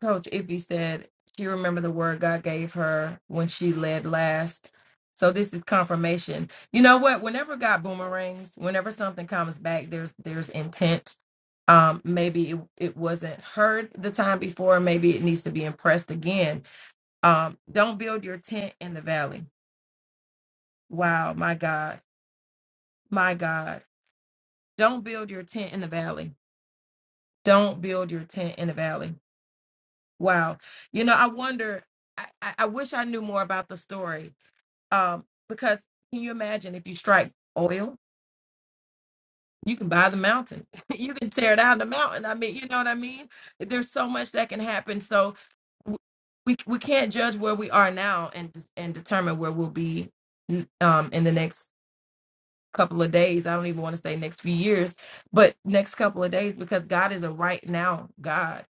Speaker 2: Coach Iffy said she remembered the word God gave her when she led last. So this is confirmation. You know what? Whenever God boomerangs, whenever something comes back, there's there's intent. Um, maybe it, it wasn't heard the time before. Maybe it needs to be impressed again. Um, don't build your tent in the valley. Wow, my God, my God. Don't build your tent in the valley. Don't build your tent in the valley. Wow. You know, I wonder I, I I wish I knew more about the story Um, because can you imagine if you strike oil, you can buy the mountain, [LAUGHS] you can tear down the mountain. I mean, you know what I mean? There's so much that can happen. So w- we we can't judge where we are now and and determine where we'll be um in the next couple of days. I don't even want to say next few years, but next couple of days because God is a right now God.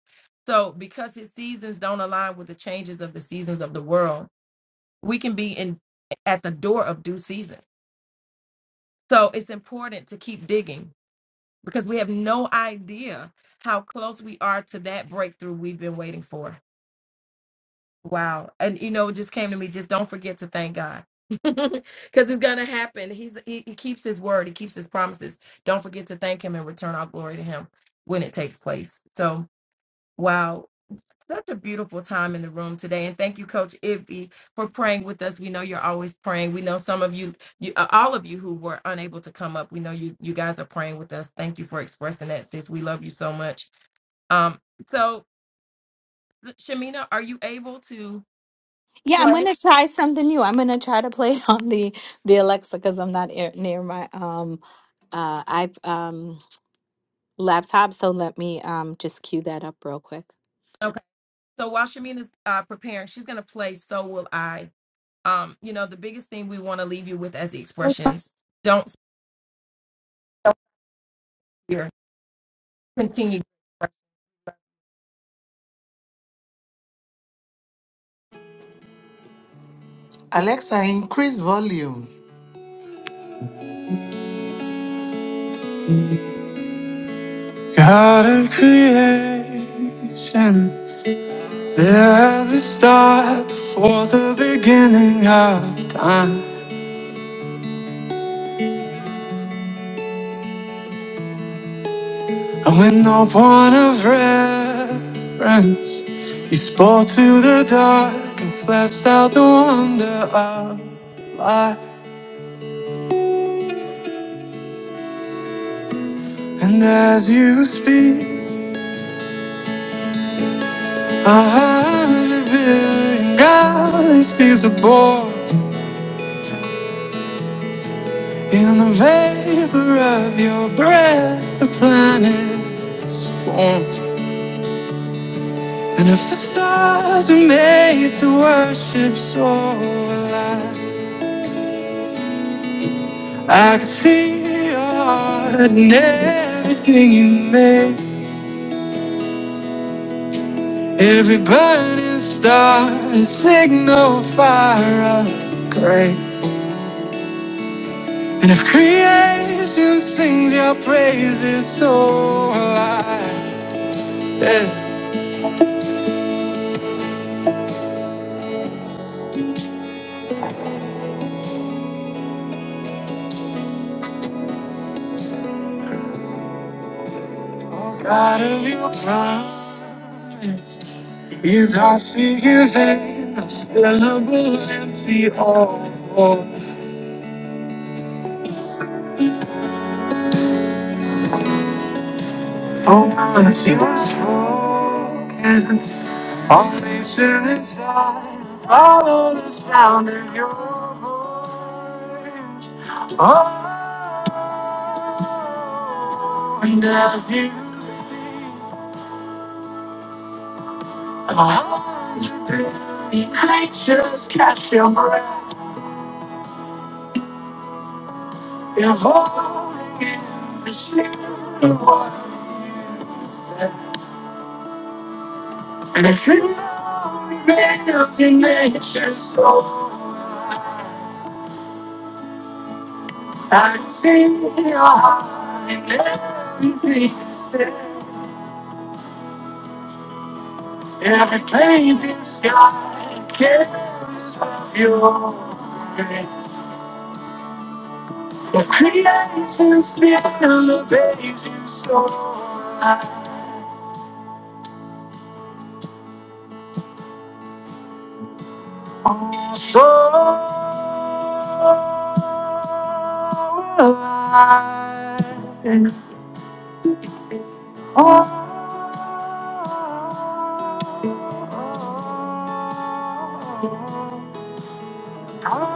Speaker 2: So because his seasons don't align with the changes of the seasons of the world, we can be in at the door of due season So it's important to keep digging because we have no idea how close we are to that breakthrough we've been waiting for. Wow. And you know, it just came to me just don't forget to thank God. [LAUGHS] Because it's gonna happen. He's he, he keeps his word, he keeps his promises. Don't forget to thank him and return our glory to him when it takes place. So wow. Such a beautiful time in the room today, and thank you, Coach Ivy, for praying with us. We know you're always praying. We know some of you, you uh, all of you who were unable to come up. We know you, you guys are praying with us. Thank you for expressing that, sis. We love you so much. Um, so Shamina, are you able to
Speaker 5: Yeah, I'm
Speaker 2: play?
Speaker 5: gonna try something new. I'm gonna try to play [LAUGHS] it on the the Alexa because I'm not ear- near my um uh I laptop. So let me um just cue that up real quick.
Speaker 2: Okay. So while Shamina's uh, preparing, she's gonna play. So will I. Um, you know, the biggest thing we want to leave you with as the expressions: don't fear. Continue.
Speaker 3: Alexa, increase volume.
Speaker 5: God of creation, there at the start, before the beginning of time, and with no point of reference, you spoke to the dark and fleshed out the wonder of light. And as you speak, a hundred billion galaxies are born. In the vapor of your breath, the planets form. And if the stars were made to worship, so will I. I can see your heart in everything you make. Every burning star is signal fire of grace. And if creation sings your praises, so will I. Yeah. Walk Out of your promise, you thou speak your hand, a syllable empty all. Oh, oh, once you have spoken, all nature inside follow the sound of your voice. Oh, and as you speak, our hearts will be creatures catch your breath. You're holding in the shape of what you said. And if you know your in nature so wide. I see your heart in everything you said. In every pain in sky kiss of your grace. The creation still obeys you so So will I. Oh, I.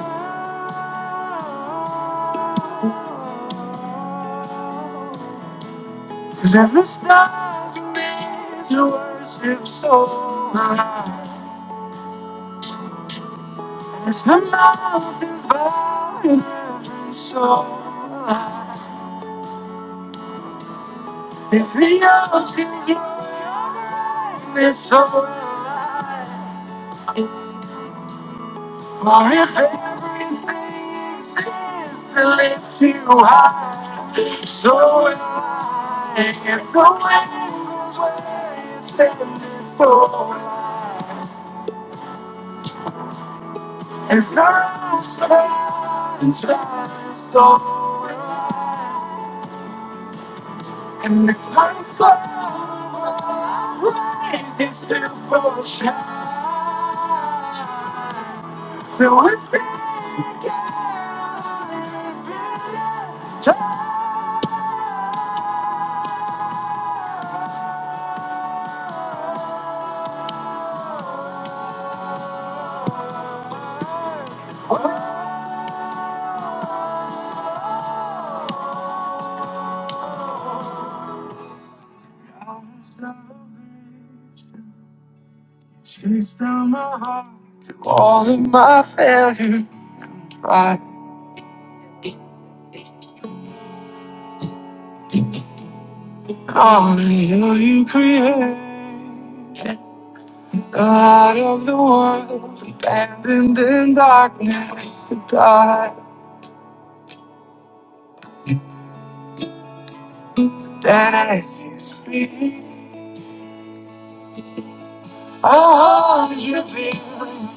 Speaker 5: Cause as the stars remains to worship so high, as the mountains bow in every soul, If the oceans roar, it's so right. For if everything exists to lift you high, so will I. If the wind blows where you stand, it's for right. If the rocks cry and shine, so will I. And if my soul rises to full shine, will I stand Chase down my heart to all of my failures. Try to call me who you create. God of the world, abandoned in darkness to God. Then as you speak, I heart you beat,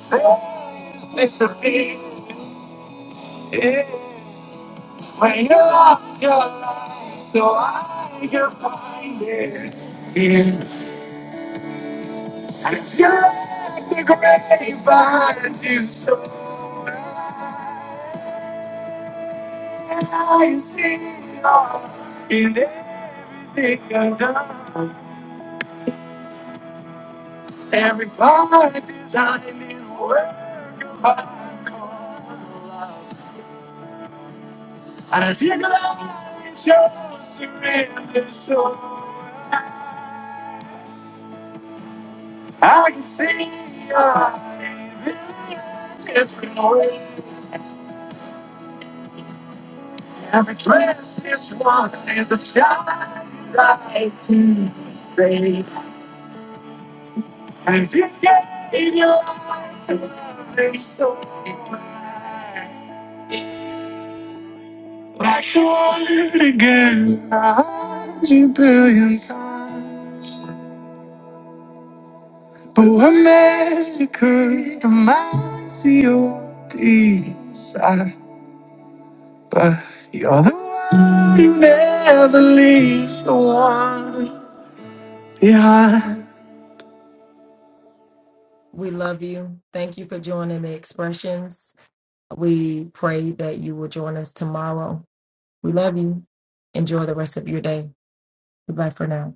Speaker 5: failures disappear. When you lost your life, so I can find it. Yeah. And it's you left the grave behind you, so I see it all in everything I've done. Every part designed in a work of art called love. And if you love, it's your surrender, so. I can see it's different ways. Every dress is one is a shining light to stay. And you gave your life to every soul. Like the water again, a hundred billion times. But what magic could amount to your desire. But you're the one who never leaves the one behind.
Speaker 2: We love you. Thank you for joining the expressions. We pray that you will join us tomorrow. We love you. Enjoy the rest of your day. Goodbye for now.